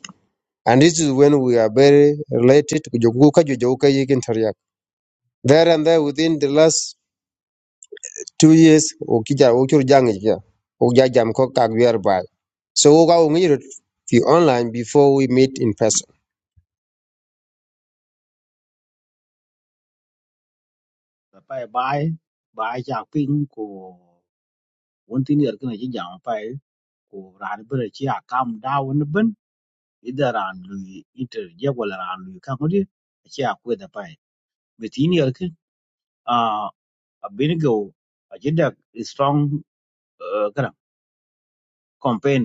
Speaker 3: and this is when we are very related ku jogu ka jogu ka yigin tariya there and there within the last two years o kija o chur jang ja o ja jam ko kak wer bai so o ga o ngi fi online before we meet in person
Speaker 6: ba pai bai bai cha ping ko won tin yer kana ji jam pai ko ran bere chi akam da won ben ida ran lui inter je ko ran lui ka ko di chi akwe da pai. Be tin yer kin a bini ga a jida strong uh, kana campaign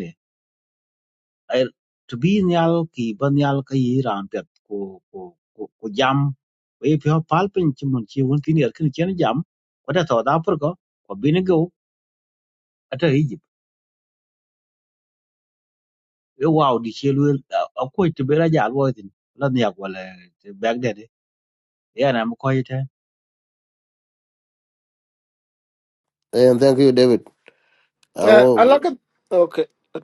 Speaker 6: eh, tibbi nyal ki ban nyal ka yi ran pet ku ku ku ku jam we pyo pal pin chi mun chi won tin yer kin chen jam ko da to da pur ko ko bin go ata egypt e wow di chi lu a ko ti bera ja go tin la nya ko le bag de ya na mo ko yi
Speaker 1: Hey, And thank you, David. I
Speaker 4: eh ala
Speaker 1: will.
Speaker 4: ka okay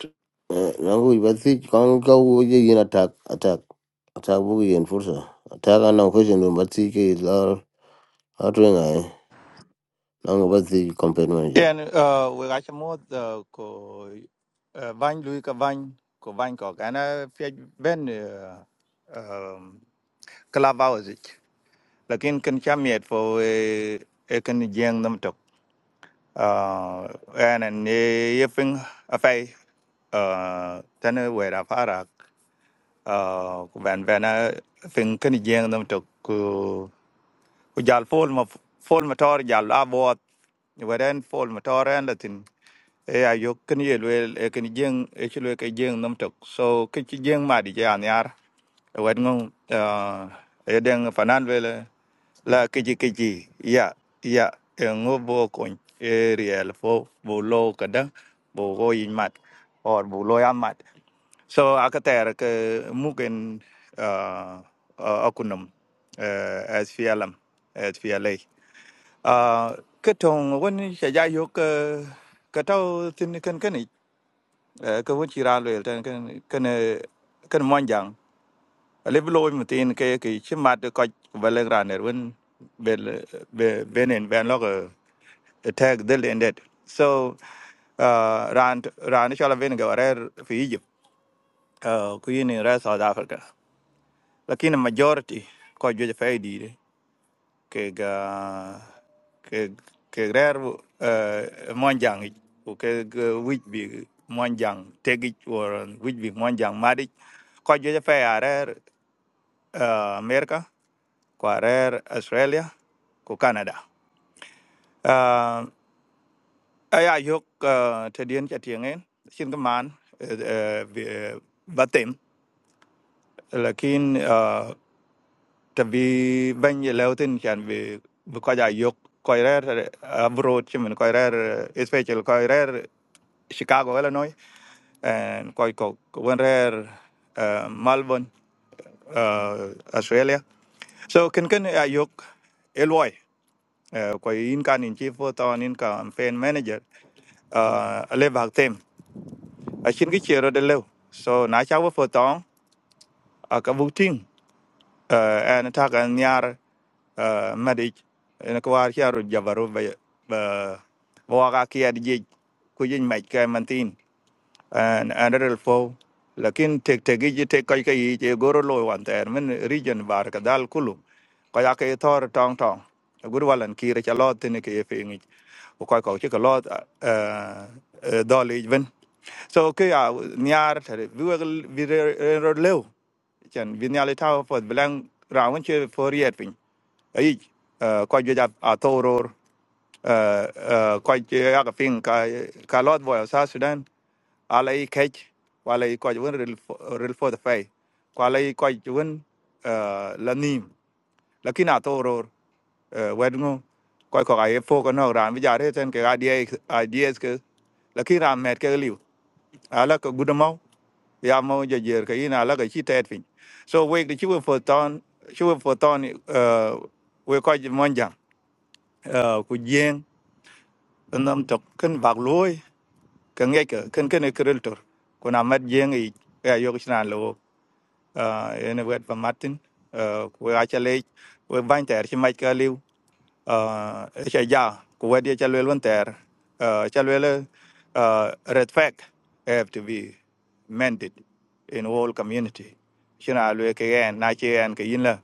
Speaker 1: Uh, nangu ibasi kanga wuje in attack attack attack buku yin fursa attack ana question dum batsi ke lar atwe ngai nangu batsi campaign manager
Speaker 9: Ken, uh, we got some more the co uh, Van Louis Cavan, co Van Cock, and I feel Ben uh, um, club hours it. Lakin can come yet for a can jang them talk. Uh, and an yeffing a fay, uh, then where a farak, uh, when when I think can jang them talk. กูอยากโฟล์มมาโฟล์มมาทออีกอยากลาบวอดเวรนโฟล์มมาทออีกแล้วทินเอไอยุคนี้เลยเอคุณยิ่งเอช่วยกันยิ่งน้ำตก so คุณยิ่งมาดีอันยาระเวรงเอเด็กผ่านันเวลาเล่าคุยๆี้อ่ะอ่ะเองอบวกกันเอรีเอลฟ์บุลโลกระดังบุโรยิ่งมัด or บุลโลยันมัด So akatera ke mugen uh, uh, akunum uh, as fialam as fiale. Uh, ke tong wen shaja yo ke ke tau tin cái cái này ken ni uh, ke wen chira lo cái cái ken eh, ken monjang. Le blo mi tin ke ke chimat ko vale graner wen bel về về ben lo ke tag del ended. So uh, ran ran shala ven ga rer fi Egypt. Uh, kuyini rer South Africa. lakini majority ko jwe faidi de ke ga ke ke rer uh, monjang u ke wich bi monjang tegi or wich bi monjang madi ko jwe fa are uh, america ko are australia ko canada uh, aya yok uh, tedien chatien en chin kaman uh, uh, batem lakin eh, tabi ban ye leutin chan bi bi ko ja yok ko rer abroad chimen ko rer special ko rer chicago illinois and ko ko wen rer uh, melbourne uh, australia so ken ken ya yok eloy uh, ko in kan in chief to in kan fan manager uh, le bạc thêm ở trên cái chiều rồi đến lâu so nãy cháu với phở tón ở cái vũ trình Eh, en tak en nyar medic en kwar chiaru jabaru be be waga kiad jej ku jin mech ke mantin and another four lakin tek tegi ji tek kai kai ji goro lo wan ter men region bar ka dal kulu ka ya ke tor tong tong gur walan ki re chalo tin ke ye ngi ko ka ko che ka lot eh dol even so ke ya niar ter vi vi ro leo chan vi nyali ta po blang rawen che for yet pin ai ko ju ja atoro ko ju ya ka pin ka ka lot boy sa sudan ala i kec wala i kɔc wen rel fodh fɛi ku ala i kɔc wen eh, la nim lakin a thoo roor eh, wɛt ŋo kɔc kɔk aye fo ke nɔk raan bi ja re tɛn kek ideas ke lakin raan mɛt kek liu ala ke gudu mɔu ya mɔu jejer ke yin ala ke ci tɛɛt piny so wek de ci we fo tɔn ci we fo tɔn we kɔc mɔn jaŋ eh, ku jieŋ nam tök kën cái luoi ke cái ke kën kën e kerel tör ku na mɛt jieŋ yic ke ayök ci naan uh, in a word from Martin, uh, we actually, we bind there, she might go live. uh, cha ja ku wedi cha lwel wan ter uh, cha lwel uh, red flag have to be mended in all community china lwe ke en na che en ke yin la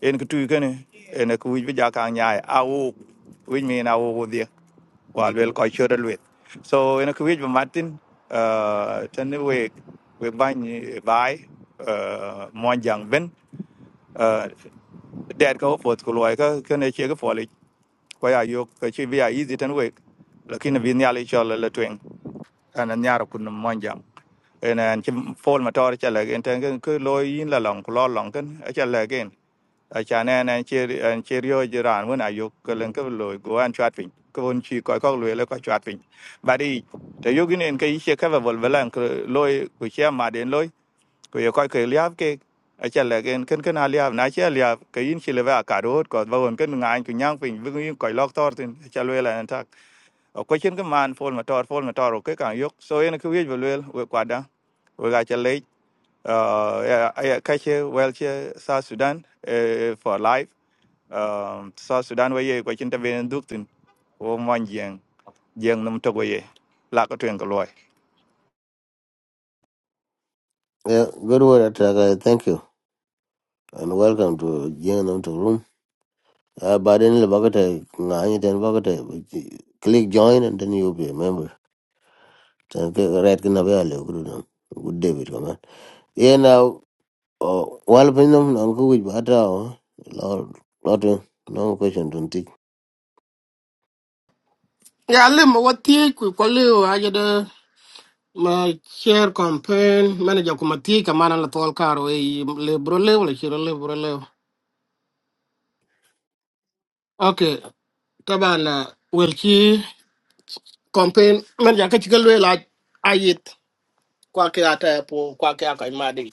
Speaker 9: en ku tu ke ne en e ku wi ja ka nya a u wi mi na u dia wa lwel ko chura lwet so en e ku wi martin uh, tan we we ban bai uh, mon jang ben uh, dad ko fot ku loy ka ke ne che ko ya yo ko chi via easy tan we lakini vi nyali cho la la twen ana nyara kun monjam en en chi fol ma tor cha la en tan ko lo yin la long ko lo long kan a cha la gen a cha ne ne chi en chi ryo ji ran won ayo ko len ko lo go an chat pin ko won chi ko ko lo le ko chat pin bari te yo gin en kai che ka vol velan ko lo ko che ma den loy ko ye koy ke liab ke a cha le gen ken ken a liab na cha liab ke yin chi le va ka rot ko ba won ken ngai ku nyang pin vi yin koy lok tor tin cha le la an tak o ko chen ke man fol ma tor fol ma tor ke kan yok so en ku ye le we kwa da we ga cha le a ka che wel che sa sudan eh, for life um sa sudan we ye ko chen ta ben duk tin o man jeng jeng nam to we la ko twen ko loy
Speaker 1: yeah good word attack uh, thank you and welcome to jing to room uh, but then the bucket ngai then bucket click join and then you'll be a member tan ke red ke nabe ale guru nam good day bit kaman ye na wal pe nam nam ko wij bata o lor lot no question dun tik
Speaker 4: Ya le ma wati ku ko le wa ya de ma share campaign manager ku mati ka mana la tol karo e le bro le wala shiro le bro le. Okay, tabana wel ki campaign manager ka chigal we la ayit kwa ke ata po kwa ke aka ma de.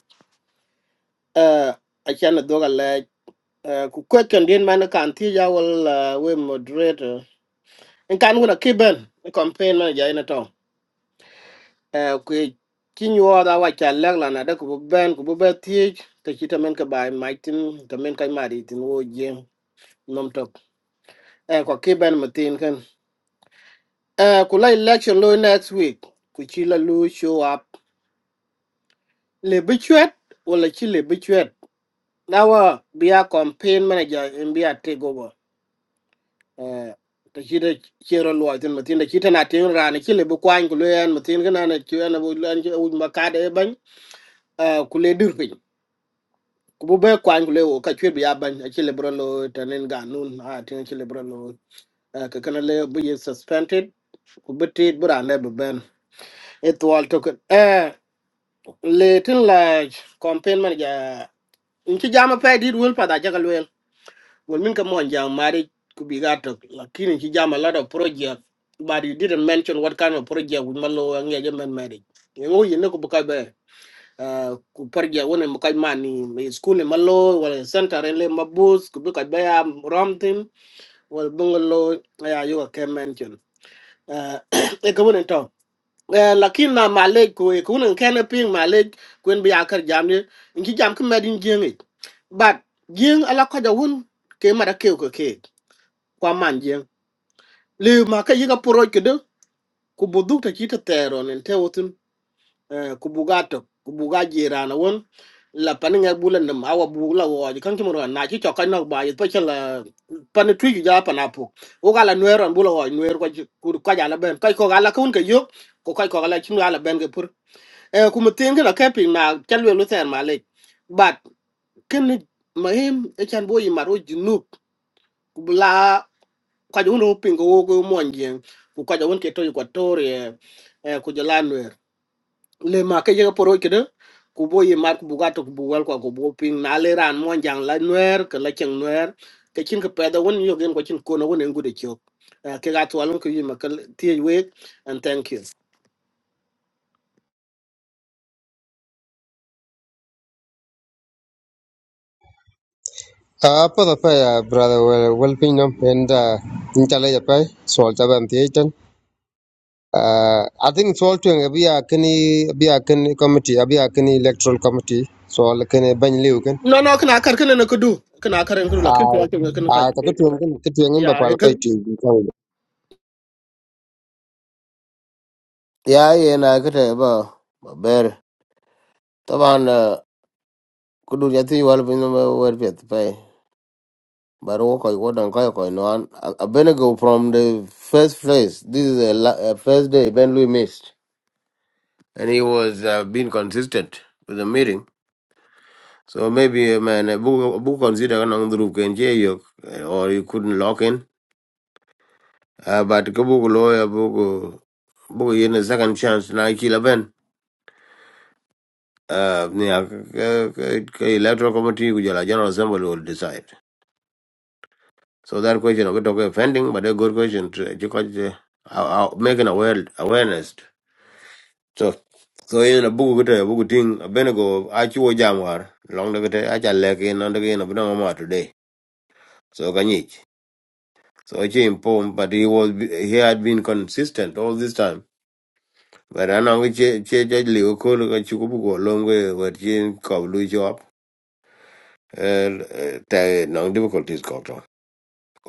Speaker 4: Eh a chan do ga le eh, ku question din man kan ti ya wal eh, we moderator. En kan wona kiben campaign manager ina eh ku ki nyuwa da wa cha lek la na da ku ben ku be ti te ki tamen ka bai mai tin tamen kai mari tin wo jem nom tok eh ko ki ben ma tin kan eh ku la election lo next week ku chi la lu show up le bi chwet wala chi le bi chwet na wa bi campaign manager in bi a take over eh te ki da chero lo tin ma tin da ki ta na tin ra ni ki le bu kwan ku lo yan ma tin kan na ki na bu lan ki u ma ka de ban eh ku le dir pi ku bu be kwan ku le wo ka chwe bi ya ban a chi le bro lo tanen ga nun a tin chi le bro lo eh, ka kana le bu ye suspended ku bu ti bra le bu ben it wal to ka eh le tin la campaign man ja in chi jama pe di wul pa da ja gal wel wol min ka mon ja mari ku bi ga to lakini chi jama lot of project but you didn't mention what kind of project we malo ngi ja men mari ngo yin ne ku bu ka be Ah, ku parja woni mo kaj man ni mi skule malo wala center le mabus ku bi kaj baya romtin wala bungalo ya yuga kemen chun Ah, [COUGHS] e ko woni to Eh, lakin na malek ko e ko woni kene ping malek kwen bi akar jamni inki jam ki medin jengi but jeng ala ko jawun ke mara ke ko ke kwa man jeng le ma ka yiga poro kedo ku buduk ta kita tero nen te eh, ku buga to ku buga jirana won la pan nga bulan nam awa bugla wo ji kan ki mo na ci to kan nok ba yi pa ci la pan tu ju ja pan apu o gala nuer an bulo wo nuer ko ku ko ja la ben kai ko gala kun ke yo ko kai ko gala cin gala ben ke pur e ku mo tin ga ke pin na chal we lu ter ma le bat ken ma hem e chan bo yi maro junu ku bla ko ja wono pin ko wo ko mo ngi ku ko ja won ke to ko tore e ku ja le ma ke yega poro ke de ku bo ye mar ku buga to ku bugal ko ko bo pin na le ran mo jang la nuer ke la cheng nuer ke chin ke peda won yo gen ko chin ko no won en gude chok Eh, ke ga to alon ke yima ke tie we and thank you
Speaker 3: a pa da pa ya brother well well pin no and uh, in chala ya pa sol ta ban ti ten uh, i think sol tu ngi bi ya kini bi ya committee bi ya kini electoral committee so la kene ban liu ken
Speaker 4: no no kana kar kana na kudu kana kar en kudu la
Speaker 3: a
Speaker 4: kin to ake kana
Speaker 3: a
Speaker 4: ka
Speaker 3: ta ko tu ngi ke tu ngi ba
Speaker 4: ya
Speaker 3: pal
Speaker 4: eh,
Speaker 3: ko
Speaker 4: ka-
Speaker 3: ti bi ka
Speaker 1: ya ye na ke te ba ba ber taban kudu ya ti wal pe nam wer pet pe but wo ko wo dan ko ko no an abenego from the first place this is a, la- a first day ben louis missed and he was uh, being consistent with the meeting So maybe uh, man, uh, book book consider kanang duru ken che yok, uh, or you couldn't lock in. Uh, but ko book lawyer book uh, book yen a second chance na kila ben. Uh, ni a- ke- ke- ke electoral committee ku jala general assembly will decide. So that question okay talk offending, but a good question to because uh, making aware awareness. So so yen a book gute book ting a benego a chiwo jamwar long de gute a cha lek in on the gain of no today. So kanyich. So I came home, but he was he had been consistent all this time. But I know we che che che liu ko lu ka chuku bu ko long we we chin ko lu job. Er ta no difficulties ko to.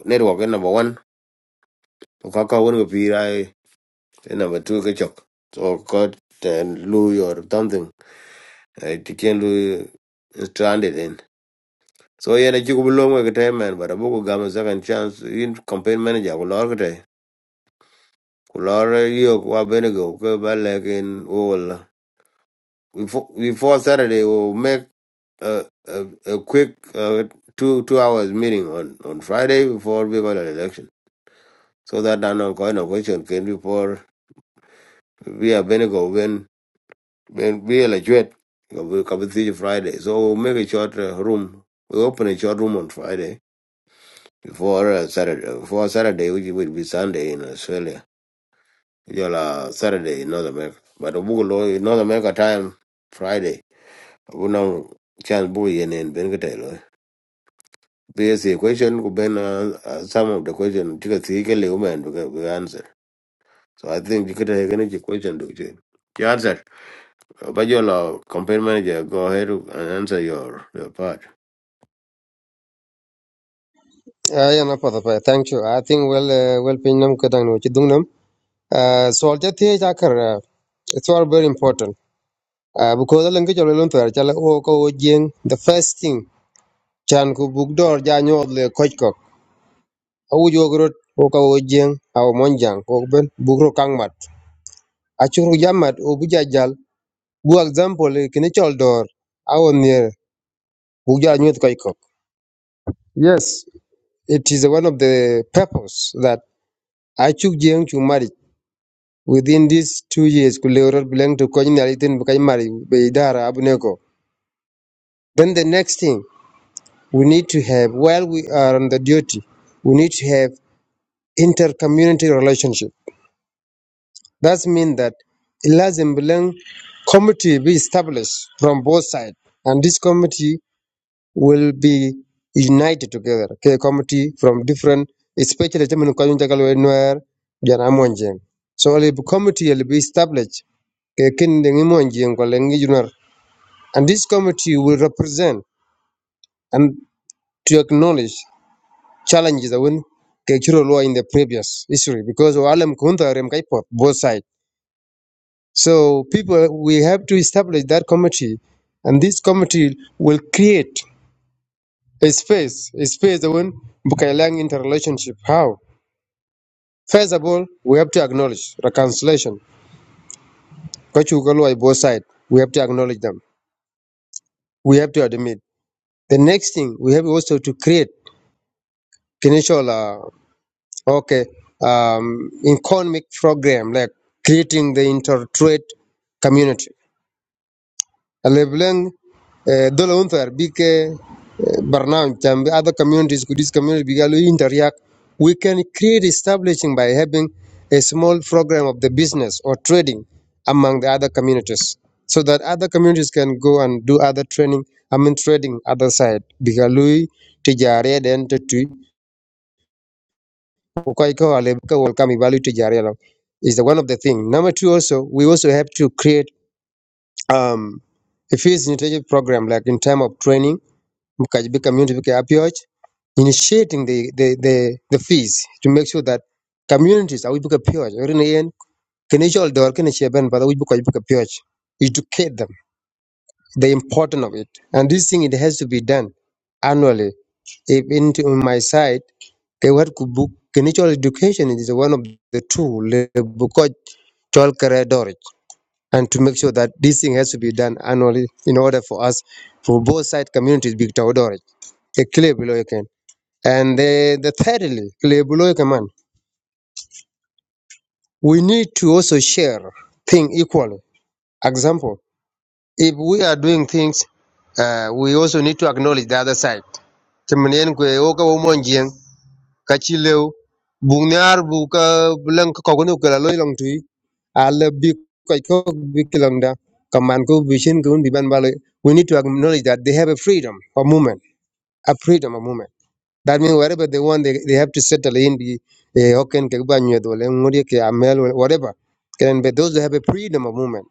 Speaker 1: Network is number 1. Ko ka ka won ko pi rai then number 2 ka chok. So ko ten lu or something. I can lu stranded in. So yeah, na chuku bu long we ka time man, but abu ko gam second chance in campaign manager ko lor ka te. Ko lor eh, yo ko abenego ko ba lekin wala. before, before Saturday, we'll make a a, a quick uh, two two hours meeting on, on Friday before we go to the election, so that an ongoing question can before we are Benigo when when we elected we come to Friday. So we'll make a short uh, room. We open a short room on Friday before uh, Saturday. Before Saturday, which will be Sunday in Australia. You'll uh, Saturday in North America, but Obugo in North America time Friday. Abu no chance boy yen in Benigo There's a question could been uh, uh, some of the question because he can live and we can- we answer. So I think you could have any question to you. Yeah, answer. But your uh, campaign manager, go ahead and answer your, your part.
Speaker 3: ya na pa da pa thank you i think well uh, well pin no ka dang no chi dung nam Uh, so ja thiec akër uh, it's all very important uh, because ëlënë kï cölö thwër calë o ka o jeng the first thing can ku buk dör ja nyööth lee köc kök awuc wök rot o ka o jeng au mon jaŋ ko bën buk ro kaŋ mat acuk ja mat o bï ja jal bu example eh, kini cöl dör au nier buk ja nyoth kök yes it is one of the purpose that acuk jeng cu maric within these two years ku leu rot bilëŋ tu köc nial ithïn bï kac maric bë idara abuneko. Then the next thing we need to have while we are on the duty, we need to have inter-community relationship. That means that it lazim bilang committee be established from both sides, and this committee will be united together. Okay, committee from different, especially German Kajunjakalwenwer, Janamonjeng. So a committee will be established. okay, kin dengi monjeng ko lengi junar. And this committee will represent and to acknowledge challenges that win Kechiro Lua in the previous history because Walam Kunta Remkaipo, both sides. So people we have to establish that committee and this committee will create a space, a space that win Bukailang interrelationship. How? First of all, we have to acknowledge reconciliation. Kachukalua both sides. We have to acknowledge them. We have to admit. The next thing we have also to create financial uh, Okay. Um, economic program like creating the intertrade community. Leblang دول unthar big برنامج can be other communities could this community بيقالوا interact we can create establishing by having a small program of the business or trading among the other communities so that other communities can go and do other training I mean trading other side بيقالوا تجارية Kukaiko Alebka will come evaluate Jarialo is the one of the thing. Number two also we also have to create um a fees initiative program like in time of training, Mkajibi community Bika approach, initiating the, the, the, the fees to make sure that communities are Wibuka Pioch or in the end can each all Kenishal Dor Kenishaban but Wibuka Wibuka Pioch. Educate them, the importance of it. And this thing it has to be done annually. If into my side. They were to book Kenichol education is one of the two le Lebukoch Chol Kere Dorich, and to make sure that this thing has to be done annually in order for us for both side communities big Tau Dorich. A clear below you can. And the, the thirdly, clear below you can, man, we need to also share thing equally. Example, if we are doing things, uh, we also need to acknowledge the other side. Chimin kwe, woka wo monjien. kachileu bung ni ar bu ka lang ko ko no kala loy long tui a bi ko ko bi kilang da kaman ko bi ko bi ban bale we need to acknowledge that they have a freedom of movement a freedom of movement that means wherever they want they, they have to settle in the eh, hoken ke ba nyu amel whatever can but those that have a freedom of movement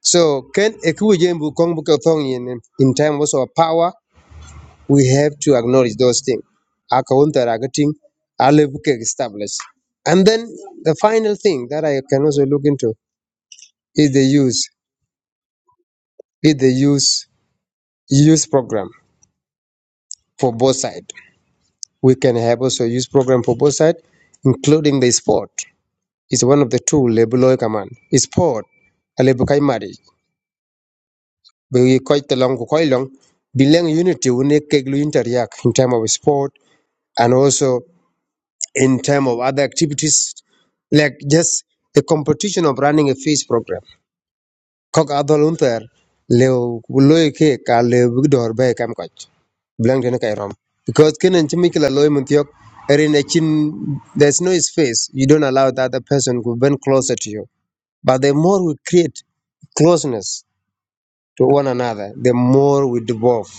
Speaker 3: so can ekuje bu kong bu ka thong in in time also a power we have to acknowledge those things. established. And then the final thing that I can also look into is the use, is the use use program for both sides. We can have also use program for both sides, including the sport. It's one of the two lebuloy command. Sport, alebukai marriage. We quite long, quite long. Bilang unity, we need keglu interiak in terms of sport and also in terms of other activities, like just the competition of running a fish program. Kok adol unter leo loy ke ka leo bigdor be kam koch. Blank den kai rom. Because ken en chimi kila loy muntiok erin chin there's no space. You don't allow the other person to bend closer to you. But the more we create closeness to one another, the more we devolve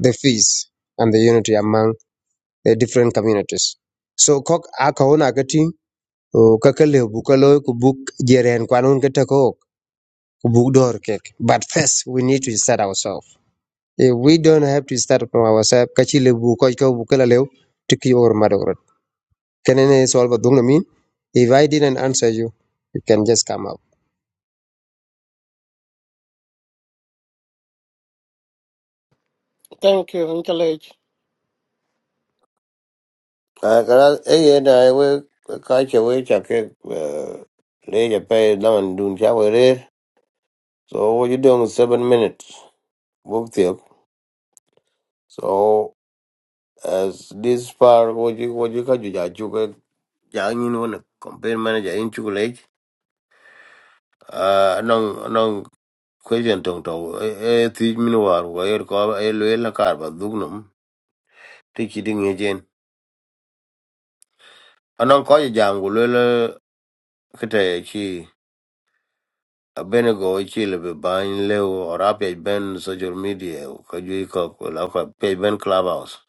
Speaker 3: the peace and the unity among the different communities. So kok aka ona o kakalew bu ku buk jeren kwan un ok ku buk dor kek but first we need to start ourselves if we don't have to start from ourselves kachi le bu ko ko bu kala lew tiki or madorot kenene solve a na if i didn't answer you you can just come out
Speaker 4: thank you en chale
Speaker 1: à cái đó ấy hiện nay với cái chế với chắc cái lấy chế phải làm đun cháo với so what you doing in seven minutes book tiếp so as this part, what you what you cái gì chụp cái giá như nó nè compare manager in chụp lấy question tong tong e ti min war ko er ko e le la kar ba dugnum ti chi ding e jen anan ko je jangu le le kete chi abenego chi le be ban le o rapi ben social media ko ju ko ko la ko pe ben clubhouse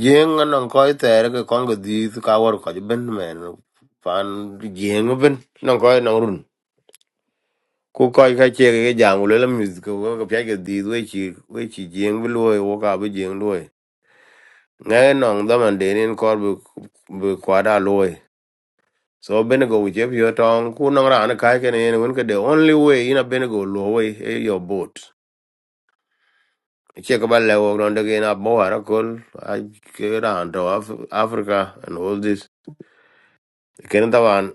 Speaker 1: jeng anan ko ter ko kon go di ka war ko ben men fan jeng ben non ko non run ku ko ka che ke jangu le la music ko ko pe ke di we chi we chi jeng lo wo ka be jeng lo ngay nong daman denin kor bu bu kwada loy so benego with your pure tongue ku nong ran kai ken yen when the only way in a benego low way eh, your boat che ka ba lewo ron de gena bo ara kol a ke ran to Af- africa and all this ken tawan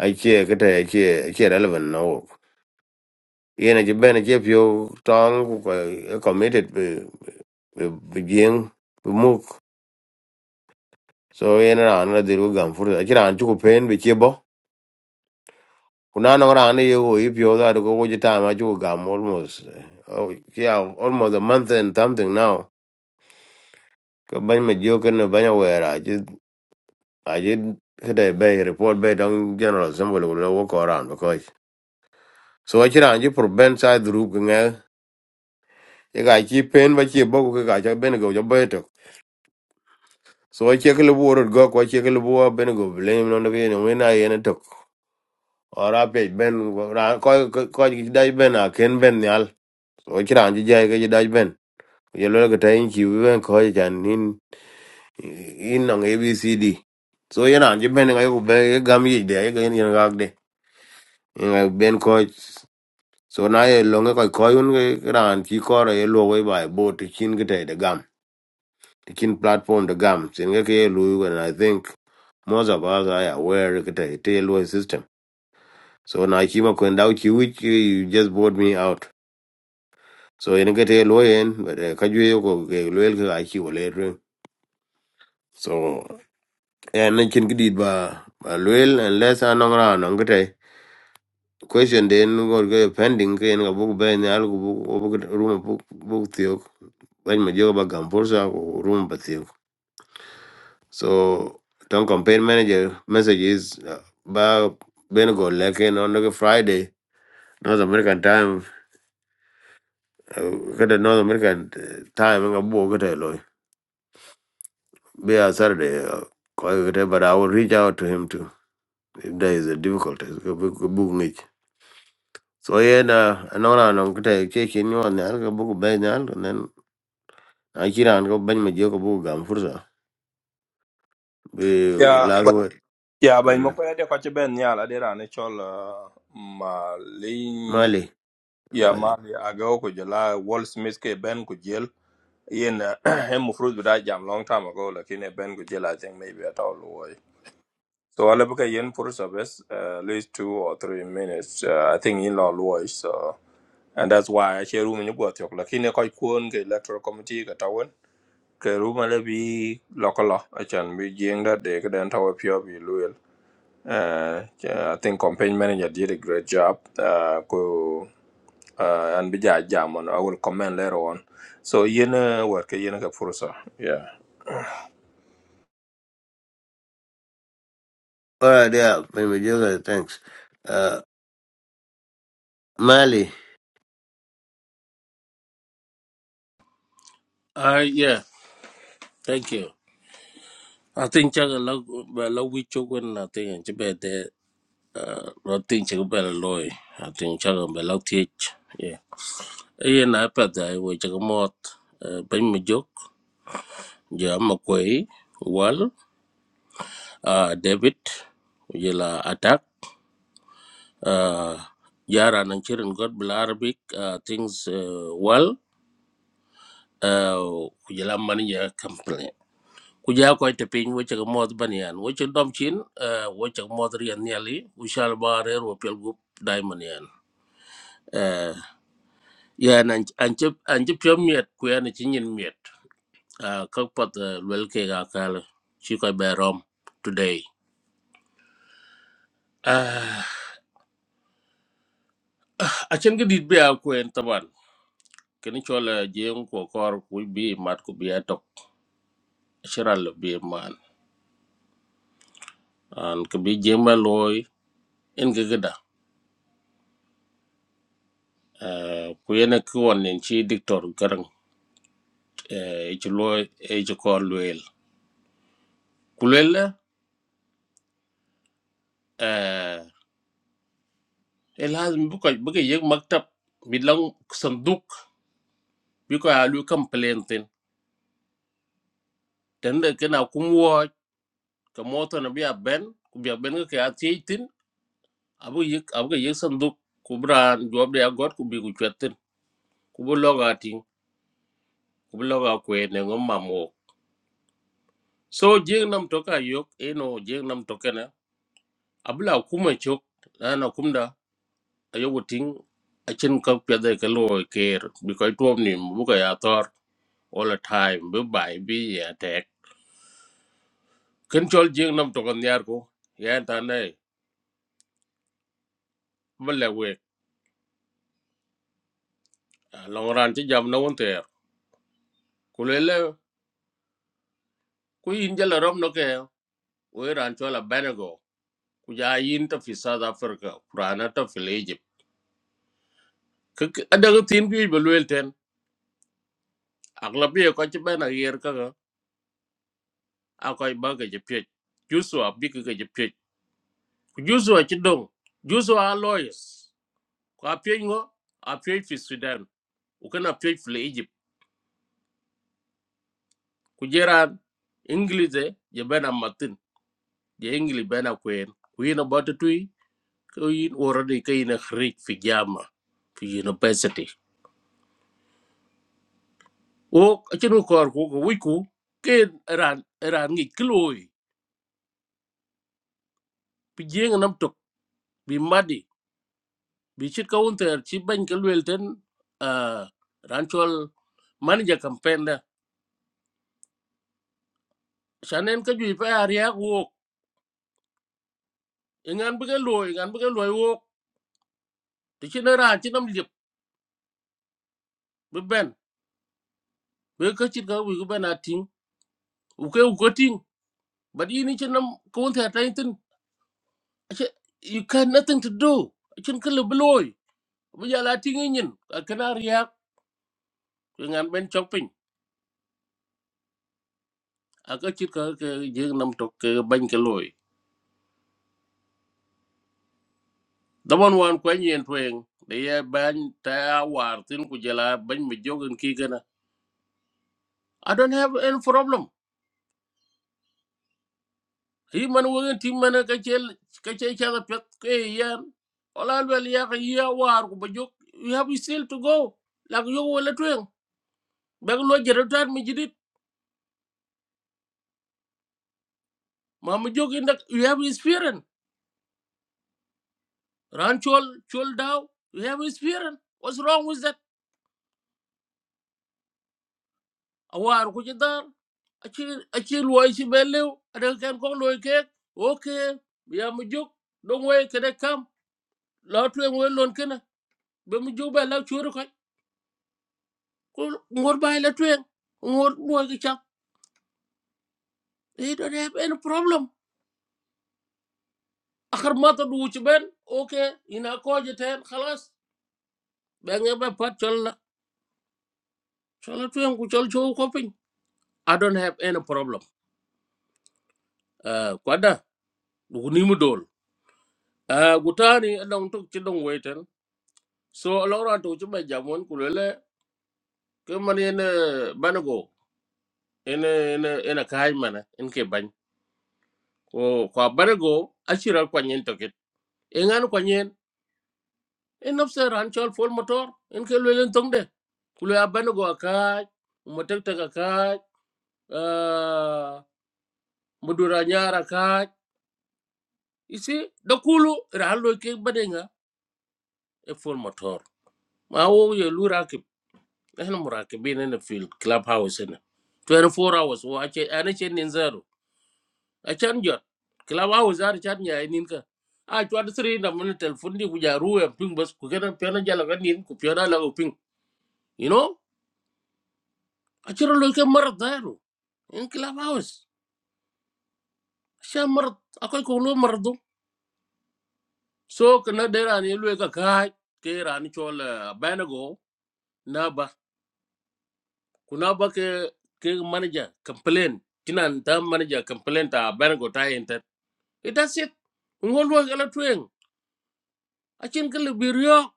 Speaker 1: ai che ke te che che relevant no yen je ben che pure tongue ku committed be be muk so yen ran na diru gam fur a chiran chu ko pen be che bo kuna no ran ye go if you that go go jita I ju gam almost eh, oh yeah almost a month and something now ko ban me jo ken ban ya I ji a ji kada be report be don general assembly will walk around because so I ran ji for ben side group nga ye ga ki pen ba ki bogo ga ja ben go ja be to so I check the buor go ko check the le buor ben go blame no be no we na ye Talk. Or I pay ben go- ra ko ko ko dai ben a ken ben yal so I ran ji ja ga ji dai ben Yellow lo ga tai chi wi ben ko jan nin in nang abcd so ye nan je ben ga yo be ye gam yi de ye gen yen ga de ye ga ben ko so na ye lo ga ko yun ga ran chi ko re ye lo we ba bo ti chin ga de gam ti chin platform de gam sin ga ke ye lu and i think most of us are aware ga de te lo system so na chi ma ko ndau chi which you just bought me out so yen ga te lo yen but eh, ka ju ye ko ge lo el ga chi wo le so Yeah, and na chin kidit ba ba luel and less anong ra anong kete question den gor go pending ke en gabuk be ne al gubuk gubuk room buk buk tiok when ma joga ba gampursa ko room ba tiok so ton campaign manager message is uh, ba ben go leke on the friday north american time uh, kete north american uh, time nga bu kete loy be a saturday uh, ko kete but i will reach out to him too if there is a difficulty so yen uh, anora non kete che che ni wan nyal ko buku be nyal ko nen a kiran ko ban ma je ko buku gam fursa be
Speaker 2: ya Mm. ba
Speaker 1: lazo
Speaker 2: ya ba mo pa de ko ci ben ya la de rane chol uh, ma li
Speaker 1: mali
Speaker 2: ya
Speaker 1: mali
Speaker 2: ma li aga ko jela wall smith ke ben ku jel yen ah, [CLEARS THROAT] hem fruit da [CLEARS THROAT] jam long time ago lakini ben ku jel i think maybe at all loy so ala bu ka yen for service uh, at least 2 or 3 minutes uh, i think in law loy so and that's why i share room ni go tok lakini ko kuon ke electoral committee ka ke ruma le bi lokolo achan bi jing that they could enter up here bi luel uh, I think campaign manager did a great job uh, ko uh, and bi ja jam on I will comment later on so yin uh, work yin ka fursa yeah
Speaker 1: ora dia ban ma je thanks uh, mali
Speaker 10: Uh, yeah, thank you. I think chắc là lâu bà lâu quý chú quên là tiền chứ bè để rồi tiền chắc bè là lôi. I think chắc là bè lâu thiết. Yeah. Ấy là bà đại với chắc mọt bánh mì dốc giờ mà quấy Wal uh, David giờ là attack uh, Yara nang chirin God bla Arabic uh, things uh, well uh, giờ là mani giờ ku ja ko te pin wo che mo ban yan wo che dom chin eh, wo che mo ri yan ya li u shal ba re ro pel gu dai man yan Eh, yan an an che an che pyo miet ku yan chi nyin miet Ah, ka pat eh, lwel ke ga kal chi ko be rom today Ah, a chen ge dit be a ku en taban ken cho la jeng ko kor ku bi mat ku bi atok shiral bi man an ke bi jema loy en ge ge da Eh, ku yan ki won en chi diktor garang ci lo e ci kor luel ku luel la eh e lazim bu ko bu ko yek maktab bi lang sanduk bi ko alu complaint tin tan da kana kum wo ka moto na biya ben ku biya ben ka ya tin abu yek abu ko yek sanduk ku bran job de agot ku bi ku chetin ku bu loga tin ku bu loga ku ne ngom mamo so jeng nam toka yok eno jeng nam tokena abla kuma chok na na kumda ayobo ting achin ka piade ka lo care, because tuom ni bu ka ya tor all the time bu bai bi ya tek ken chol jing nam to kan yar ko ya ta ne balle we long ran chi jam na won ter ku le le ku yin jala rom no ke we ran chola benego ku ja yin ta fi south africa kurana ta fi egypt ka adaga tin bi bu wel ten aglabi ko chi bena yer ka ga akoy ba ga je pye jusu abi ka ga je pye jusu a chi dong jusu a lawyers ko apiöc ŋo apiöc fi thudan ku kën apiöc fi lo egypt ku je raan iŋgilice je ben amatin je iŋgili ben akwen ku yin abote tui ko yin oroni ka yin eric fi jama fi university wo acin ku kor ku ko wic ku ken raan raan ŋic ki looi pi jieŋ nam tok bi madi bi cit ka wunter ci bany ka luel ten uh, raan col manager campaign da sanen ka jui pa ariak wok iŋan bi ka looi iŋan bi ka looi wok ti ci na ran ci nam lip be ben we ko ci ga wi ko ben atin u ko u ko tin but ini ci nam ko won ta tan tin ci you can nothing to do ci ko le bây giờ là la tin ngin ở kana riya ko ngan ben chopin a ko ci ko ke je nam to ke ban ke loy da won wan ko nyen twen de ya ban ta war tin ku jela ban mi jogen kia gana i don't have any problem yi man wogen tim mana ka chel ka chel cha da pet ke yan ola wel ya ka ya war ku bajuk we have still to go lak yo wala twen bag lo jeretat mi jidit ma mi jog indak we have experience ran chol chol daw you have experience what's wrong with that awar ku jidar achi achi lo chi belew ada kan ko lo ke okay ya mi jog dong we kede kam lo twen we lon kana be mi jog ba la churu ngor bay la twen ngor boy ki chap he don't have any problem akhar mata du ci ben okay ina ko je ten khalas be nga be pat chol la chol la twen ku chol cho ko pin i don't have any problem uh kwada du ni mu dol uh gutani dong tok ci dong weten so lora to ci be jamon ku lele ke man en banago en en en kay mana en ke bañ ko ko banago asira ko nyen toket e ngan ko nyen en nafse ran chol fol motor en ke lo len tong de kulo ya ban go ka mo tek tek ka mo dura nyara ka isi da kulu ran lo ke badenga e fol motor ma wo ye lu rakib ehna murakibin en fil club house en 24 hours wo ache ane chen nin zero a chan jot club house ar chan nya nin ka a chwa de sri na mo telefon di ku ja ruwe ping bas ku kana pena jala ka nin ku pena la ku ping you know Acara lu kayak merdeh lo, ini kelabauan siapa mer, aku ikhuluh merdu, so kenapa dia nih lu yang kalah? Kira nih coba bener gue nabah, kunabah ke ke manager, komplain, jnan tam manager komplain ta bener gue tayentet. Itu sih, menghulur keletruing, acin kelibiryo,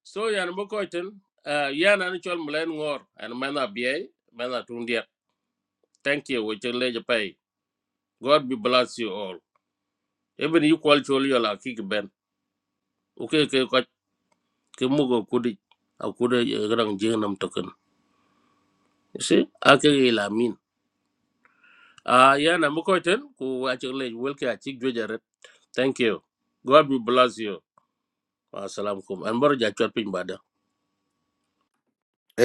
Speaker 10: so yang mau kaitin, ya nanti coba main ngor, main apa biaya, main apa turun dia, thank you, kaitin lejepai, God be bless you all, even you call coba lah kiki ben. Oke, ke ko ke mugo kudi akuda garang jeng nam token you see ake ge la min a yana mu ko ten ku a welke a jojaret thank you god will bless you assalamu alaikum an bar ja chot pin ba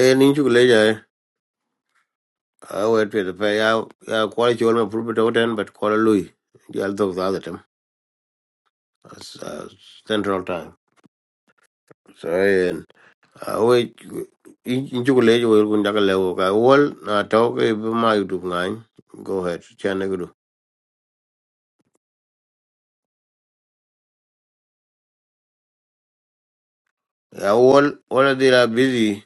Speaker 1: e ni chu le ja I we te de pe ya ya ko che wal ma pur be but ko lui ya dog the other time as uh, central time so yeah. awe In lejo wel kun daga lewo ka wol na taw ke be ma yudu ngany go ahead chane gudu ya wol wala they are busy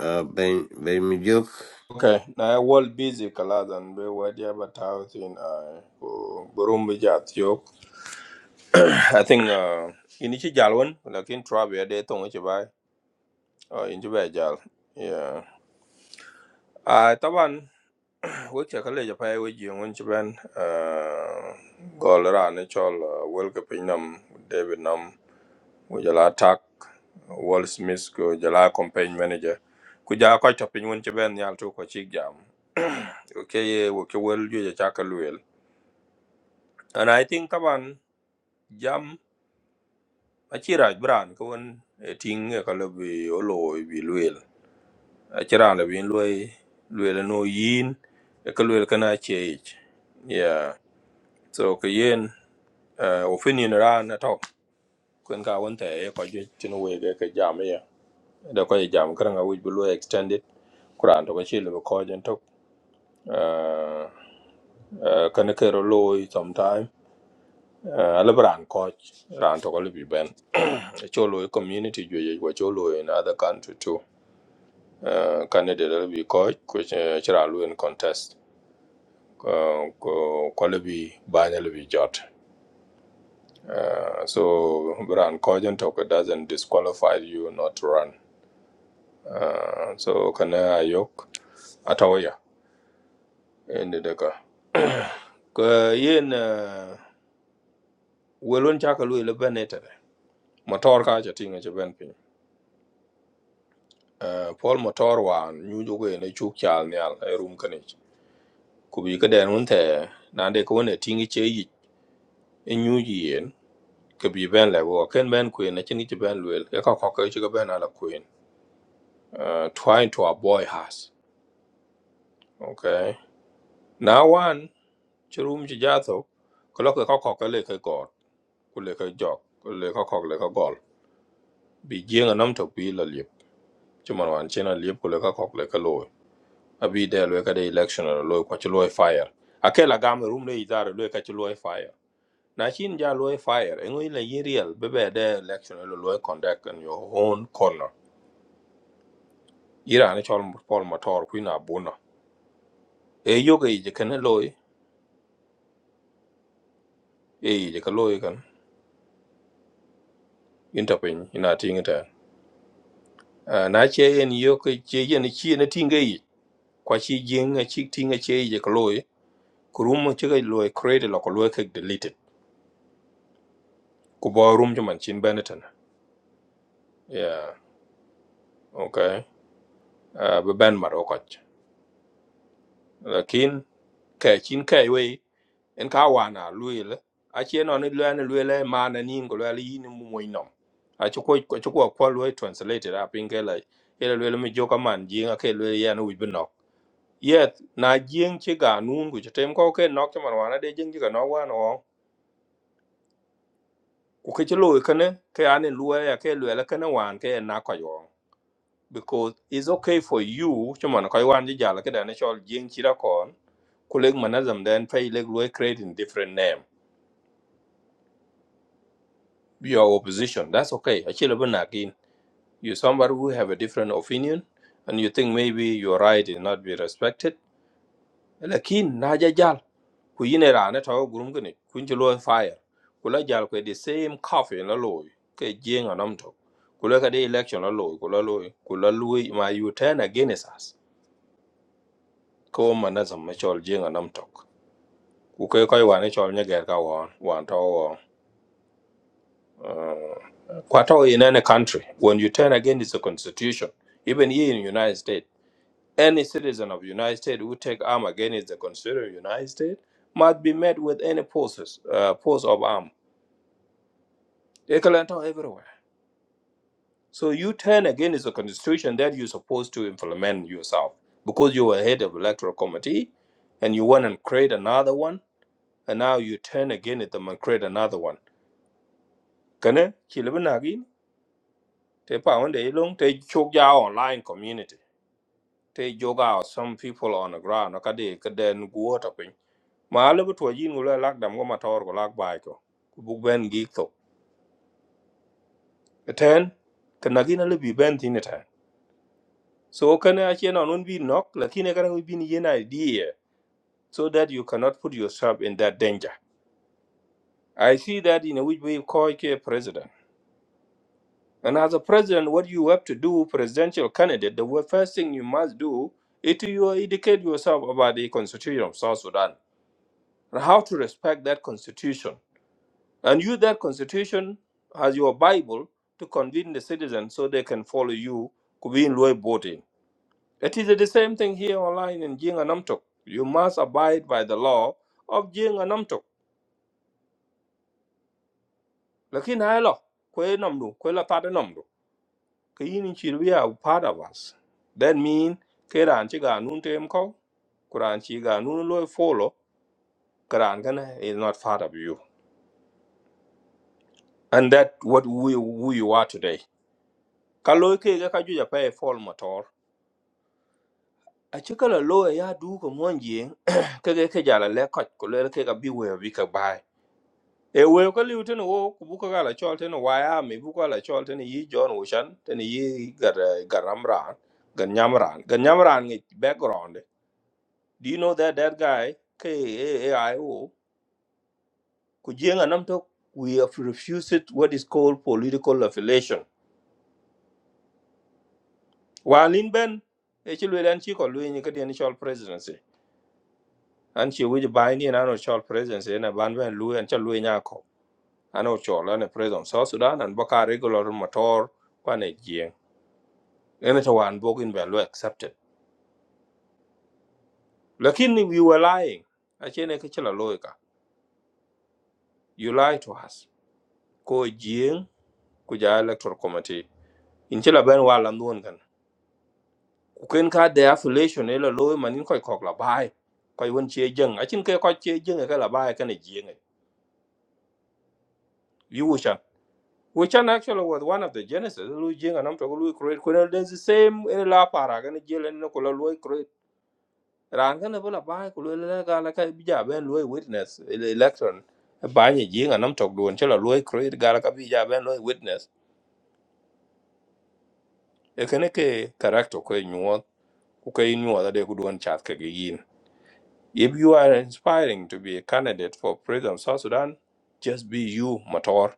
Speaker 1: uh, ben ben mi jok
Speaker 2: okay na wall busy kala dan be wadia but how thin uh, ko burum bi ja tiok [COUGHS] I think uh, ini ci jalwan lakin trabe de tonga ci bay uh, in ci bay jal yeah Ah, taban weche ka leja pa we ji ngun ci ben uh, gol ra ne chol uh, wel ke pin nam david nam wo jala tak wall smith ko jala campaign manager ku ja ko to pin won ci ben yal to ko ci jam [CLEARS THROAT] Okay, ye wo ke wel ju ja ka luel and i think taban jam a ci raj bran ko won e ting e ka le bi o lo bi luel a ci ran le bi luel luel e no yin e ka luel kana ci yeah so ko yen eh ofini ni ra na to kun ka won te ko je tin we ge ke jam ye da ko ye jam kran ga wuj bu extended kuran to ko chi le ko jen to eh eh kan ke ro lo sometime eh ala bran ko ran to ko le bi ben [CLEARS THROAT] e cho lo community jo ye go cho lo in other country too eh canada le bi ko ko chira lo in contest ko ko ko le bi ba ne le bi jot Uh, so Bran Kojan Toko doesn't disqualify you not to run Ah, so kana ayok atawaya ende deka [COUGHS] ka yen ah, welon chaka lu ile benete motor ka cha tinga che ben pin pol motor wan nyu jogo ne chuk chal nyal e rum kane Kubi bi ka den un na de ko ne tingi che yi e nyu yen ka bi ben le go ken ben queen ne chingi che ben luel e ka ko ka ben ala queen Ah, twine to a boy has okay now one chirum chi jatho ko lo ka ko ka le kule ka jok kule ka kok le ka gol bi jieng nam tok bi la liep ci man wan chen a liep kule ka kok le ka loy abi del we ka de election la ko ci loy fire akela gam rum le idara loy ka ci loy fire na chin ja loy fire en wi la yiriel be be de election la loy conduct in your own corner ira ne chol pol motor ku na buna e yoga je kan loy e i je ka loy kan inta ina tingita na che en yoga che yen chi ne tinga kwa chi jieng a chi tinga che je ka loy ku room ci ga lo eh, create lo ko lo ke deleted ku bo room ci man chin beneten yeah okay uh, be ben maro ko lakin ka chin kai we en ka wana luil a che no ni lwa ni lwa ma na ni ngo lwa yi ni mu mo inom a ci ko ci ko ko lo translated a pin ke la ele lwa mi joka man ji nga ke lwa ya no wi no yet na jing ci ga nun ku ci tem ko ke nok ci man wana de jing ci ga no wana o ku ke ci lo ke ne ke ane lwa ya ke lwa la ke ne wan ke en na ko because it's okay for you cuman ko wan ji jala ke dan chol jing chira kon kuleg manazam then pay leg lo create in different name your opposition that's okay Actually, achilo again. you somebody who have a different opinion and you think maybe your right is not be respected lakin naja jal ku yine rana to gurum gni kun ji fire kula jal ko the same coffee na lo ke jing anam to kula ka de election na lo kula lo kula lo ma you turn against us ko manazam machol jing anam to Kuke koi wane chol nyeger ka wan, wan to wan. Uh, kwa to in any country, when you turn against the constitution, even here in United States, any citizen of United States who take arm against the constitution of United States must be met with any forces, uh, force of arm. Ekalanta everywhere. So you turn against the constitution that you're supposed to implement yourself because you were head of electoral committee and you want to create another one and now you turn against them and create another one. Can I? Te pa wende long te chok ya online community. Te joga o some people on the ground. Aka de ka den guo ta pin. Ma ale bu tuwa yin gula lak dam go matar go lak bai ko. Ku buk ben gik to. Eten, ka nagin ale bi ben tin eten. So kana ache na nun bi nok, lakini kana wi bin yen idea so that you cannot put yourself in that danger. I see that in a which we call a president. And as a president, what you have to do, presidential candidate, the wo- first thing you must do is to you educate yourself about the constitution of South Sudan and how to respect that constitution. And use that constitution as your Bible to convene the citizens so they can follow you to be in loy voting. It is the same thing here online in Jing and Namtok. You must abide by the law of Jing and Namtok. Lakin hai lo, kwe namdu, kwe la tate namdu. ka yin chi we are part of us that mean ke ran chi ga nun tem ko kuran chi ga nun lo follow kuran gana is not part of you and that what we who you are today ka lo ke ga ka ju ja pe fall motor a chi ka la lo ya du ko mon ye [CLEARS THROAT] ke ke ke ja la le ko ko le ke ga bi we bi ka bai e we ko li tin wo ku bu ka ga la chol tin wa ya mi bu ka la chol tin yi john Ocean, shan tin yi gar garamran gan nyamran gan nyamran ni [CLEARS THROAT] background Do you know that that guy, KAAIO, Kujenga Namtok, we have refused what is called political affiliation. While in Ben, actually, and she called Louis Nikadi and Shaw presidency. And she would buy in an Shaw presidency and a band when Louis and Chalu Nyako. An Ochol and a president of South Sudan and Baka regular motor, one a jing. And it's a one book in value accepted. Lakini, we were lying. Achene Kichela Loika. You lied to us. Ko Jing, Kuja Electoral Committee. In Chila Ben Walam kwen ka de affiliation e la loy manin koy kok la bai koy won che jeng a chin ke koy che jeng ka la bai ka ne jeng yu wuchan wuchan actually was one of the genesis lu jeng anam to lu create kun den the same e la para ka ne jelen no ko la loy create ran ka ne la bai ko lu la ga la ka bija ben loy witness e le election ba ni jeng anam to don che la loy create ga la ka bija ben loy witness e ka ne ke character ko nyuo ko nyuo da de ku don chat ka gi yin If you are inspiring to be a candidate for President of South Sudan, just be you, Mator.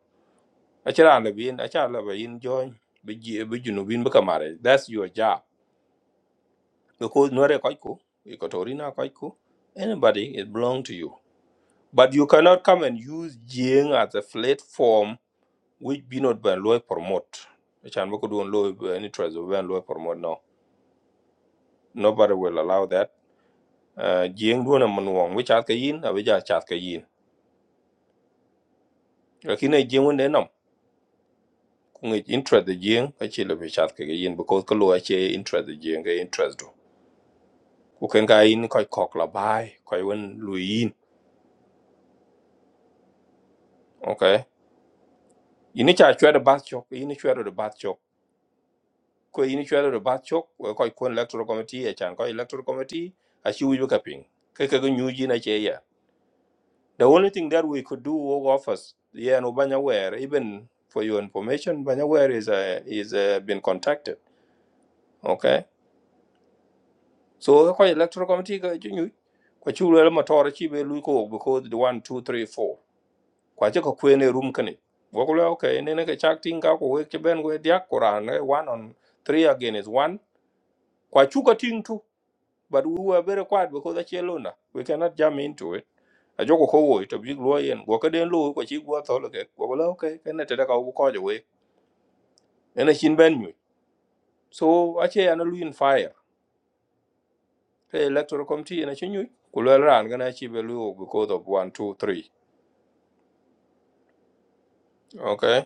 Speaker 2: Achara labin, achara labayin join, biji biji nubin bukamare. That's your job. Because nwere koiku, ikotorina koiku, anybody, it belong to you. But you cannot come and use Jing as a platform which be not by law promote. Achan boku duon law, any treasure, when law promote, no. Nobody will allow that. Uh, Jing duon a manuang, which askayin, a yin, a which askayin. Lakini Jing ngi interest the jing ka chi le be chat ke yin because ko lo che interest the jing ke interest do ku ken ga yin ko kok la bai ko yin lu yin okay yin cha chwe de bat chok yin chwe de bat chok ko yin chwe de bat chok ko ko kon electoral committee e chan ko electoral committee a chi wi ka ping ke ke nyu ji na che ya the only thing that we could do over office yeah no banya where even for your information banya where is uh, is uh, been contacted okay so ko electoral committee ka chu nyu ko chu le ma tor chi be lu ko because the 1 2 3 4 kwa che ko kwene rum kane wo okay ne ne ka chak ting ka ko we che ben we dia quran eh, one on three again is one kwa chu ka ting tu but we were very quiet because the chelona we cannot jam into it a joko ko wo to big lo yen wo ka den lo ko chi go to le ke wo ko le okay ka ne te da ka wo ko je we ne chin ben nyu so a che ana lu in fire the electoral committee na chin nyu ku le ran ga na chi be lu because of 1 2 3 Okay.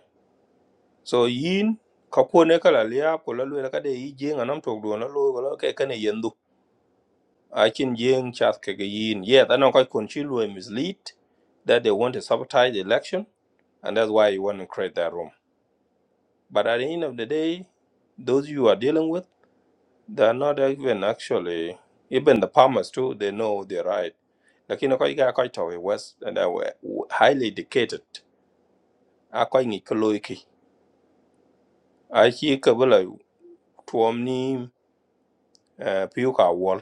Speaker 2: So yin ka kone kala liap ko lalu la kade yi jeng anam tok do na lo ko la ke kane yendu. I can jeng chat ke ke yin. Yeah, that now quite conchilu and mislead that they want to sabotage the election and that's why you want to create that room. But at the end of the day, those you are dealing with, they are not even actually even the farmers too, they know they're right. Lakini kwa iga kwa itawe west and they were highly educated. Akwa ingi koloiki. Achi kabula tuomni eh, piu ka wol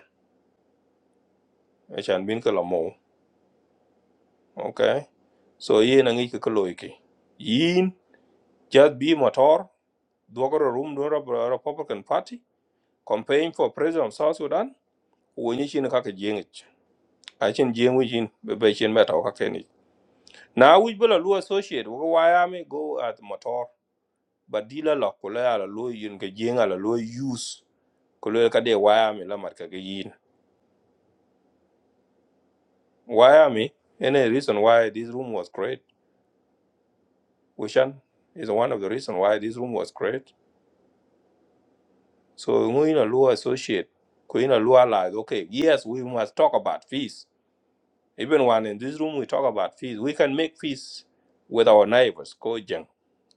Speaker 2: achan bin ka la mo okay so ye na ngi ka loy ki yin jad bi motor dogoro rum do ra- republican party campaign for president of south sudan wo ni chin ka ka jengich a chin jengu jin be be chin meta ka keni na wi bula lu associate wo waya me go at motor but dila la ko la la lo yin ka jenga la lo use ko le ka de waya me la mar ka ga yin waya me any reason why this room was great Ocean is one of the reasons why this room was created. So Nguyen Lua associate, Queen Lua allies, okay, yes, we must talk about fees. Even when in this room we talk about fees, we can make fees with our neighbors, Kojang.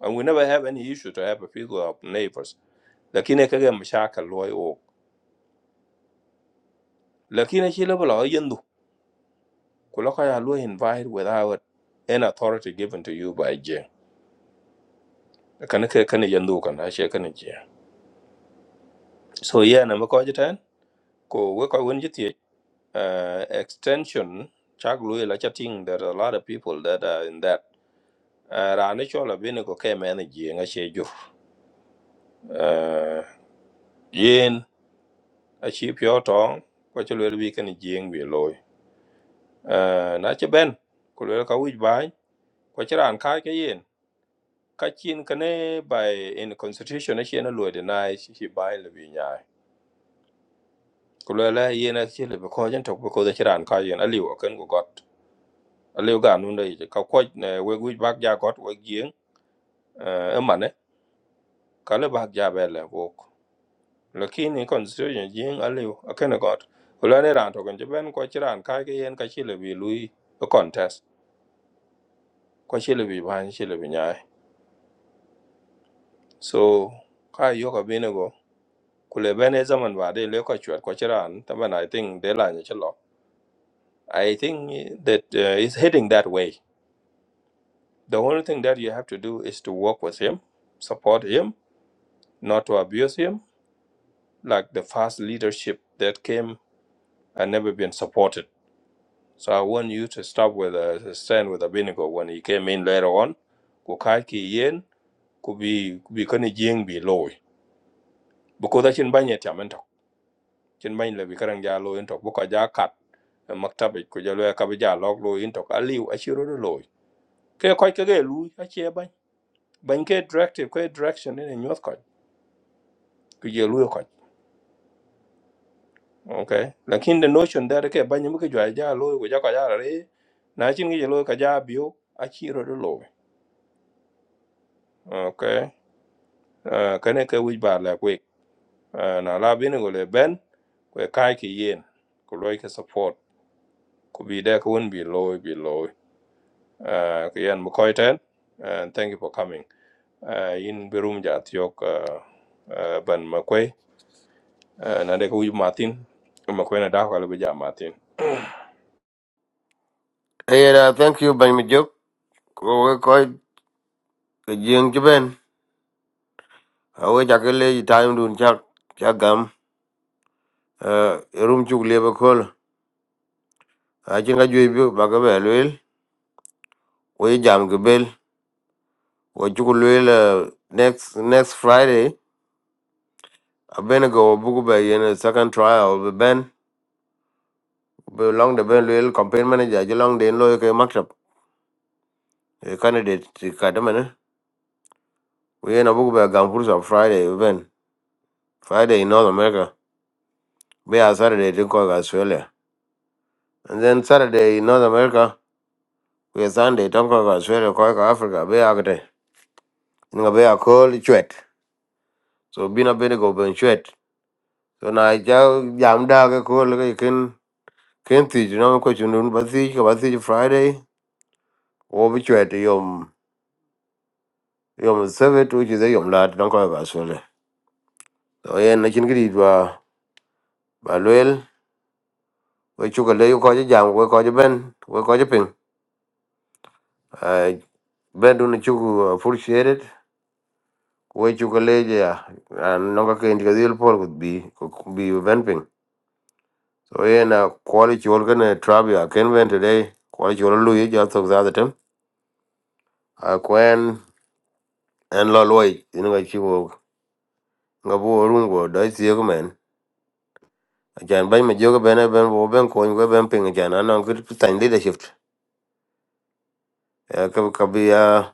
Speaker 2: And we never have any issue to have a fees with our neighbors. Lakini kage mshaka loy o. Lakini shi level o yendu. Kulaka ya loy invite without an authority given to you by Jing. Kana kana yendu kana shi kana Jing. So yeah, na mko ajitan ko we ko wonji uh, extension chak lui la chatting there are a lot of people that are in that uh, rani chola bini ko ke mena jieng a che ju uh, yin a chi pyo tong ko chi lwel bi kan jieng bi loy uh, na che ben ko lwel ka wij bai ko chi ran kai ke yin ka chin kane by in constitution a chen a loy deny chi chi bai le bi nyai ko lwel a yin a chi le ko jen tok ko da chi ran kai yin a liu a ken ko got a liu ga nun dai ka ko ne we wij bak ja got we jieng uh, emane kale bak jabe le wok lakini constitution jing aliu akene got ulane ran to gonje ben ko chiran ka ke yen ka chile bi lui a contest ko chile bi ban chile bi nyai so ka yo ka bine go kule bene zaman ba de le ko chwat ko chiran taban i think de la ni chlo i think that uh, is heading that way the only thing that you have to do is to work with him support him not to abuse him like the fast leadership that came and never been supported So I want you to stop with a stand with a vinegar when he came in later on. Ku kai ki yen Could be be bi kani jing be loy. Because da chin banye tiam en tok. Chin banye le bi karang ja loy en tok. Buka ja kat eh, maktabi ku ja loy kabi ja log loy en tok. Aliu a chiro do loy. Ke koi ke ge lui a chie bany. Bany ke directive ke direction en en nyuat koi. Ku je loy koi. Okay. Lakin the notion that ke banye mu ke jwa ja loy ku ja ko ja re. Na chin ge loy ka ja biu a chiro do loy. Okay. Ah, kane ke wich bar la kwek Ah, na la bini go le ben kwe kai ki yen ku loy ki support ku bi de ku won bi loy bi loy Ah, ki yen mu koy ten and thank you for coming Ah, in bi ja tiok ah, ah, ban ma kwe Ah, na de ku wich martin ma kwe na da ka le bi ja martin
Speaker 1: hey na thank you ben mi jok ko we ko jeng ben awe jaga le time dun chak chak gam uh, rum chuk le ba kol a chinga jwe bi ba ga bel we jam ga bel we chuk next next friday abena go bugu ba yen second trial ben long the ben loyal campaign manager jolong den loy ke maktab a candidate ti kadamane we na bugu ba gam fursa friday event friday in north america be a saturday tin ko australia and then saturday in north america we sunday tin ko australia ko ka africa be a kete nga be a call chwet so bina be go ben chwet so na ja jam da ke ko le ken ken ti no ko chunun ba ti ko ba ti friday o bi chwet yom yom sevet which is a yom lat tin ko australia so yen na chin kidi ba ba loyal we chuka le yu ko je jam we ko je ben we ko je ping Ah, ben dun chuku appreciated we chuka le je ya an no ka ken ga dil por could be could be ben ping so yen na quality all gonna trap ya ken ben today quality all lu ye ja tok za da tem ah, kwen en lo loy in ga chi wo ga bo run go da ti ye men ajan ban me jogo ben ben bo ben ko ben ping ajan anan good leadership ka ka bi ya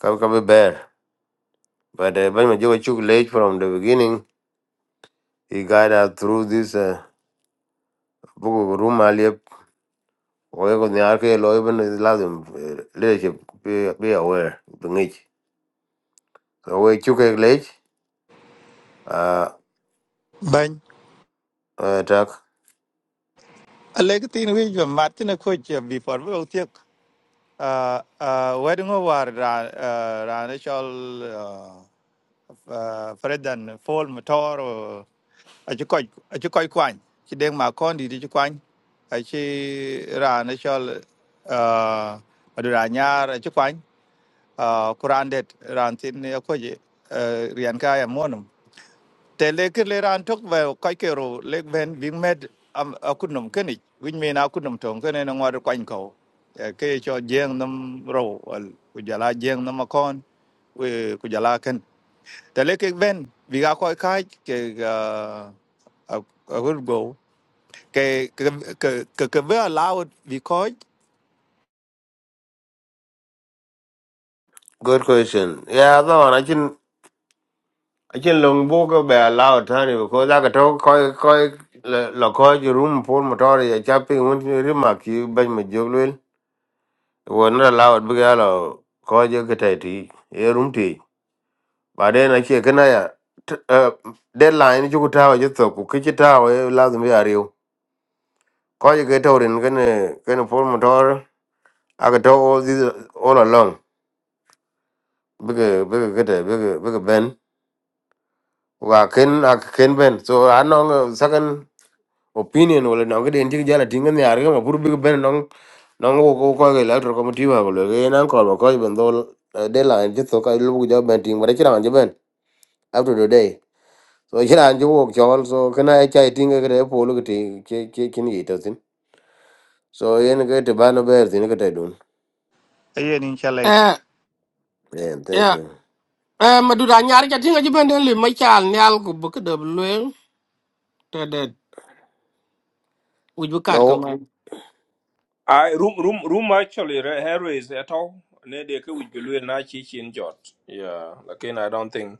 Speaker 1: Come, come, bear. But uh, when you took late from the beginning, he guide us through this uh, book of room alip. Oye ko ni arke lo even is lazim uh, leadership be be aware bengich. So we took a late uh
Speaker 9: ban
Speaker 1: uh talk.
Speaker 9: a le ke tin wi va mat ne ko che bi for we o tiek Uh, uh, wedding over ra uh, ra nó cho uh, uh, President Paul Motor ở chỗ coi ở chỗ coi quanh chỉ đem mà con đi đi chỗ quanh ở chỉ ra nó cho uh, ở đồ ở chỗ quanh uh, Quran det ra tin ở coi gì riêng cái em muốn te leke le ran tok ve kai ke ro le ven bing med am akunum keni win me na akunum tong kene na ngwar kwain ko Eh, ke cho jeng nam ro wal ku jala jeng nam akon we ku jala ken te leke ven vi ga koi kai ke ga a good go ke ke ke ke ve allowed vi koi
Speaker 1: Good question. Yeah, no, I can I can long book of be allowed honey because I could talk koi koi lo koi room for motor ya chapping when you remark you ben me joglel. We're not allowed because koi jo kitai ti. Ye room tea. baadaye nakie kana ya t- eh, deadline chu tawa je thoko kichi tawa eh, lazima ya riu ko je ke tawrin kene kene pol motor aga to all this all along bige bige kete bige bige ben wa ken ak ken ben so anong second opinion wala nong de intik jala tingan ya riu ma pur bige ben nong nong wo ko ko ke electro committee wa lo ke nan ko ko ben do deadline je thoko lu bu jo ben ting bare chiran je ben up to today so chiran chi wok chol so kana e chai tinga kare polo ke te ke ke kin yi ta tin so yen ke te bana ber tin ke te dun
Speaker 9: ayen in chale
Speaker 4: eh
Speaker 1: yeah thank
Speaker 4: ya
Speaker 1: you
Speaker 4: eh madura nyar ja tinga ji bende le ma chal nyal ku bu ke de lwe te de u bu kat
Speaker 1: no
Speaker 2: I room room room actually re- hero is at all. Ne de ke wich belu na chi chin jot. Yeah, lakin I don't think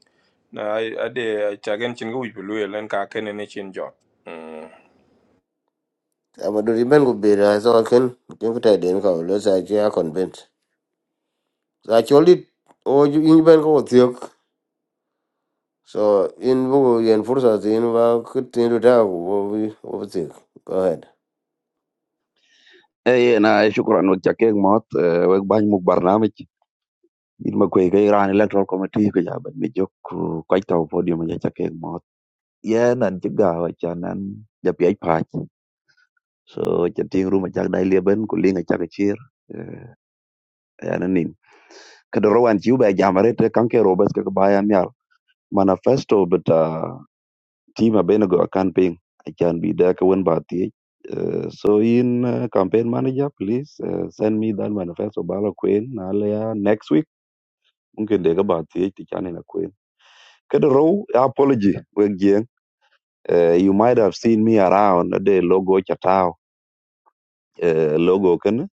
Speaker 2: na I I de chagen chin ke wich belu len ka ken ne chin jot. Mm.
Speaker 1: I'm ama do riben go bera so ken ken ke te den ko lo sa chi a convent sa choli o ju in bank ko tiok so in bu yen fursa tin ba ke tin do ta go bi o bi go ahead
Speaker 11: اي انا شكرا وجاكيك موت وك باج مو برنامج ما كوي كاي ران electoral committee ko jaban mi jok ko taw podium ja jaakek mot ye nan ci gaaw ca nan ja piaj paaj so ca ting ruma jak dai leben ko linga jak ciir ya nan nin ka do rawan ci ubay jamare te kanke robes ka baya mial manifesto beta tima benego kan ping acan bi da ka wen ba tie Uh, so in uh, campaign manager please uh, send me that manifesto bala queen nalia next week mungkin de ga ba ti ti chani na queen kada row apology we gien uh, you might have seen me around de logo chatao uh, logo kan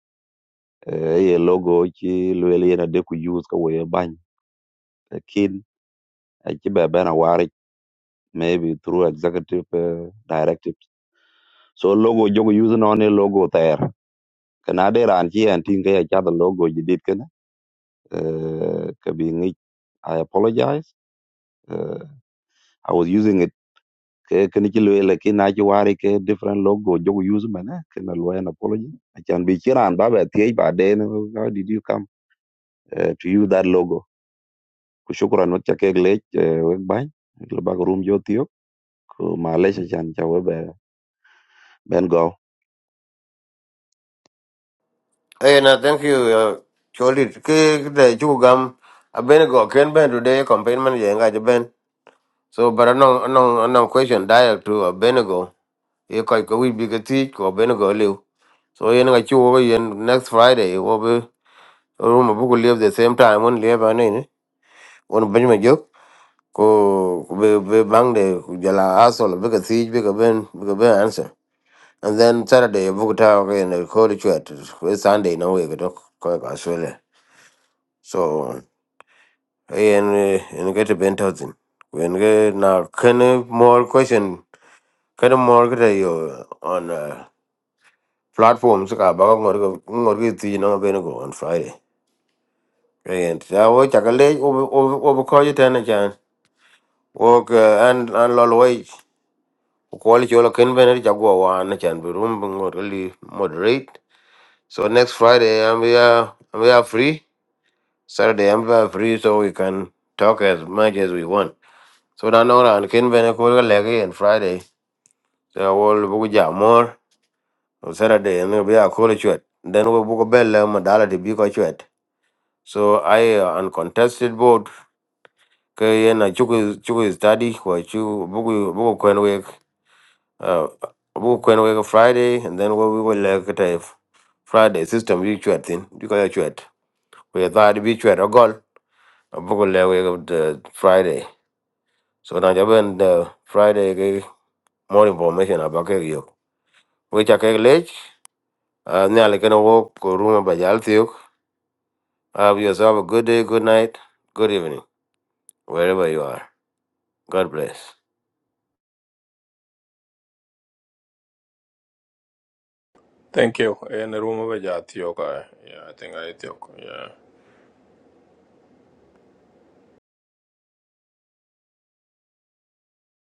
Speaker 11: uh, ye logo chi lwele na de ku use ka we ban kin uh, chi be bana wari maybe through executive uh, directives so logo jogo use no ne logo there kana de ran chi an tin ga ya cha the logo jidit kana uh, ka bi ngi i apologize uh, i was using it ke kene ci lwe le ki na ci wari ke different logo jogo use mane ke na lwe an apology achan bi chiran ba ba tie ba de no, how did you come eh, to use that logo ku shukran wat cha ke le we ban le ba room jo tio ku ma le chan cha we be ben go
Speaker 1: hey na thank you uh, choli ke ke I chu gam a ben go ken ben do de campaign man ye nga je So, but anong anong anong question direct to Abednego. Ye koi ko we big teach ko Abednego live. So ye nga chu over ye next Friday ye wo be room bu ko live the same time on live ane ni. On Benjamin Jok ko ko be be bang de ku jala asol big Be big ben Be big ben answer. And then Saturday bu ko ta ko ye ko le chat. Sunday no we ko ko ko Australia. So ye en en get ben thousand. When get na kene more question kada mor kada yo on uh, platform saka baka ngor ko ngor ko ti no be no on friday and ta wo chaka le o o ko yita na chan wo ka an an lol wai ko li jola ken be ne jago wa na chan be rum ngor li moderate so next friday i'm we are we are free saturday i'm we are free so we can talk as much as we want so na no ran ken be ne ko le ke and friday so wo bu ja more So Saturday, and we are called church. Then we book a bell, Madala to be a church. So I uh, uncontested vote. Kayen a chuku chuku study kwa chu buku buku kwen week uh buku kwen Friday and then we will like it if Friday system we chat in because chat we thought we chat a goal a buku le week the Friday so now jaben the Friday ke more information about ke yo we cha ke lech uh nyale ke no wo ko room ba Have yourself a good day, good night, good evening, wherever you are. God bless.
Speaker 2: Thank you. En room over jat yo Yeah, I think I think. Yeah.